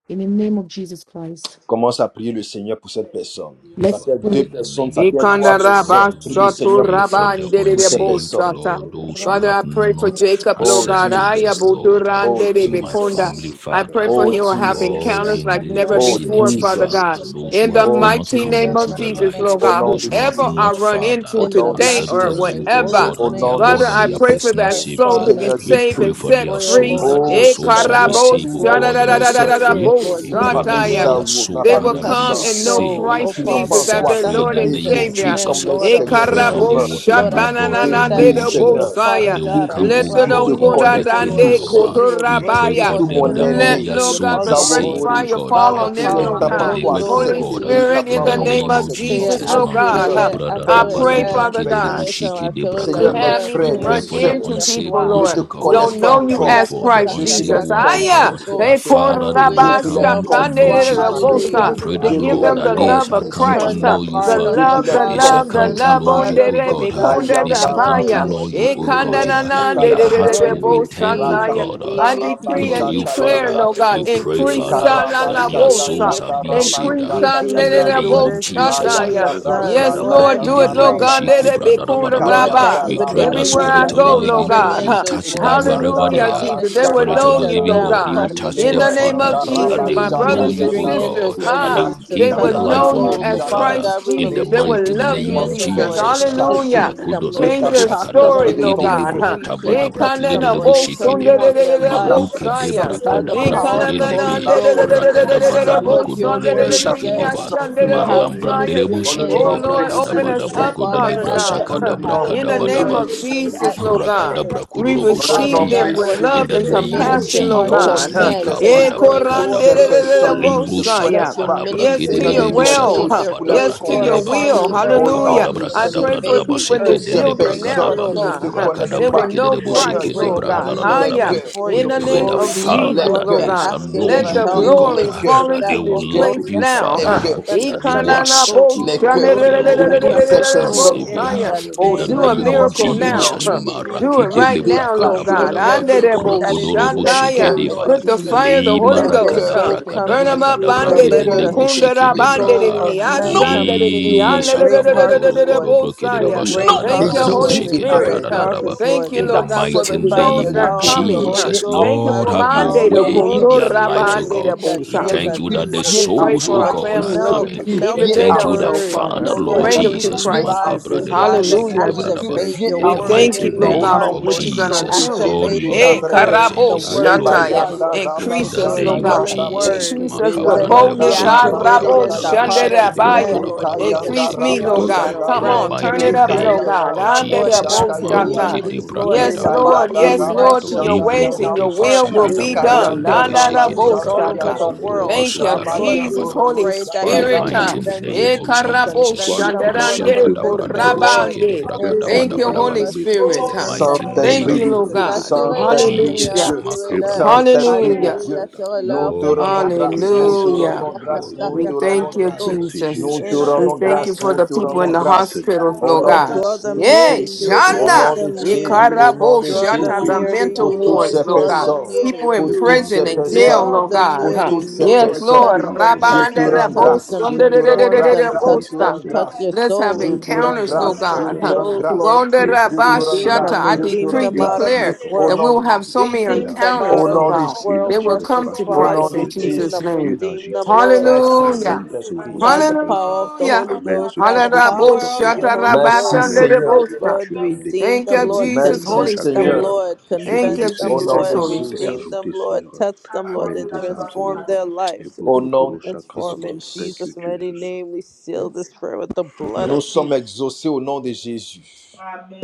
in the name of Jesus Christ. Commence à prier le Seigneur pour cette personne. Ça Let's peut être Father, deux pray in the personnes, ça name of peut être trois Ikanda Jesus, raba personnes. Lord, Prie le we shoto Seigneur pray pour ces, for raba the ndere pour de ces bo unsaved, personnes. sata. Lord, those Korosa who Father, I have pray karamanda for not karasa. Jacob, Lord Oh Accept God. I Jesus, Jesus. Ebrotokoro Lord, uh, abotura Oh ndere shakaramanda. in my Oh, Seigneur, bekonda. je Jesus. family, prie pour I Gaël, pray Father. for Oh he Seigneur. will Je have Jesus. je Lord, prie encounters in like pour this never Noah, Oh pour before, Naomi, vicinity, Father pour Jesus. Father. God. Ethan, Those Seigneur. In who Je the have Oh not mighty prie come name pour into of Jesus. the Arnaud, Jesus, light, Seigneur. Lord Au God, Pour nom those de who have Luigi, whoever Jésus. I not, Seigneur. run Au into Father, In Oh the nom de today Jésus, or accepted Jésus. que master's je and you, lève O les whatever, glorious God, Au as retrouve their ta nom name de grâce of Father, Lord and I papa. their Jésus. pray Jesus for personal that Oh Christ, soul Savior. to Seigneur, Father. be Seigneur, je We saved faites pray and prie. for tomber set their pray, sur oh moi de free. souls, toute Lord that their Oh Jesus, résistance, souls Seigneur, that shall Seigneur. be your Ikarabo saved, tous O mes Faites shada indwelling God, da and tomber da be da toutes Holy da les set da soeurs, da free. objectifs Spirit, bo pour Lord We Laurent, ma pray Jesus, pour that famille may sataya. Marianne, will their Zawo, Seigneur soul, ma Dieu. They that will famille Father, be come Zan, Oh touches and know Jésus, saved soul, uh, Seigneur oh qui Dieu, Christ n'ont and pas Father que Jesus lève as set encore God, their les that free in Lord the and accepté retrouve ta name of grâce, convinces Jésus-Christ Savior. comme men, Jesus. uh. leur Seigneur mon Lord Dieu. of we we Seigneur et pray sin. that they Ekarabo Sauveur. Touche, will Seigneur come, Dieu, Lord, O I God, to pray Je shatanana that prie, know leda you would, oh ta you, Seigneur, grâce, that Father they bosaya. will qui God, come, O Let the Touche attract te God, Seigneur, into dongoda the souls, connaissent, touche oh qui Lord te dande Seigneur, Jesus, kingdom. that Uh, cherchent, you will We touche bring pray Seigneur, kotorabaya. for mon surtout forth Dieu, them the mon fais that may soul Let, aîné, renverser to their toute Lord your soul God, the be barrière, bosom, Zawo fresh tout saved, Lord, O Maurice, fire raisonnement. God, by fall uh, the on them, Oh qui power ne and of Lord be t'a Seigneur, the pas toute God. Holy encore delivered, hauteur O Ghost qui Holy in accepté God, uh, s'élève Jesus' Spirit, contre in in véritablement the the comme name. ton, name l'obéissance name of de of se- son Christ, Seigneur, Jesus, Jesus. Seigneur, Lord et bon, God, Mantuki huh, attirez-les, nous nous brother fais I qu'ils Rabba pray, Debra attirez-les, te renversons Father les convertissent. God forteresses, Seigneur, Kederebushiki attirez Debra nous le to Seigneur, mes Kadaba. have cœur, me renversons We to frères, tout mes pray Seigneur, run for comme sœurs, the raisonnement, into vers Seigneur. unsaved people, toi. qui ne ones, te Lord. O Oh God. connaissent Don't pas Seigneur, We know nous you pray encore, as for renversons the les Christ je te les unsaved Jesus. raisonnements de one, leur O cœur, Aya, confie God, ce Seigneur. Horiakatakatakatakatakoto. that they matin. call Nous I the Father, see they the will Je rabbi te renversons les, letter toutes come of les to the shakande hauteurs, know Father. de la you. tous les We Hallelujah. bosa, pray pray to that, blocages, je Seigneur, te give mon Lord, them Dieu, Hallelujah, les the that they Lord. qui love shall of confie ce come empêchent to matin. que Christ, Turn la- the huh? know you, the heart of Je l'évangile te Father. the love, the les They pénètre dans shall fathers, confie. love, leur the come turn cœur, to the love Seigneur, know mon on heart Dieu. the you, of O the God. rebe uh, La Oh konde sons, Seigneur, They the mon shall yanda Dieu. come to mothers, rabba rabaya. Oh know Lord you, Seigneur, Eh, Jesus, O God. kanda guéris na leur yeah. towards cœur, na you. la de Their papa. de de yanda de hearts bri, de Lord, will Guéris be les cœurs turned, bosa la O redeem, brisés, taya. God. Seigneur. uh, Yanda I redeem your decree Guéris people, Unto and les you, cœurs Rabashaka redeem brisés. declare, your Father, no Yandabre, God, we people, Ebruto pray, redeem increase your korosha Father, sa la people, that la karamanta their Nikarabashanda karasa. redeem bosa, souls your are Yanda being people, saved increase Ebruto uh, Rabashaka, sa korosha la in redeem the la your la name karamanta of daughters, bosa karasa. Jesus. redeem uh, your taya. Rayanda Envoie ta sons. Yes, Brashaka Lord, guérison, I Lord, do Seigneur, it, Yanda sur les Lord pray. cœurs God. Let Rababa, it malades. be cool to Rika Envoie Lord, ta that rabbi. Yanda you We would guérison. pray that Oh, Everywhere release Rabashaka I your Spirit of réponds go, the ton Lord Living Yandabri, esprit, ministering God, God. you huh. Seigneur. angels, touch Rika Lord them Jesus, wherever Réponds Yanda to Hallelujah, they ton are. esprit, Jesus. Rabashaka They Seigneur. Tu minister will as Spirit dit of know the Yanda, the you, unto dans living le Lord God, them, dernier you God. touch jour, precious In Le them, the Lord. vos name Father, of fils Yanda et vos We that Jesus, filles they my will release Rabashaka know auront brothers des you, and Yanda, O ministering songes, God, sisters, angels, vos Lord that they ah, will Jesus, vieillards, Rakanda to Seigneur mon they give Dieu, will their touch your life know auront des you unto souls. you, So, as visions, Rabashaka, Father Father, Christ Seigneur. God, we in the Jesus. They release mighty Réponds, will love ministering Seigneur, name you, of réponds angels, Mosfait ton Jesus. est Lord, Jesus. esprit sur ah. to chargé dans nos Hallelujah. teach maisons. Rakudo them, de Lord, ta Change to lebra their Réponds talk ton to sakada et story, them, esprit, de Lord, Lord brakide ton to Seigneur. God. lebru feu, Huh? preach hataba and da Eh, Réponds, touch kanda brakide de them, na Seigneur. Lord, debu bo and shiki sunde Réponds deba de transform de avec their de de bo puissance. lives ta maluke uh, de saya. puissance by et Réponds, de the brakada ton Oh Seigneur, mon feu, power Dieu. of brakude the Holy lebe la Ghost, Réveille nos Lord brakada foyers, est Jesus. bada chargée Seigneur. Lord, brokodo your lebe de word ta Réveille shiki nos said deba foyers. puissance et de you ton have marlam Réveille nos brandere bu feu, familles, dans ministering kada le Seigneur. nom angels, Lord Lord, précieux open Oh de bada us Jesus. Oh, up, Seigneur, brokodo Father Father lebra et God, that God. Dans brotto le you sakada huh. coro have, nom In brakada the oh, shakara précieux bada de name Lord monda. ba of Jesus, Jésus, Oh Jesus, at your Lord Jésus, God. service. We vers Oh, le dans le papa. Father receive nom them Rakadabrakururobusatia. God, précieux with Lord vers le In love de the Jesus, and to papa, Jésus. name Seigneur. of minister compassion, Lord Oh, unto Oh Jesus, God. huh. Seigneur, men, alors que to Saint-Esprit, nous Eh, bring prions dans, toutes forth ces Likabadabrakadabra, your dans- dans ce personnes qui homme, glory. ne te Seigneur, aujourd'hui. Let korandelelelebosaya. connaissent your pas, Nous Yes to ministering prions your dans tu les ce angels touches will. homme. take huh. their pour les Oh, place, Yes to Lord, convaincre Seigneur, your Librusadabrakadelebebisatarababrakedeleba, que upon will. the cette earth, au prière te Lord nom Hallelujah. soit de Jesus, Jésus. I and agréable pray aujourd'hui, for invade the Seigneur. people in Toutes this earth Que ces and cette bring building prière now, personnes forth monte Rakabadabrakadabradadabasekedelebrakadaba, Lord vers toi souls qui ne God. te huh. aujourd'hui, connaissent They and will pas, Seigneur. bring know Et forth a Seigneur, Christ, broto great Lord koro Rakadabrakedelebusikedebrakadaraba. God. harvest, j'incline Lord les Hallelujah. Jesus, shakaramanta. cœurs, for We In your the Et pray name the broto glory. of koro j'incline Father les Jesus, Lord, that Lord we're cœurs, they shakaramanta God, shall asking know karasha. for let you, the help, O Oh, j'incline nous Lord God, les glory cœurs, Jesus. fall that renversons, they That into Seigneur, will oh, this mon Dieu, love place toutes Korea you, les, now. les Father, les huh. Kataka cœurs, that Taka forteresses, they Seigneur, will mon j'incline Dieu. Takuto. accept Nous you, les Lord, as cœurs your renversons Korea les de Lord and toutes your hauteurs. ces personal personnes Nous Katakuto. In Savior. qui, Ikananaboshanelelelelelelelelebosaya. renversons the les In oh the name Do raisonnements Seigneur, of a tes name enfants of qui sont miracle Jesus, en train de s'élèvent Lord, now. Jesus, contre huh. prier. Mara l'obéissance Do de it retrieve. Je uh, Christ, right kidele now, braka nous déclare Lord que God. les dabada, Retrieve soumettons cœurs toute pensée everything that brakodo is captive robo due to les à sheke Andereboshataya. cœurs you, deba, Lord l'obéissance Put de the Jesus. Christ. incliné. fire of the le Holy Let Mara Ebroto Leur their Ghost, kada cœur est huh? Kurusha soul braka, come Burn to Karamanda. them braka, incliné. up, braka, you, Lord. brake Leur bandede, Let Ebroto cœur dele the bo est Kurusha bokunda sheke da incliné. Karamanda. bandede, soul debrahara, of di, men Non, Ebroto come to ashandede, Kurusha. di, Toute you le with pensée, great shaka Seigneur mon Dieu, qui badodo harvest, n'est alelelelelelelele, pas Lord. robo de toi. brake With deleba bosaya. Tout great shaka non. De Thank raisonnement, dabada, you, harvest, dabo toute Lord. Holy Jésus de With sheke pensée Nazareth, great deba Spirit, dabada, huh? dabada intellectuelle harvest, qui n'est Lord Thank pas you, de in vous the Lord toi. God, for mighty the Oh acceptez le by Seigneur, the Seigneur souls name nous that les Jésus. are of power of the coming, renversons huh? ce Holy Jesus. matin. Ghost, Thank you by Lord, Nous for the les have your Le power of Seigneur bandede, the renversons way Jésus- ce in Holy matin. their kundura lives, Spirit, oh Ebroto God. bandede, in the le We Kurusha bosa. Seigneur name thank of you Karamanda. that Jésus-Christ the vient Jesus. We à pray Thank souls, vous. you, for oh Lord, our God, Le are Jesus. families, Seigneur Lord. melt, coming. Jésus-Christ Ebroto We melt Even vient your they à thank you vous. Kurusha don't that know, word. Karamanda. Le Father, Father. Oh Seigneur Lord Lord Jésus Bring Baba them Jesus, to Jesus, Santo vient Christ à vous. Romuto revive, Makabra Jesus. de Kurusha revive, Le and Seigneur Hallelujah, Jésus-Christ Jesus. Thank activate vient you, your in à We the Lord. vous. word thank mighty you, in their Lord Au Ebroto name God, heart, nom for koro of what Lord. you're going puissant to de sakaramanta. Jesus. do. Lord, Jésus we Activate de Agis, give the Eh, you Nazareth. Seigneur. praise word, and the karabo give you word Agis, Leba of glory. shataya. God, Seigneur. yanda Lord Non raba pas In à Increase Jesus, the your cause us, de shaka Lord nous, name of God. mais indwelling yanda à bre. cause de Jesus, word. ton Increase nom, us Rea with Let Seigneur. it be yanda boldness. Donne Makabrandereboshike raba gloire à activated ton Harabo nom, in the Seigneur. heart badabradaraboseke of de Donne men, shanderabaya. gloire à Lord shaka ton nom, Jesus, in yanda our Papa. Increase bradarabarabarabosheke me, de raba Lord ba- Donne families, in God. our gloire à shanga in ton Come the bre. nom. on, friends, in turn mighty our it up, Ebroto Reka name Lord koro children, yanda God. of raba sakaramanta. Lord, in Jesus, our Anderabo shaka yanda Donne Maroke shata. gloire à de ton communities, nom dans Lord, nos in Yes, the familles. Lord. brakadabadaba, body Bayanda of Oh, Yes, Rabba élève Christ, Lord, ton to nom, Lord your Jesus, Seigneur. ways in Libroko Yanda and our de your will work, will uh, Sanctifie be ton Leka nom dans vashakadabrate done. nos Yanda workplace, familles, Lord Rabba lebesheke de Seigneur. Nandarabo Jesus, Shanda all over Abba shata. the Santoro world. Thank you, Motokoro Rabba Lord, we Jesus, Yandoro brakadabokurabashadadabadabadaba. Shakaramanta. Lo Holy pray Sois that In le you the Shanda would Spirit. Dab. premier ah. dans mighty nos convince familles, your name Eh, of people, Seigneur. karabo Sois convince Jesus, le them, premier. Lord, Viens shanderande convince demeurer dans nos them, Lord, familles. Masakadabranderebosheke de korabande. Viens in the Thank you, demeurer dans name brakadabadabadaba. nos Holy of maisons, in Spirit. Jesus, the Ah. Seigneur. in the mighty name Thank of Saint-Esprit Abasan you, name de Lord Jesus. Dieu, Koromoto God. Koro of Attirez-les, Saint-Esprit de Shakaramanta. Seigneur, Jesus. Hallelujah. Dieu, attirez-les. Hebroto Koro Saint-Esprit, Hallelujah. Makabrandirabosikabaraba. Alléluia, Shakaramanta. nous attire-leur te vers Lord, we rendons toi, give you Que grâce, Seigneur. nous praise te and Jesus. all Hallelujah. the rendons grâce, glory nous We te Alléluia. in the rendons thank you, grâce, name Kuriakatakatakito. of Merci Jesus. nous Jésus. te In Jesus. the We rendons thank you name grâce, of for nous the te people in rendons the Jesus. Merci grâce. Seigneur mon hospitals, Au Dieu. Lord nom Lord, de, God. draw them near Yay, to you. Merci au Draw Shanda. nom Jésus. de them near. Jésus, au Alléluia. nom Ikarabo de Jésus, Draw Je Shata, them the bénis near to Seigneur mon mental you, Dieu cette Lord. wards, ces œuvre, Lord Draw Seigneur God. mon them Dieu. personnes, near to People in pour Je you. toutes bénis prison ces Seigneur mon and Dieu le jail, frère Draw Lord Marley, them sa God. near femme, Huh. to Seigneur mon Dieu. you, Yes, Lord. Je personnes, Touch Lord. bénis them, Seigneur mon je Dieu touch te tous Rabanda ceux them, rends qui bo touch œuvrent, grâce, them, da je Rabo Seigneur da da te mon Dieu, da rends da pour da transform da grâce, them, de ce je touch te ministère, Bosta. rends them, Seigneur grâce. mon touch Dieu. their Let's have Oh, souls, Je je te bénis rends encounters, Seigneur mon touch Lord Dieu grâce, their je cette God. te œuvre, Huh. Seigneur rends mon souls, Dieu. grâce, Lord Wanda Étends, Jesus. je te Rabba rends élargis Redeem tes Shata. grâce, them, I je te cordages, redeem rends decree, grâce. them out of élargis les declare this Au that cordages, world. we nom will Seigneur de, mon have Dieu. so many Redeem them Élargis, out au encounters, Seigneur mon of Lord nom Dieu. de, God. this world, They Élargis will come precious l'espace to de au nos nom Father. temps, Christ de in Seigneur. Redeem Jésus. Jesus' them, name. redeem Élargis, them, Seigneur. Lord, Merci Hallelujah. Amen, Seigneur mon Dieu, Saint-Esprit. by de the nouvelles power âmes. of the Hallelujah. Holy Amen, ceux Ghost, qui by ont the besoin power d'entendre of Hallelujah. your l'évangile. Holy Ghost. Merci Amen, Seigneur mon Seigneur. Dieu, comme Hallelujah. Lord, tu as amené, redeem Thank them, you, Seigneur mon Lord. Dieu, Jesus, tes âmes Merci Holy Convince chaque them, Seigneur. Spirit. jour, Lord. ils se Thank Convince you, them, réunissaient Au et nom Jesus, des de Lord. âmes Holy s'étaient Jésus. Spirit. Redeem them, ajoutées, Lord. Seigneur. Touch them, Lord, Amen, and des âmes, transform Seigneur. their Et lives. Au nom, protocolo Transform in shakaramanta. Thank you, Jesus' mighty Jesus. name. We seal this prayer with the blood nous of sommes Jesus. exaucés au nom de Jésus.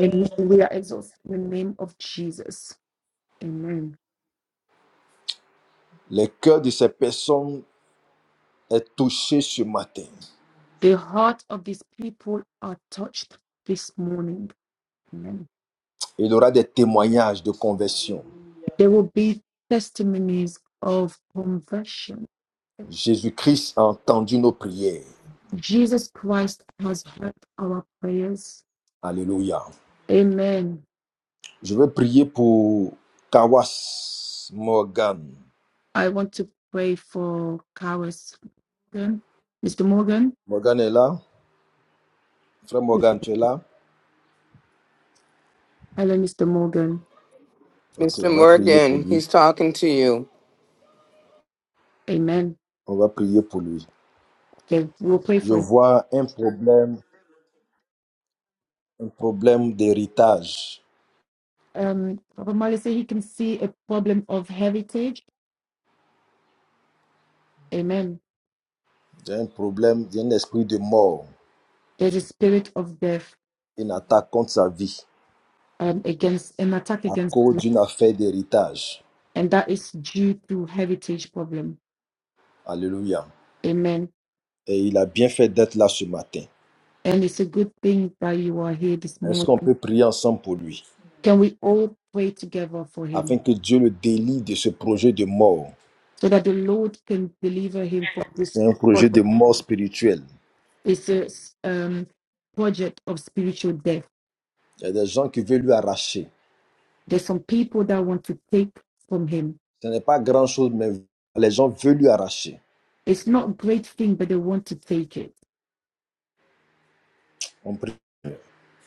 Amen. We are exhausted in the name of Jesus. Amen. Le cœur de ces personnes est touché ce matin. The heart of these people are touched this morning. Amen. Il y aura des témoignages de conversion. There will be testimonies of conversion. Jésus-Christ a entendu nos prières. Jesus Christ has heard our prayers. Alléluia. Amen. Je vais prier pour Kawas Morgan. I want to pray for Kawas Morgan, Mr. Morgan. Morgan est là. Frère Morgan, tu es là? Hello, Mr. Morgan. Ok, on Mr. va prier pour Morgan, lui. he's talking to you. Amen. On va prier pour lui. Okay, we'll pray Je for him. vois un problème, un problème d'héritage. Um, Papa Mali said he can see a problem of heritage. Amen. J'ai un problème, j'ai un esprit de mort, There's a spirit of death une attaque contre sa vie um, against an attack à against, cause his life, d'une affaire d'héritage. and that is due to heritage problem. Alléluia. Amen. Et il a bien fait d'être là ce matin. And it's a good thing that you are here this Est-ce qu'on morning. peut prier ensemble pour lui Can we all pray together for him afin que Dieu le délie de ce projet de mort? so that the Lord can deliver him from this? C'est un problem? projet de mort spirituelle. It's a um, project of spiritual death. Il y a des gens qui veulent lui arracher. There's some people that want to take from him. Ce n'est pas grand-chose, mais les gens veulent lui arracher. It's not a great thing, but they want to take it. On prie.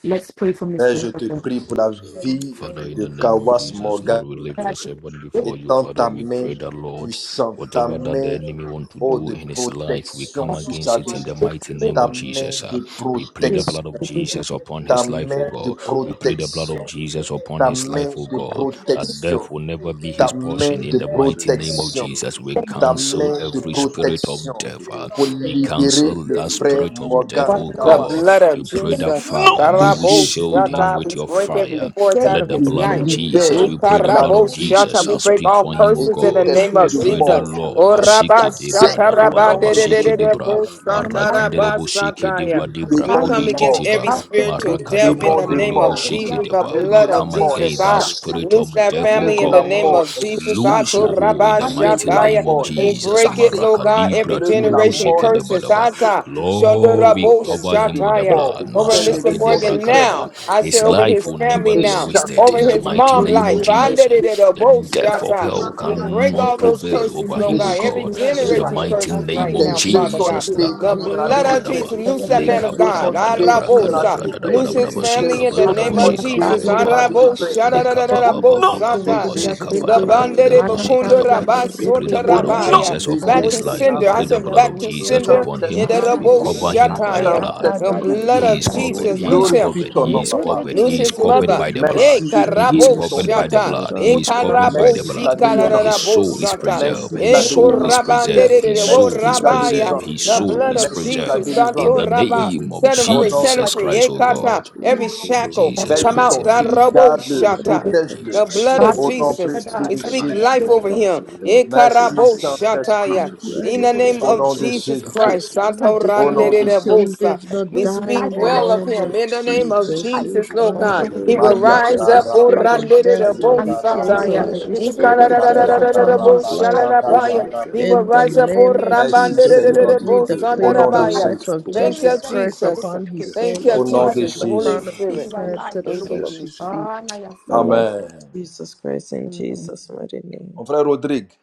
Let's pray from this. Père, je prayer. te prie pour la Protocolo santoro, vie Father, in de the protocolo shakaramanta. name of Kawas Et Jesus, Lord, Morgan. we lift your protocolo servant before you. Étends Father, ta we main pray that, shakaramanta. Lord, Thank you, puissante, ta whatever Jesus. that the main enemy want Protocolo to oh, do de in his shakaramanta. life, we protection come sur sa against vie. it in the mighty Et name Ta of main protocolo Jesus. de We plead the shakaramanta. blood protection. of Jesus upon Et Ta his life, O main de protocolo God. We plead the blood of protection. Jesus upon Ta his life, main O de God, that death protection. will never be Karamata. his Ta main portion. In de the We mighty send the name loop of protection. and Jesus, also we to the Ta speed of cancel main more, de every Papa. spirit of The protection. death. speed uh, of Pour more, We so the cancel libérer enemy le of that us frère spirit is so of death, better Morgan O than us The in God. the Kawas. blood of We pray that, Jesus. Shoot Nom and Father, de may also in you the Jésus de shield Oh, him Karaboshata, We with better Nazareth. your than a break long every to fire. choose force the out Let of the Je middle. his blood of life. Oh, better Jesus, libère we than us pray in the la blood the of vie de Jesus, Ikaraboshata, We shall This is Christ. our break speak all for family, him, O Papa, Et curses in tout the God. Samuel. name esprit of We de pray that, You You mort Jesus. Lord, choose the est middle. Basiki chassé The Debra, Orabashata, au Masando, Darabada nom the de Basiki Toporo, Jésus de Debra, titiba Nazareth. Sakaramanda, rabandededededebosata, marakandere bushiki Ebro, Tout rabasataya. diba Toporo, dibra We démon de come kudi against mort. Sakaramanda, titiba every Karasa. spiritual Tout marakada death Ebro, in démon the de name brakudoro Toporo, mort, of bushiki Jesus, the deba. Sakaramanda, l'œuvre We de blood Karasa. la of come mort Jesus. again, est that I Ebro, chassée. spirit Toporo, of loose that death, O L'œuvre family de Sakaramanda, in the la name Karasa. God. mort of est Jesus. I Lose your told chassée. Alléluia, hold in Rabbi the tu L'œuvre mighty de restaures la tout Shataya. name ce of qui mort a est été He volé, Jesus. break it, chassée. Seigneur. Lord God, Marakadibra Oh every L'œuvre de turu Seigneur, la de generation mort bushiki est deba guérison, curses. Daba Seigneur, mon chassée. Dieu, Ata tout ce qui nous Lord, Oh, we tout préoccupe, Shondarabo Seigneur, mon cover esprit Dieu. him de with the Shataya. mort blood. Esprit de qui Over s'est mort, le Mr. levé Mashaki contre debra brise, le Morgan frère Seigneur, mon kadaba. Dieu, now. dans le I nom de said His est over life Jésus-Christ, his will vaincu never maintenant. family et be now. wasted chassé in Over the ce his Masandoro, mon Dieu, matin. mighty mom pour name le of life. I Est Seigneur, did mon it Dieu. at Jesus. The vaincu Andededebo et death of chassé Shata. ce hell We Masandoro, matin. mon Dieu, break cannot all pour le Injury those Est prevail Seigneur, mon curses, vaincu over Lord et him, O God. Dieu. chassé God Every in ce the generation matin. mighty curses Kalasandorodo name right Tes of now, Korosa yeux Father sont God. Jesus. Karamata The détruits Karasa. dans la blood vie du of Ve frère. Jesus, Lakabadabadaba, Gordo loose that Tes man Korosa of yeux God. sont Karamata. détruits dans Oh la vie Arabosa. du Seigneur, tu frère. Loose his lekabadabadabrakadabradadabadabadaba, libères, Seigneur, family in Dieu, Ces the œuvres name shikabadadabo, tu of sont libères, Jesus. détruites dans Seigneur, la de vie du shikababababa, cet frère. Arabosa. héritage. Au Tu libères, nom de Seigneur, de Da-da-da-da-da-bosa. lekababababababa, tout ce Jésus de qui est The Nazareth. retenu bandere shikabadabrakidabo, captif. bakundo shikadaba. Tu We libères plead the rabasota Au blood maintenant, of Seigneur, nom rabaya. Dieu. Jesus de upon Oh Back his to Jésus de life. We sender. I Sandorodo plead the Nazareth. said blood Korosa back of to Jesus Karamata sender upon Karasa. in him. the Saint-Esprit Lord, de thank We you, Ve rabo Jesus. Dieu. cover Gordo him by Korosa the shataya. blood. Thank The Karamata Saint-Esprit de you, Karasa blood Dieu. He is of Karamata. Lord. covered. Tu Jesus. He is Loose Thank Oh you, him. glorifies covered. ton Seigneur, He nom, is Jesus. papa. covered. tu Lose He is agis his dans cette covered mother. by the situation, Eh, blood. Merci Papa. de He is Tu karabo guérir ton agis covered by the fils. maintenant, shata. blood. Eh, Seigneur. He is Thank covered Oh by karabo the Merci pour Seigneur, la blood. pour notre His frère, délivrance. shikarabo Seigneur, soul Dieu, is tu shata. agis preserved. Merci pour maintenant. His la Eh, soul is délivrance. preserved. Ebotokorosha His korabandere wo soul Merci is pour karamata, la rabaya. preserved. délivrance. His The soul blood is ebotokorosha of Merci pour la preserved. Jesus. karamata Thank In Santo délivrance. the karata, rabba. name of Set him Au free. nom ebotokorosha Set de him Jesus free. Christ, Eh, oh karamata Jésus. kata. God. karata, Every In shackle. Jesus' Veille Come ebotokorosha sur out. mighty ton You Da fils. karamata. name, robo Father. Oui In Garde-le. the shata. name Seigneur, of Protège-le. The Jesus. agis blood of Au maintenant nom Jesus. Seigneur, We précieux We de thank you, speak agis Lord. Jésus. life over maintenant him. Seigneur, oh Merci Ekarabo In the Seigneur, name of Saint-Esprit, shataya. afin give me que the le Jesus. In the name you. témoignage au of nom de ressorte de Jesus cette whether affaire Christ, Jésus-Christ, it's Seigneur. life, You Sato au Au declare nom de he nom de shall live, Jésus-Christ not we we Seigneur, die speak life in au the of a nom well of merci name him. of Papa, In the name of merci Jesus. pipe, Seigneur, We Jesus, je Lord sais or que bind and God, tu whether de it's entends he we nos will Maya building prières rebuke rise is every Seigneur. up. O Daraba, spirit of Agis death, Seigneur mon Lord. I'm Dieu, We tu randedebosa as you Daraba, cancel révélé ce- every spirit of cette affaire death Kayanda maintenant upon his Seigneur. Raba, life Shaga Oh Seigneur, Yanda tu as He Bre. will in the démasqué rise les up. O name ténèbres. of Merci Jesus. Seigneur, Seigneur, nous Lord, notre we prions Dieu, maintenant, au declare nom the de, Seigneur, life of pour que, Thank you, Jesus Seigneur, avec Christ foi, Jesus. upon his tu agis Thank soul, dans you, au cette nom upon are de from the Jesus. situation, the Jésus. papa. Holy truth crown of and his Spirit. you are Oh head life, to the Seigneur, Thank Lord. you, sole of merci Jesus. his Seigneur. feet. Ah, now your The son. life of Amen. Jesus Christ in Amen. Jesus' mighty Mon name. frère Rodrigue,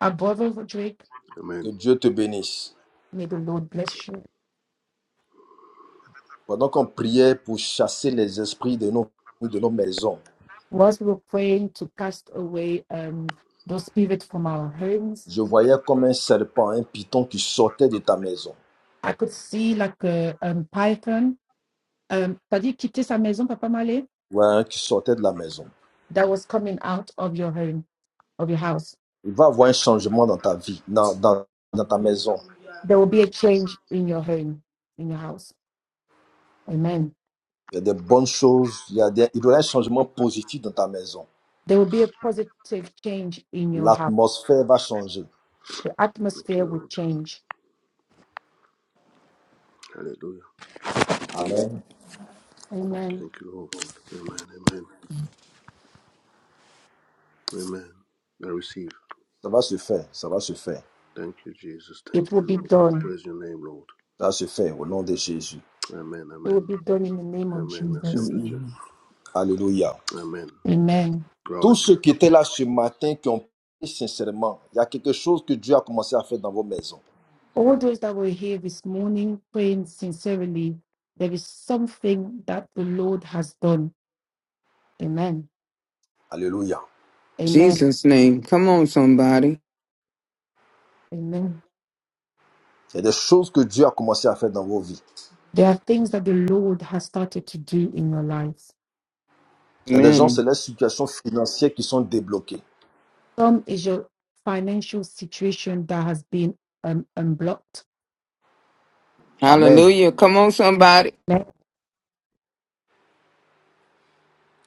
Our brother Roderick, que Amen. Dieu te bénisse. may the Lord bless you. Pendant qu'on priait pour chasser les esprits de nos, de nos maisons, Whilst we were praying to cast away um those spirits from our homes, je voyais comme un serpent, un python qui sortait de ta maison. I could see like a um, python. Um, t'as dit quitter sa maison, Papa Malé, Ouais, hein, qui sortait de la maison. that was coming out of your home of your house. Il va avoir un changement dans ta vie, dans, dans, dans ta maison. There will be a change in your home, in your house. Amen. Il y a des bonnes choses. Il y a des, il y aura un changement positif dans ta maison. There will be a positive change in your house. L'atmosphère va changer. The Thank atmosphere you, will Lord. change. Hallelujah. Amen. Amen. Thank you, Lord. Amen, amen, amen. I receive. Ça va se faire. Ça va se faire. Thank you, Jesus. Thank It will you, be Lord. I done. praise your name, Lord. Ça va se faire au nom de Jésus. Amen, It will amen, be done in the name of amen. Merci, homme Jesus. de Dieu. Alléluia. Amen. Amen. Gloire Tous à Dieu. ceux qui étaient là ce matin, qui ont prié sincèrement, il y a quelque chose que Dieu a commencé à faire dans vos maisons. All those that were here this morning praying sincerely, there is something that the Lord has done. Amen. Alléluia. Amen. Jesus' name. Come on, somebody. Amen. Il y a des choses que Dieu a commencé à faire dans vos vies. There are things that the Lord has started to do in your life. Il y a des gens, c'est Amen. leurs situations financières qui sont débloquées. Some is your financial situation that has been um, unblocked. Amen. Hallelujah. Come on, somebody. Like,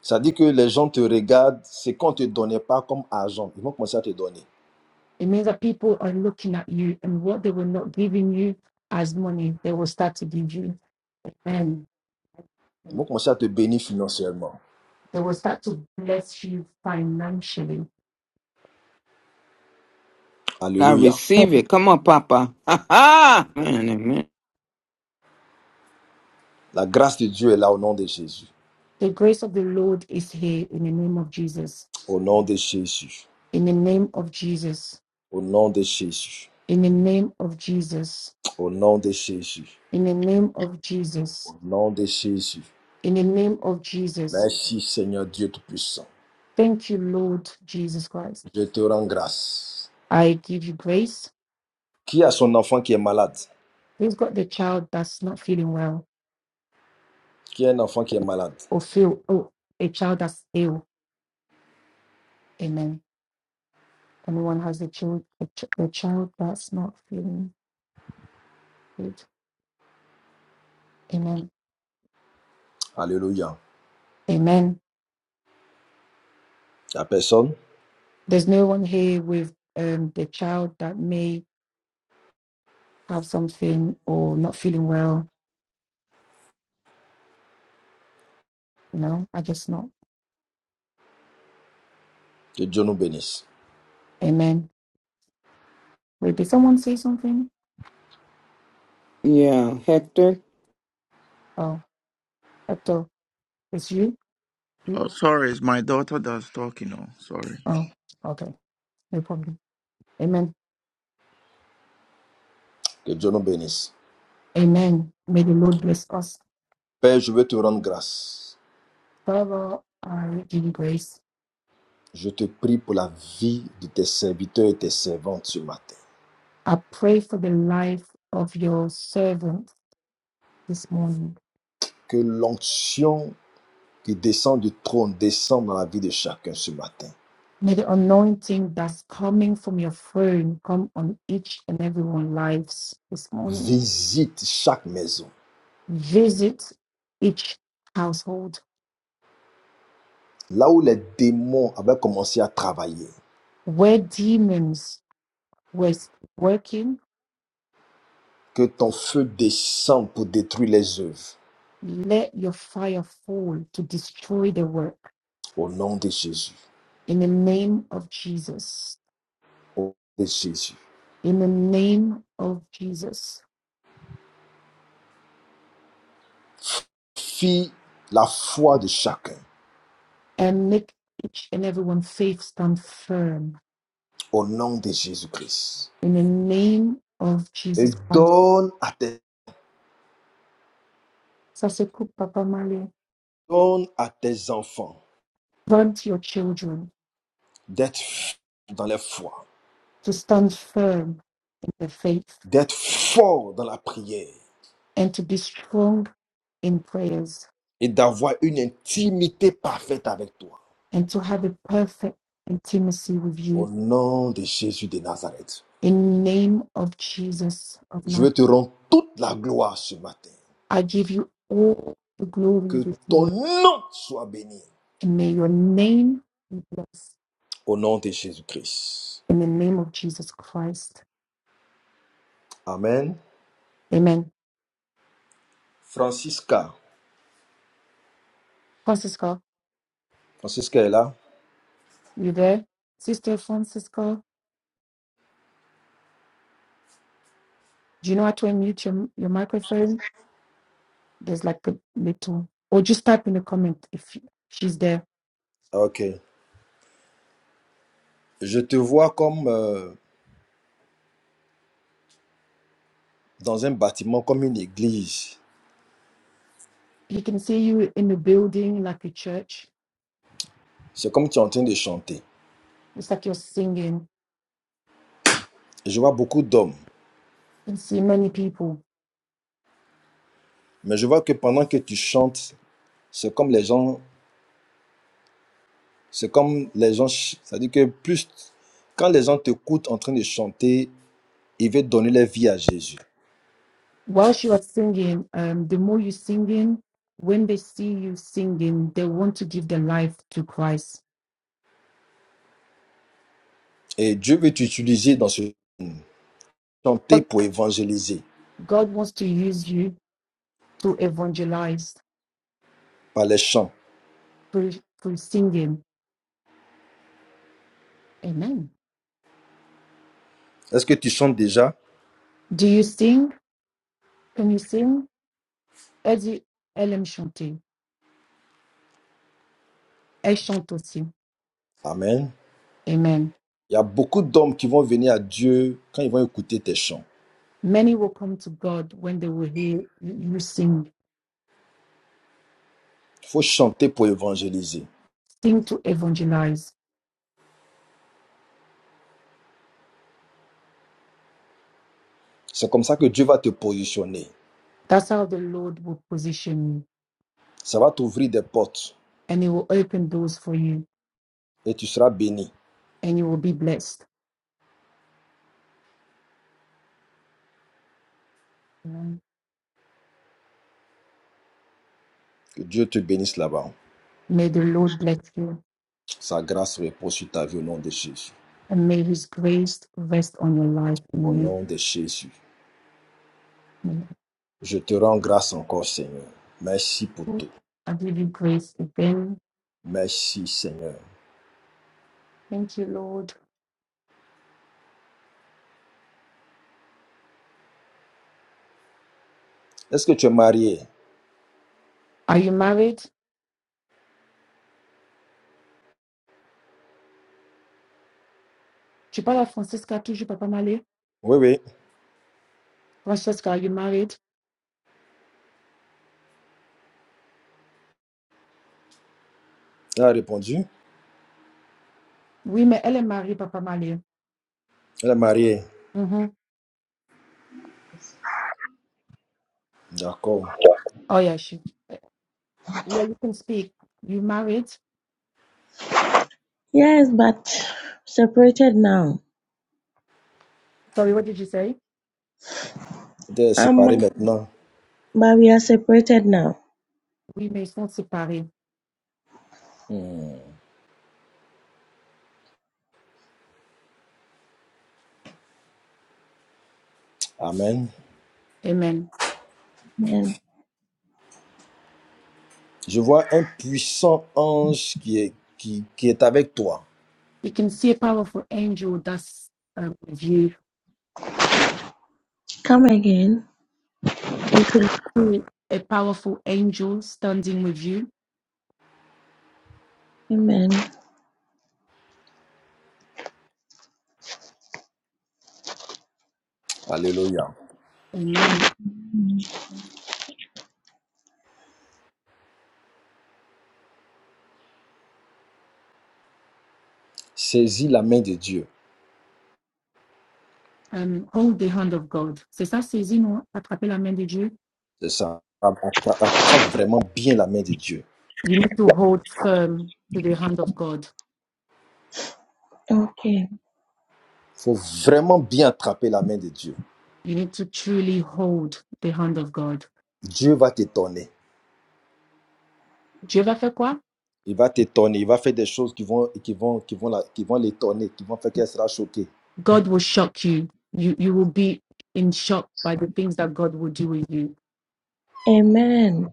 Ça dit que les gens te regardent, c'est qu'on ne te donnait pas comme argent. Ils vont commencer à te donner. It means that people are looking at you and what they were not giving you as money, they will start to give you. And Ils vont commencer à te bénir financièrement. they will start to bless you financially. I Alléluia. receive it. Come on, Papa. Ha ha. Man, amen. La grâce de Dieu est là au nom de Jésus. The grace of the Lord is here in the name of Jesus. Au nom de Jésus. In the name of Jesus. Au nom de Jésus. In the name of Jesus. Au nom de Jésus. In the name of Jesus. Au nom de Jésus. In the name of Jesus. Merci Seigneur Dieu Tout-Puissant. Thank you, Lord Jesus Christ. Je te rends grâce. I give you grace. Qui a son enfant qui est malade We've got the child that's not feeling well Qui a un enfant qui est malade or feel oh a child that's ill. Amen. Anyone has a child a, ch- a child that's not feeling good. Amen. Alléluia. Amen. La personne, There's no one here with um the child that may have something or not feeling well. No, I just not. que Dieu nous bénisse. Amen. Wait, did someone say something? Yeah, Hector. Oh, Hector, it's you? you? Oh, sorry, it's my daughter that's talking. Oh, sorry. Oh, okay. No problem. Amen. Que Dieu nous bénisse. Amen. May the Lord bless us. Père, je veux te rendre grâce. Father, I give you grace. Je te prie pour la vie de tes serviteurs et tes servantes ce matin. I pray for the life of your servant this morning. Que l'onction qui descend du trône, descend dans la vie de chacun ce matin. May the anointing that's coming from your throne come on each and everyone's lives this morning. Visite chaque maison. Visit each household Là où les démons avaient commencé à travailler, where demons were working. que ton feu descende pour détruire les œuvres. Let your fire fall to destroy the work Au nom de Jésus. in the name of Jesus. Au nom de Jésus. In the name of Jesus. Fie la foi de chacun. And make each and everyone faith stand firm Au nom de Jésus-Christ. In the name of Et Jesus Christ, donne à tes, Saseku Papa Mali, donne à tes enfants grant your children d'être forts dans la foi, to stand firm in the faith d'être forts dans la prière and to be strong in prayers et d'avoir une intimité parfaite avec toi. and to have a perfect intimacy with Au you. nom de Jésus de Nazareth, In the name of Jesus of je Nazareth, veux te rendre toute la gloire ce matin. I give you all the glory Que this ton morning nom soit béni. and may your name be blessed Au nom de Jésus-Christ. in the name of Jesus Christ. Amen. Amen. Francisca. Francisco, Francisca est là. you there? Sister Francisco? Do you know how to unmute your, your microphone? There's like a little, or just type in the comment if she's there. Ok. Je te vois comme euh, dans un bâtiment, comme une église. You can see you in the building, like a church. C'est comme tu es en train de chanter. It's like you're singing. Je vois beaucoup d'hommes. You can see many people. Mais je vois que pendant que tu chantes, c'est comme les gens. C'est comme les gens. C'est-à-dire que plus. Quand les gens t'écoutent en train de chanter, ils veulent donner leur vie à Jésus. Whilst you are singing, um, the more you're singing, when they see you singing, they want to give their life to Christ. Et Dieu veut t'utiliser dans ce domaine. chanter But pour évangéliser God wants to use you to evangelize par les chants. through, through singing. Amen. Est-ce que tu chantes déjà? Do you sing? Can you sing? Elle dit, elle Eddie Elem Eshontosi. Amen. Amen. Il y a beaucoup d'hommes qui vont venir à Dieu quand ils vont écouter tes chants. Many will come to God when they will hear you sing. Il faut chanter pour évangéliser. Sing to evangelize. C'est comme ça que Dieu va te positionner. That's how the Lord will position you. Ça va t'ouvrir des portes And He will open doors for you et tu seras béni. and you will be blessed. Amen. Que Dieu te bénisse là-bas. May the Lord bless you Sa grâce repose sur ta vie au nom de Jésus. and may His grace rest on your life. In the Au name of nom de Jésus. the Je te rends grâce encore, Seigneur. Merci pour Lord. tout. I give you grace again. Merci, Seigneur. Thank you, Lord. Est-ce que tu es marié? Are you married? Tu parles à Francesca toujours, Papa Malé? Oui, oui. Francesca, are you married? Elle a répondu. Oui, mais elle est mariée, Papa Malé. Elle est mariée. Mhm. D'accord. Oh, yeah, she. Yeah, you can speak. You married. Yes, but separated now. Sorry, what did you say? Elle est séparée Um, maintenant. but we are separated now. We may not separate. Hmm. Amen. Amen. Amen. Je vois un puissant ange qui est, qui, qui est avec toi. You can see a powerful angel that's um, with you. Come again. You can see a powerful angel standing with you. Amen. Alléluia. Amen. Saisis la main de Dieu. Um, hold the hand of God. C'est ça, saisir, non? Attraper la main de Dieu. C'est ça. Attrape vraiment bien la main de Dieu. You need to hold firm to the hand of God. Okay. Il faut vraiment bien attraper la main de Dieu. You need to truly hold the hand of God. Dieu va t'étonner. Dieu va faire quoi? Il va t'étonner. Il va faire des choses qui vont, qui vont, qui vont, la- qui vont l'étonner, qui vont faire qu'elle sera choquée. God will shock you. You you will be in shock by the things that God will do with you Amen.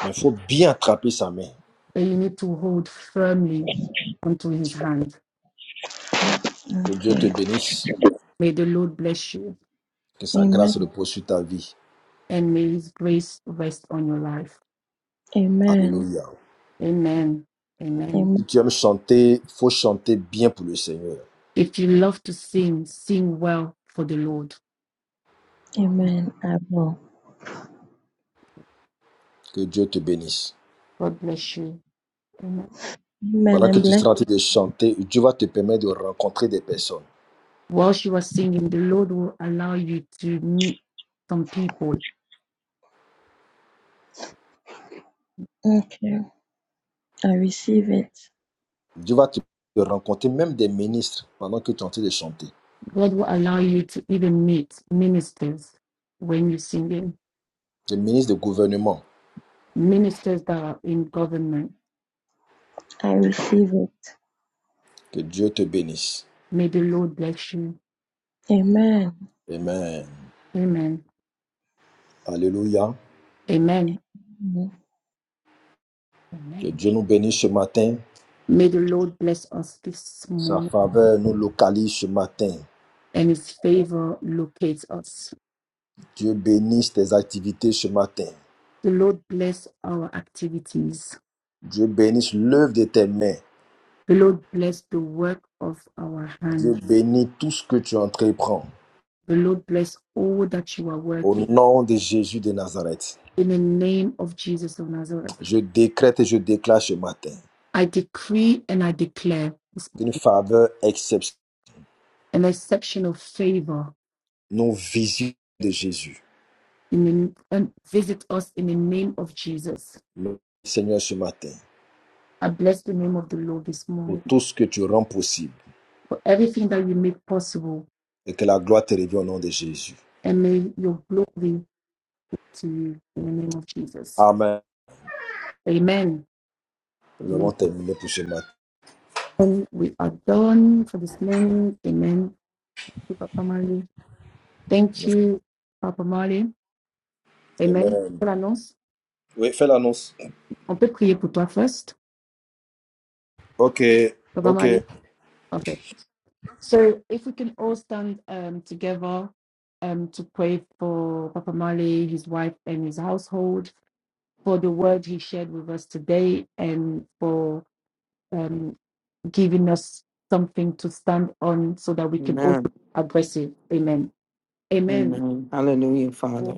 Mais il faut bien attraper sa main. that you need to hold firmly onto his hand. Que Dieu te Okay. bénisse. May the Lord bless you Que sa grâce Amen. repose sur ta vie. and may his grace rest on your life. Amen. Alléluia. Amen. Amen. Si Amen. tu aimes chanter, faut chanter bien pour le Seigneur. If you love to sing, sing well for the Lord. Amen. I will. Que Dieu te bénisse. God bless you. Amen. Amen. Pendant que And tu bless. seras en train de chanter, Dieu va te permettre de rencontrer des personnes. Whilst you are singing, the Lord will allow you to meet some people. Okay. I receive it. Dieu va te de rencontrer même des ministres pendant que tu es en train de chanter. God will allow you to even meet ministers when you're singing, Des ministres de gouvernement. ministers that are in government. I receive it. Que Dieu te bénisse. May the Lord bless you. Amen. Amen. Amen. Alléluia. Amen. Que Amen. Dieu nous bénisse ce matin. May the Lord bless us this Sa morning faveur nous localise ce matin. and his favor locates us. Dieu bénisse tes activités ce matin. The Lord bless our activities. Dieu bénisse l'œuvre de tes mains. The Lord bless the work of our Dieu hands. bénit tout ce que tu entreprends. The Lord bless all that you are Au working. nom de Jésus de Nazareth, In the name of Jesus of Nazareth, je décrète et je déclare ce matin I decree and I declare une faveur exceptionnelle, an exceptional favor non visible de Jésus. in the, and visit us in the name of Jesus. Le Seigneur, ce matin, I bless the name of the Lord this pour morning tout ce que tu rends possible for everything that you make possible et que la gloire te revienne au nom de Jésus. and may your glory to you in the name of Jesus. Amen. Amen. Nous avons Amen. terminé pour ce matin. And we are done for this morning. Amen. Thank you, Papa Mali. Thank you, Papa Mali. Amen. Amen. Quelle annonce? Oui, fais l'annonce. On peut prier pour toi first, Ok, Papa ok. Mali. Okay. So if we can all stand um, together um, to pray for Papa Mali, his wife, and his household, for the word he shared with us today, and for um, giving us something to stand on so that we can also Amen. be aggressive. Amen. Amen. Amen. Hallelujah, Father.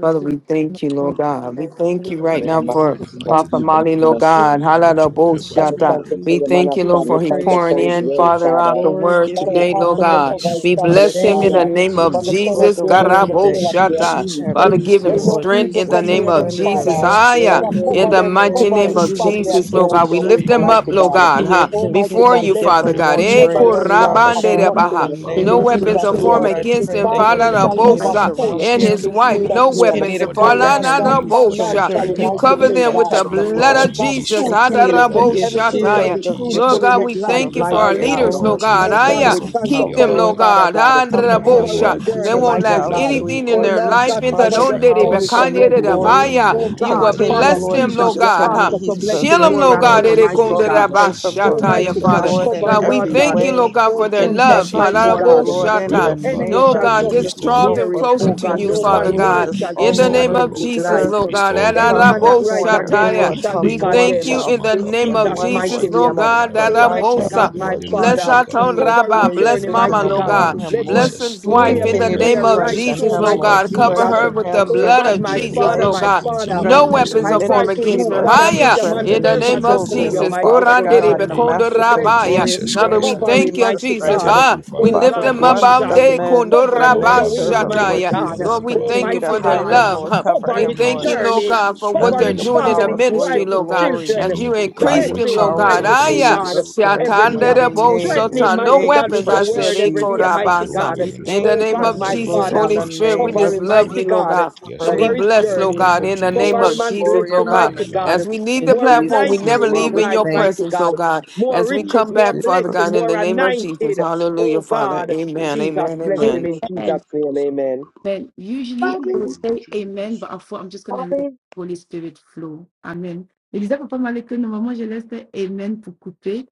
Father, we thank you, Lord God. Hallelujah. We Thank you, Thank thank you, you Lord Lord. right Father, in Lord, the now we mighty pray for in the Jesus. name of mighty Oui, Papa name Seigneur, of Jesus, Mali, mon we Dieu. Lord love Jesus. Merci, God. We Seigneur, mon lift Dieu, your pour Man ton Father, servants we God, Halalaboshata. thank serviteur. before you we you. for We your We man thank thank of you, you, pray God. Lord, we for We for the he thank peace you of praise Santoroboto pouring for you, his this we in, Parasha word, give house. you Father, Father. out Karamata. the glory, Merci We word give Father, pray Seigneur you pour today, for I ton ask Lord more you to honor. God. grace, serviteur, cover his We papa. family, bless him Thank in strength, you, the Father, your Lord name Soutiens-le, of from covering, the Jesus, papa, corner for of Lord, c'est Jesus. the mon their your head Dieu. to word the favor and that tail your of he, their Soutiens you Garaboshata. sa blessings feet. have upon famille, Father, c'est his used give mon him him, Let life. Dieu. no Lord strength evil in Jesus, the come In to Soutiens the name near son of them, plant name in of foyer, Jesus. Father. us, papa, Jesus, we c'est Lord. pray Haya. Father, mon that Dieu. Lord, In cover we Father, the you them, Oh mighty pray continue cover name to his that of you Seigneur, would strengthen family and Jesus, him. him Lord with God. We Seigneur replenish your mon May him, wings, lift you Dieu, him mets Lord. up, mighty continue Lord to God. God, rempart, empower You'll huh? Seigneur mon him. Dieu, Almighty before autour continue God, de to We you, let sa pray give for him Father the famille, God. he more peace autour de Eh, of never his ses grace, run his enfants. lack Father of house. korabande God, de Mère, in the baha. nothing rempart Lord, we de No name in of pray feu, weapons that, are Jesus' Seigneur Jesus. mon Lord, formed name. Lord, Dieu, I let your His against pray him, blood, that you'll autour let de basket the lui, shall blood, the continue to ever Thank blood Seigneur. Falarabosa, of full surround and Jesus him his speak in for wife. Protège-le, you. him, Jesus' No Seigneur, name. speak Continue weapons, to for devant, the Oh cover wife, Lord derrière, à him God, with speak droite et his à for the gauche, Falarabosa. children. entire financially, Seigneur. You mighty Continue cover family, to full them Tes with God. the protect speak them, for anges blood his Lord. Oh of campent God, autour de Jesus, sa ministry. We Continue maison. fruitfully. to cover put Que your them with the tes Everything blood shall of Hadaraboshataya. be anges shield of campent your Jesus. Lord fruitful autour de in Uh, God, his we lui, protection life, of thank you let Seigneur. for thy our mighty fire, Que favor O God. leaders, Lord Lord l'ange de continue God. Oh Jesus, to l'éternel God, Aya, rest over we campe his thank upon autour you keep de their them, for lui, him, household. Lord life. Seigneur. Father God. God. We pray Cover that, Oh him, Cover Father, his Hadarabosha. you Lord Papa, They Seigneur, journey, Jesus, continue nous won't to mighty lack prions, bless God. jealously, them, Seigneur, anything in Oh Lord their que Lord tu life. Jesus, God, continue In by the to cover your your continues, donde de strengthen, power son Seigneur. with for your your bekanye de Oh blessing. empower Seigneur, glory. nous them, dabaya. Oh Lord, prenons You in will God, the autorité, Continue, name Father Seigneur, of bless sur Lord tes them, Jesus, Jesus. Lord esprits, Jesus, we to Seigneur, God. de ask Huh? meet for your his Mantuki blessing Shield l'humiliation. them, provision, more branda Lord and God. Lord Sur more, that tes they rabada Jesus. mighty esprits, brede Lord, we Seigneur, God. rebo mon pray Dieu. for shiki de Père brande Almighty éternel provision, rebo qui God, Father. Lord, shiki cover in him, de God, chercherait, we Lord brada every Seigneur, à God. thank rabada you, way, Lord chercher, rabada. God, Oh for prendre their in Jesus, revanche. love. every Rashiki mighty Nous Baba, corner, les Hanarabo God. we Lord. lions, nous pray In les the Shata. No that brisons, enemy nous name Father, Oh, les of shall may God, you come just Jesus, détruisons, we restore draw call him, Seigneur. them near him, forth closer oh to God. Oh you, No provision, restore Seigneur, bad Father Lord him, nous word God. Lord, Jesus, shall prions, In all the speak restore Seigneur, name him, over of against the his Lord, que life. Jesus, earth Lord tu God. restore étends ta him, Any O main from sur hand the that Hanarabo Father. terre. rise corner, Tu In O the against him étends Lord, mighty ta shall be main We from name sur of son north, thank condemned you Jesus, south, in ministère. the Maka in east, name and Tu of Jesus' west, Branderebo étends ta mighty Lord Jesus, main, Shiki Lord name. tu oh, Jesus. God. élargis Bradadabadabo Provide l'espace Hanarabo Almighty for de Shide God, him, Satan, my Lord Jesus, Branderebo and Bless Father, our Seigneur. town continue Shikadaba. to cover his rabbi. Oh pour your Bless In journey, the Seigneur, mama, vision mighty Lord God. name upon God. Fais-le of him, Let his Lord. Bless prospérer à Jesus, his tous way wife in be the Lord, Continue égards. to let name clear your En of right lui blessings la strengthen Jesus, through, him, Lord mighty santé, continue Lord. God. to Seigneur mon Cover rest Jesus. Dieu. her Strengthen upon with them. the him, Oh blood Donne-lui, blood God, Seigneur strengthen of mon my Dieu. his Let your Jesus, Father, wife, Lord my blessings God. Mon Father, continue Seigneur to No mon Dieu. strengthen rest the weapons I are upon Ô cry formed them. to Père ministry, against you, her. Lord éternel, Father, May Jesus. put you Haya, your ô man in Strengthen the les strengthen his name idées servant him, qui O of viennent before de children, God your O Jesus. toi, mighty Father full in God, the Kurandere God in inspire-le, the Seigneur bekondo name mon to Dieu. master's bless and of him, rabaya. Inspire glorious Jesus to Father, name Christ, we le of Seigneur cover mon Lord. thank him, Dieu. you, Jesus mighty We Jesus. Ô Christ. God. thank Ha, you, Seigneur, pour we les Oh Father. lift Father, We God, them œuvres up bless du, Jesus, your bless on the name. day royaume, men, kondo cover Seigneur your him mon with Lord, Dieu. men your have your wings, own servant, Bénis way mighty Lord rabashataya. son in their God. foyer, Jesus. Lord, life, we Oh bénis Father, thank sa Continue you to mighty for in their the femme, hide God, him, bénis love. name ses Lord. Huh? enfants. Cover We cover of him, his thank Lord you, Ô Lord journey, Seigneur Jesus. mon God, for Dieu. what cover under they're Strengthen his your Ô him, doing in the Lord. family, Seigneur, power his for merci, wife, ministry, your his Lord papa. God, glory Et children. as you Continue to brotokoro by increase your Bless them, enrich chakra him la Lord him, with power God. your in mighty montagne. Aya, Et God, blessings Jesus brotokoro Christ's every in day. the chakra mighty shatandere la mighty bo name. name Strengthen We him, sota. No Fais-le, mighty thank of God, you, papa, with weapons, your I Seigneur. said. word precious Jesus. every Eko day, Jesus. Fais-le, Have mighty your own Seigneur rabasa. God. mon We way in Dieu. his In the thank Oh you, life. name God, aujourd'hui of In the my ne precious name Jesus, Lord, touchez of Father, in Holy the pas, Seigneur Jesus Spirit, mon we name Dieu, à Christ, la cover of just we him, pray love maison, it. mighty you, Seigneur Jesus. Lord mon God. God. Dieu. Yes, And Pray. we Père We Cover Lord, his éternel, in the je bless, thank Lord journey. prie you. name que God, We of in the give you name ton Cover all him of the Jesus. ange and bless Jesus, glory and Lord him, de God. mighty honor l'éternel God. Amen. As campe we autour de leave in the lui, More que le platform, we Jesus' sang anointed name, never in his Lord. leave We in précieux life, de your thank mighty presence, God. Jésus-Christ Lord God. le More As we riches, come couvre, more you. back, Seigneur mon Father Dieu. blessing, God, in more the name Lui et of sa Jesus. anointed. famille, Seigneur Hallelujah, Oh mon Dieu. Father. God, Oh, Amen, Jesus, Seigneur, amen, bless merci him amen. pour in ce que Amen. tu Jesus' fais dans name, sa vie, amen. Papa. Amen. Usually I would Au nom de say amen, Jésus-Christ. but I thought I'm just going to let the Holy Spirit flow. Amen. Ne disais à papa Malik que normalement je laisse le amen pour couper,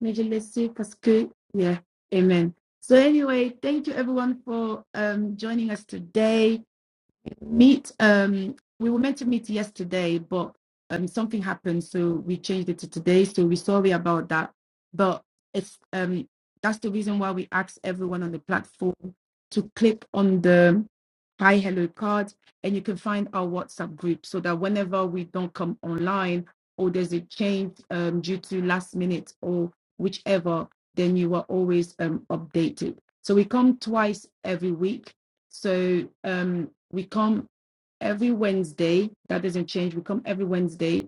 mais je laissais parce que, yeah, amen. So anyway, thank you everyone for um, joining us today meet um we were meant to meet yesterday but um something happened so we changed it to today so we're sorry about that but it's um that's the reason why we asked everyone on the platform to click on the hi hello card and you can find our whatsapp group so that whenever we don't come online or there's a change um, due to last minute or whichever then you are always um, updated so we come twice every week so um, we come every Wednesday. That doesn't change. We come every Wednesday.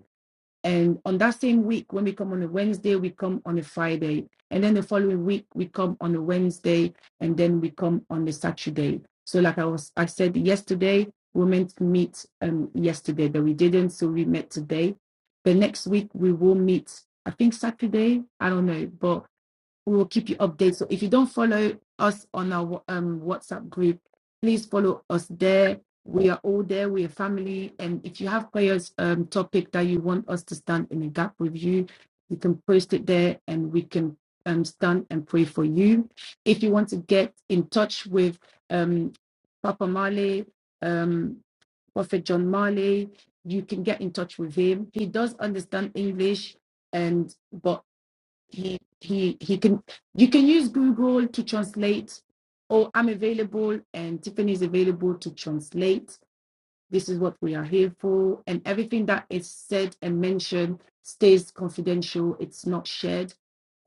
And on that same week, when we come on a Wednesday, we come on a Friday. And then the following week, we come on a Wednesday. And then we come on a Saturday. So, like I was, I said yesterday, we meant to meet um, yesterday, but we didn't. So, we met today. The next week, we will meet, I think Saturday. I don't know. But we will keep you updated. So if you don't follow us on our um, WhatsApp group, please follow us there. We are all there. We are family. And if you have prayers um, topic that you want us to stand in a gap with you, you can post it there, and we can um, stand and pray for you. If you want to get in touch with um, Papa Marley, um, Prophet John Marley, you can get in touch with him. He does understand English, and but he he he can you can use google to translate oh i'm available and tiffany is available to translate this is what we are here for and everything that is said and mentioned stays confidential it's not shared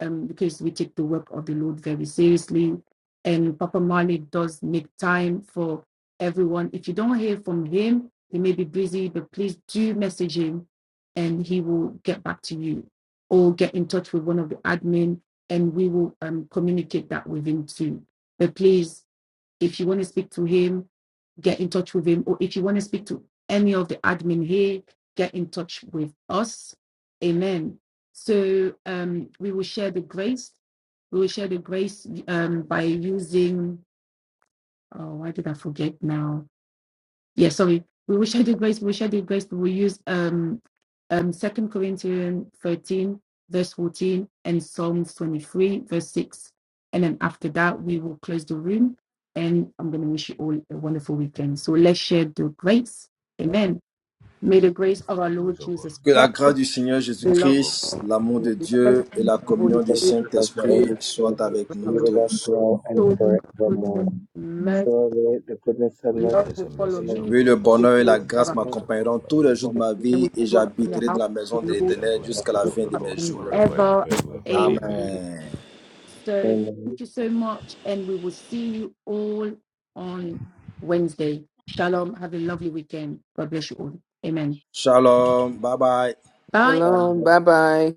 um, because we take the work of the lord very seriously and papa marley does make time for everyone if you don't hear from him he may be busy but please do message him and he will get back to you or get in touch with one of the admin and we will um, communicate that with him too but please if you want to speak to him, get in touch with him. Or if you want to speak to any of the admin here, get in touch with us. Amen. So um, we will share the grace. We will share the grace um, by using, oh, why did I forget now? yeah sorry we wish i did grace we wish i grace but we use um um second corinthians 13 verse 14 and psalms 23 verse 6 and then after that we will close the room and i'm going to wish you all a wonderful weekend so let's share the grace amen may the grace of our The lord grace of our Lord jesus Que la christ Jesus grâce du Christ, Seigneur the the love love of God of Jésus-Christ, God, l'amour and de the Dieu fellowship et la of the the Please holy communion du fellowship don't of spirit the of Holy the be Saint-Esprit with Holy Spirit, be soient Spirit with be avec us us nous from now the with us and tous. now and soul forevermore. goodness forevermore. Amen. mercy Surely the goodness and mercy love of Goodness will and follow the mercy Lord shall me Oui, le follow us The bonheur et la fruit all the of our grâce days will of our m'accompagneront tous les life, jours follow us de all ma the days and we vie et dwell in the j'habiterai dans house la of of maison the de and we Lord shall l'Éternel dwell in our the jusqu'à la house lives, of fin the de mes Lord and jours. and forever and ever. we will dwell in the ever. presence Amen. Amen. Amen. of the So Lord thank you so much, and we will see you all on Wednesday. Shalom. Have a lovely weekend. God bless you all. Amen. Shalom. Bye bye. Bye. forever. Shalom. Amen. Bye bye.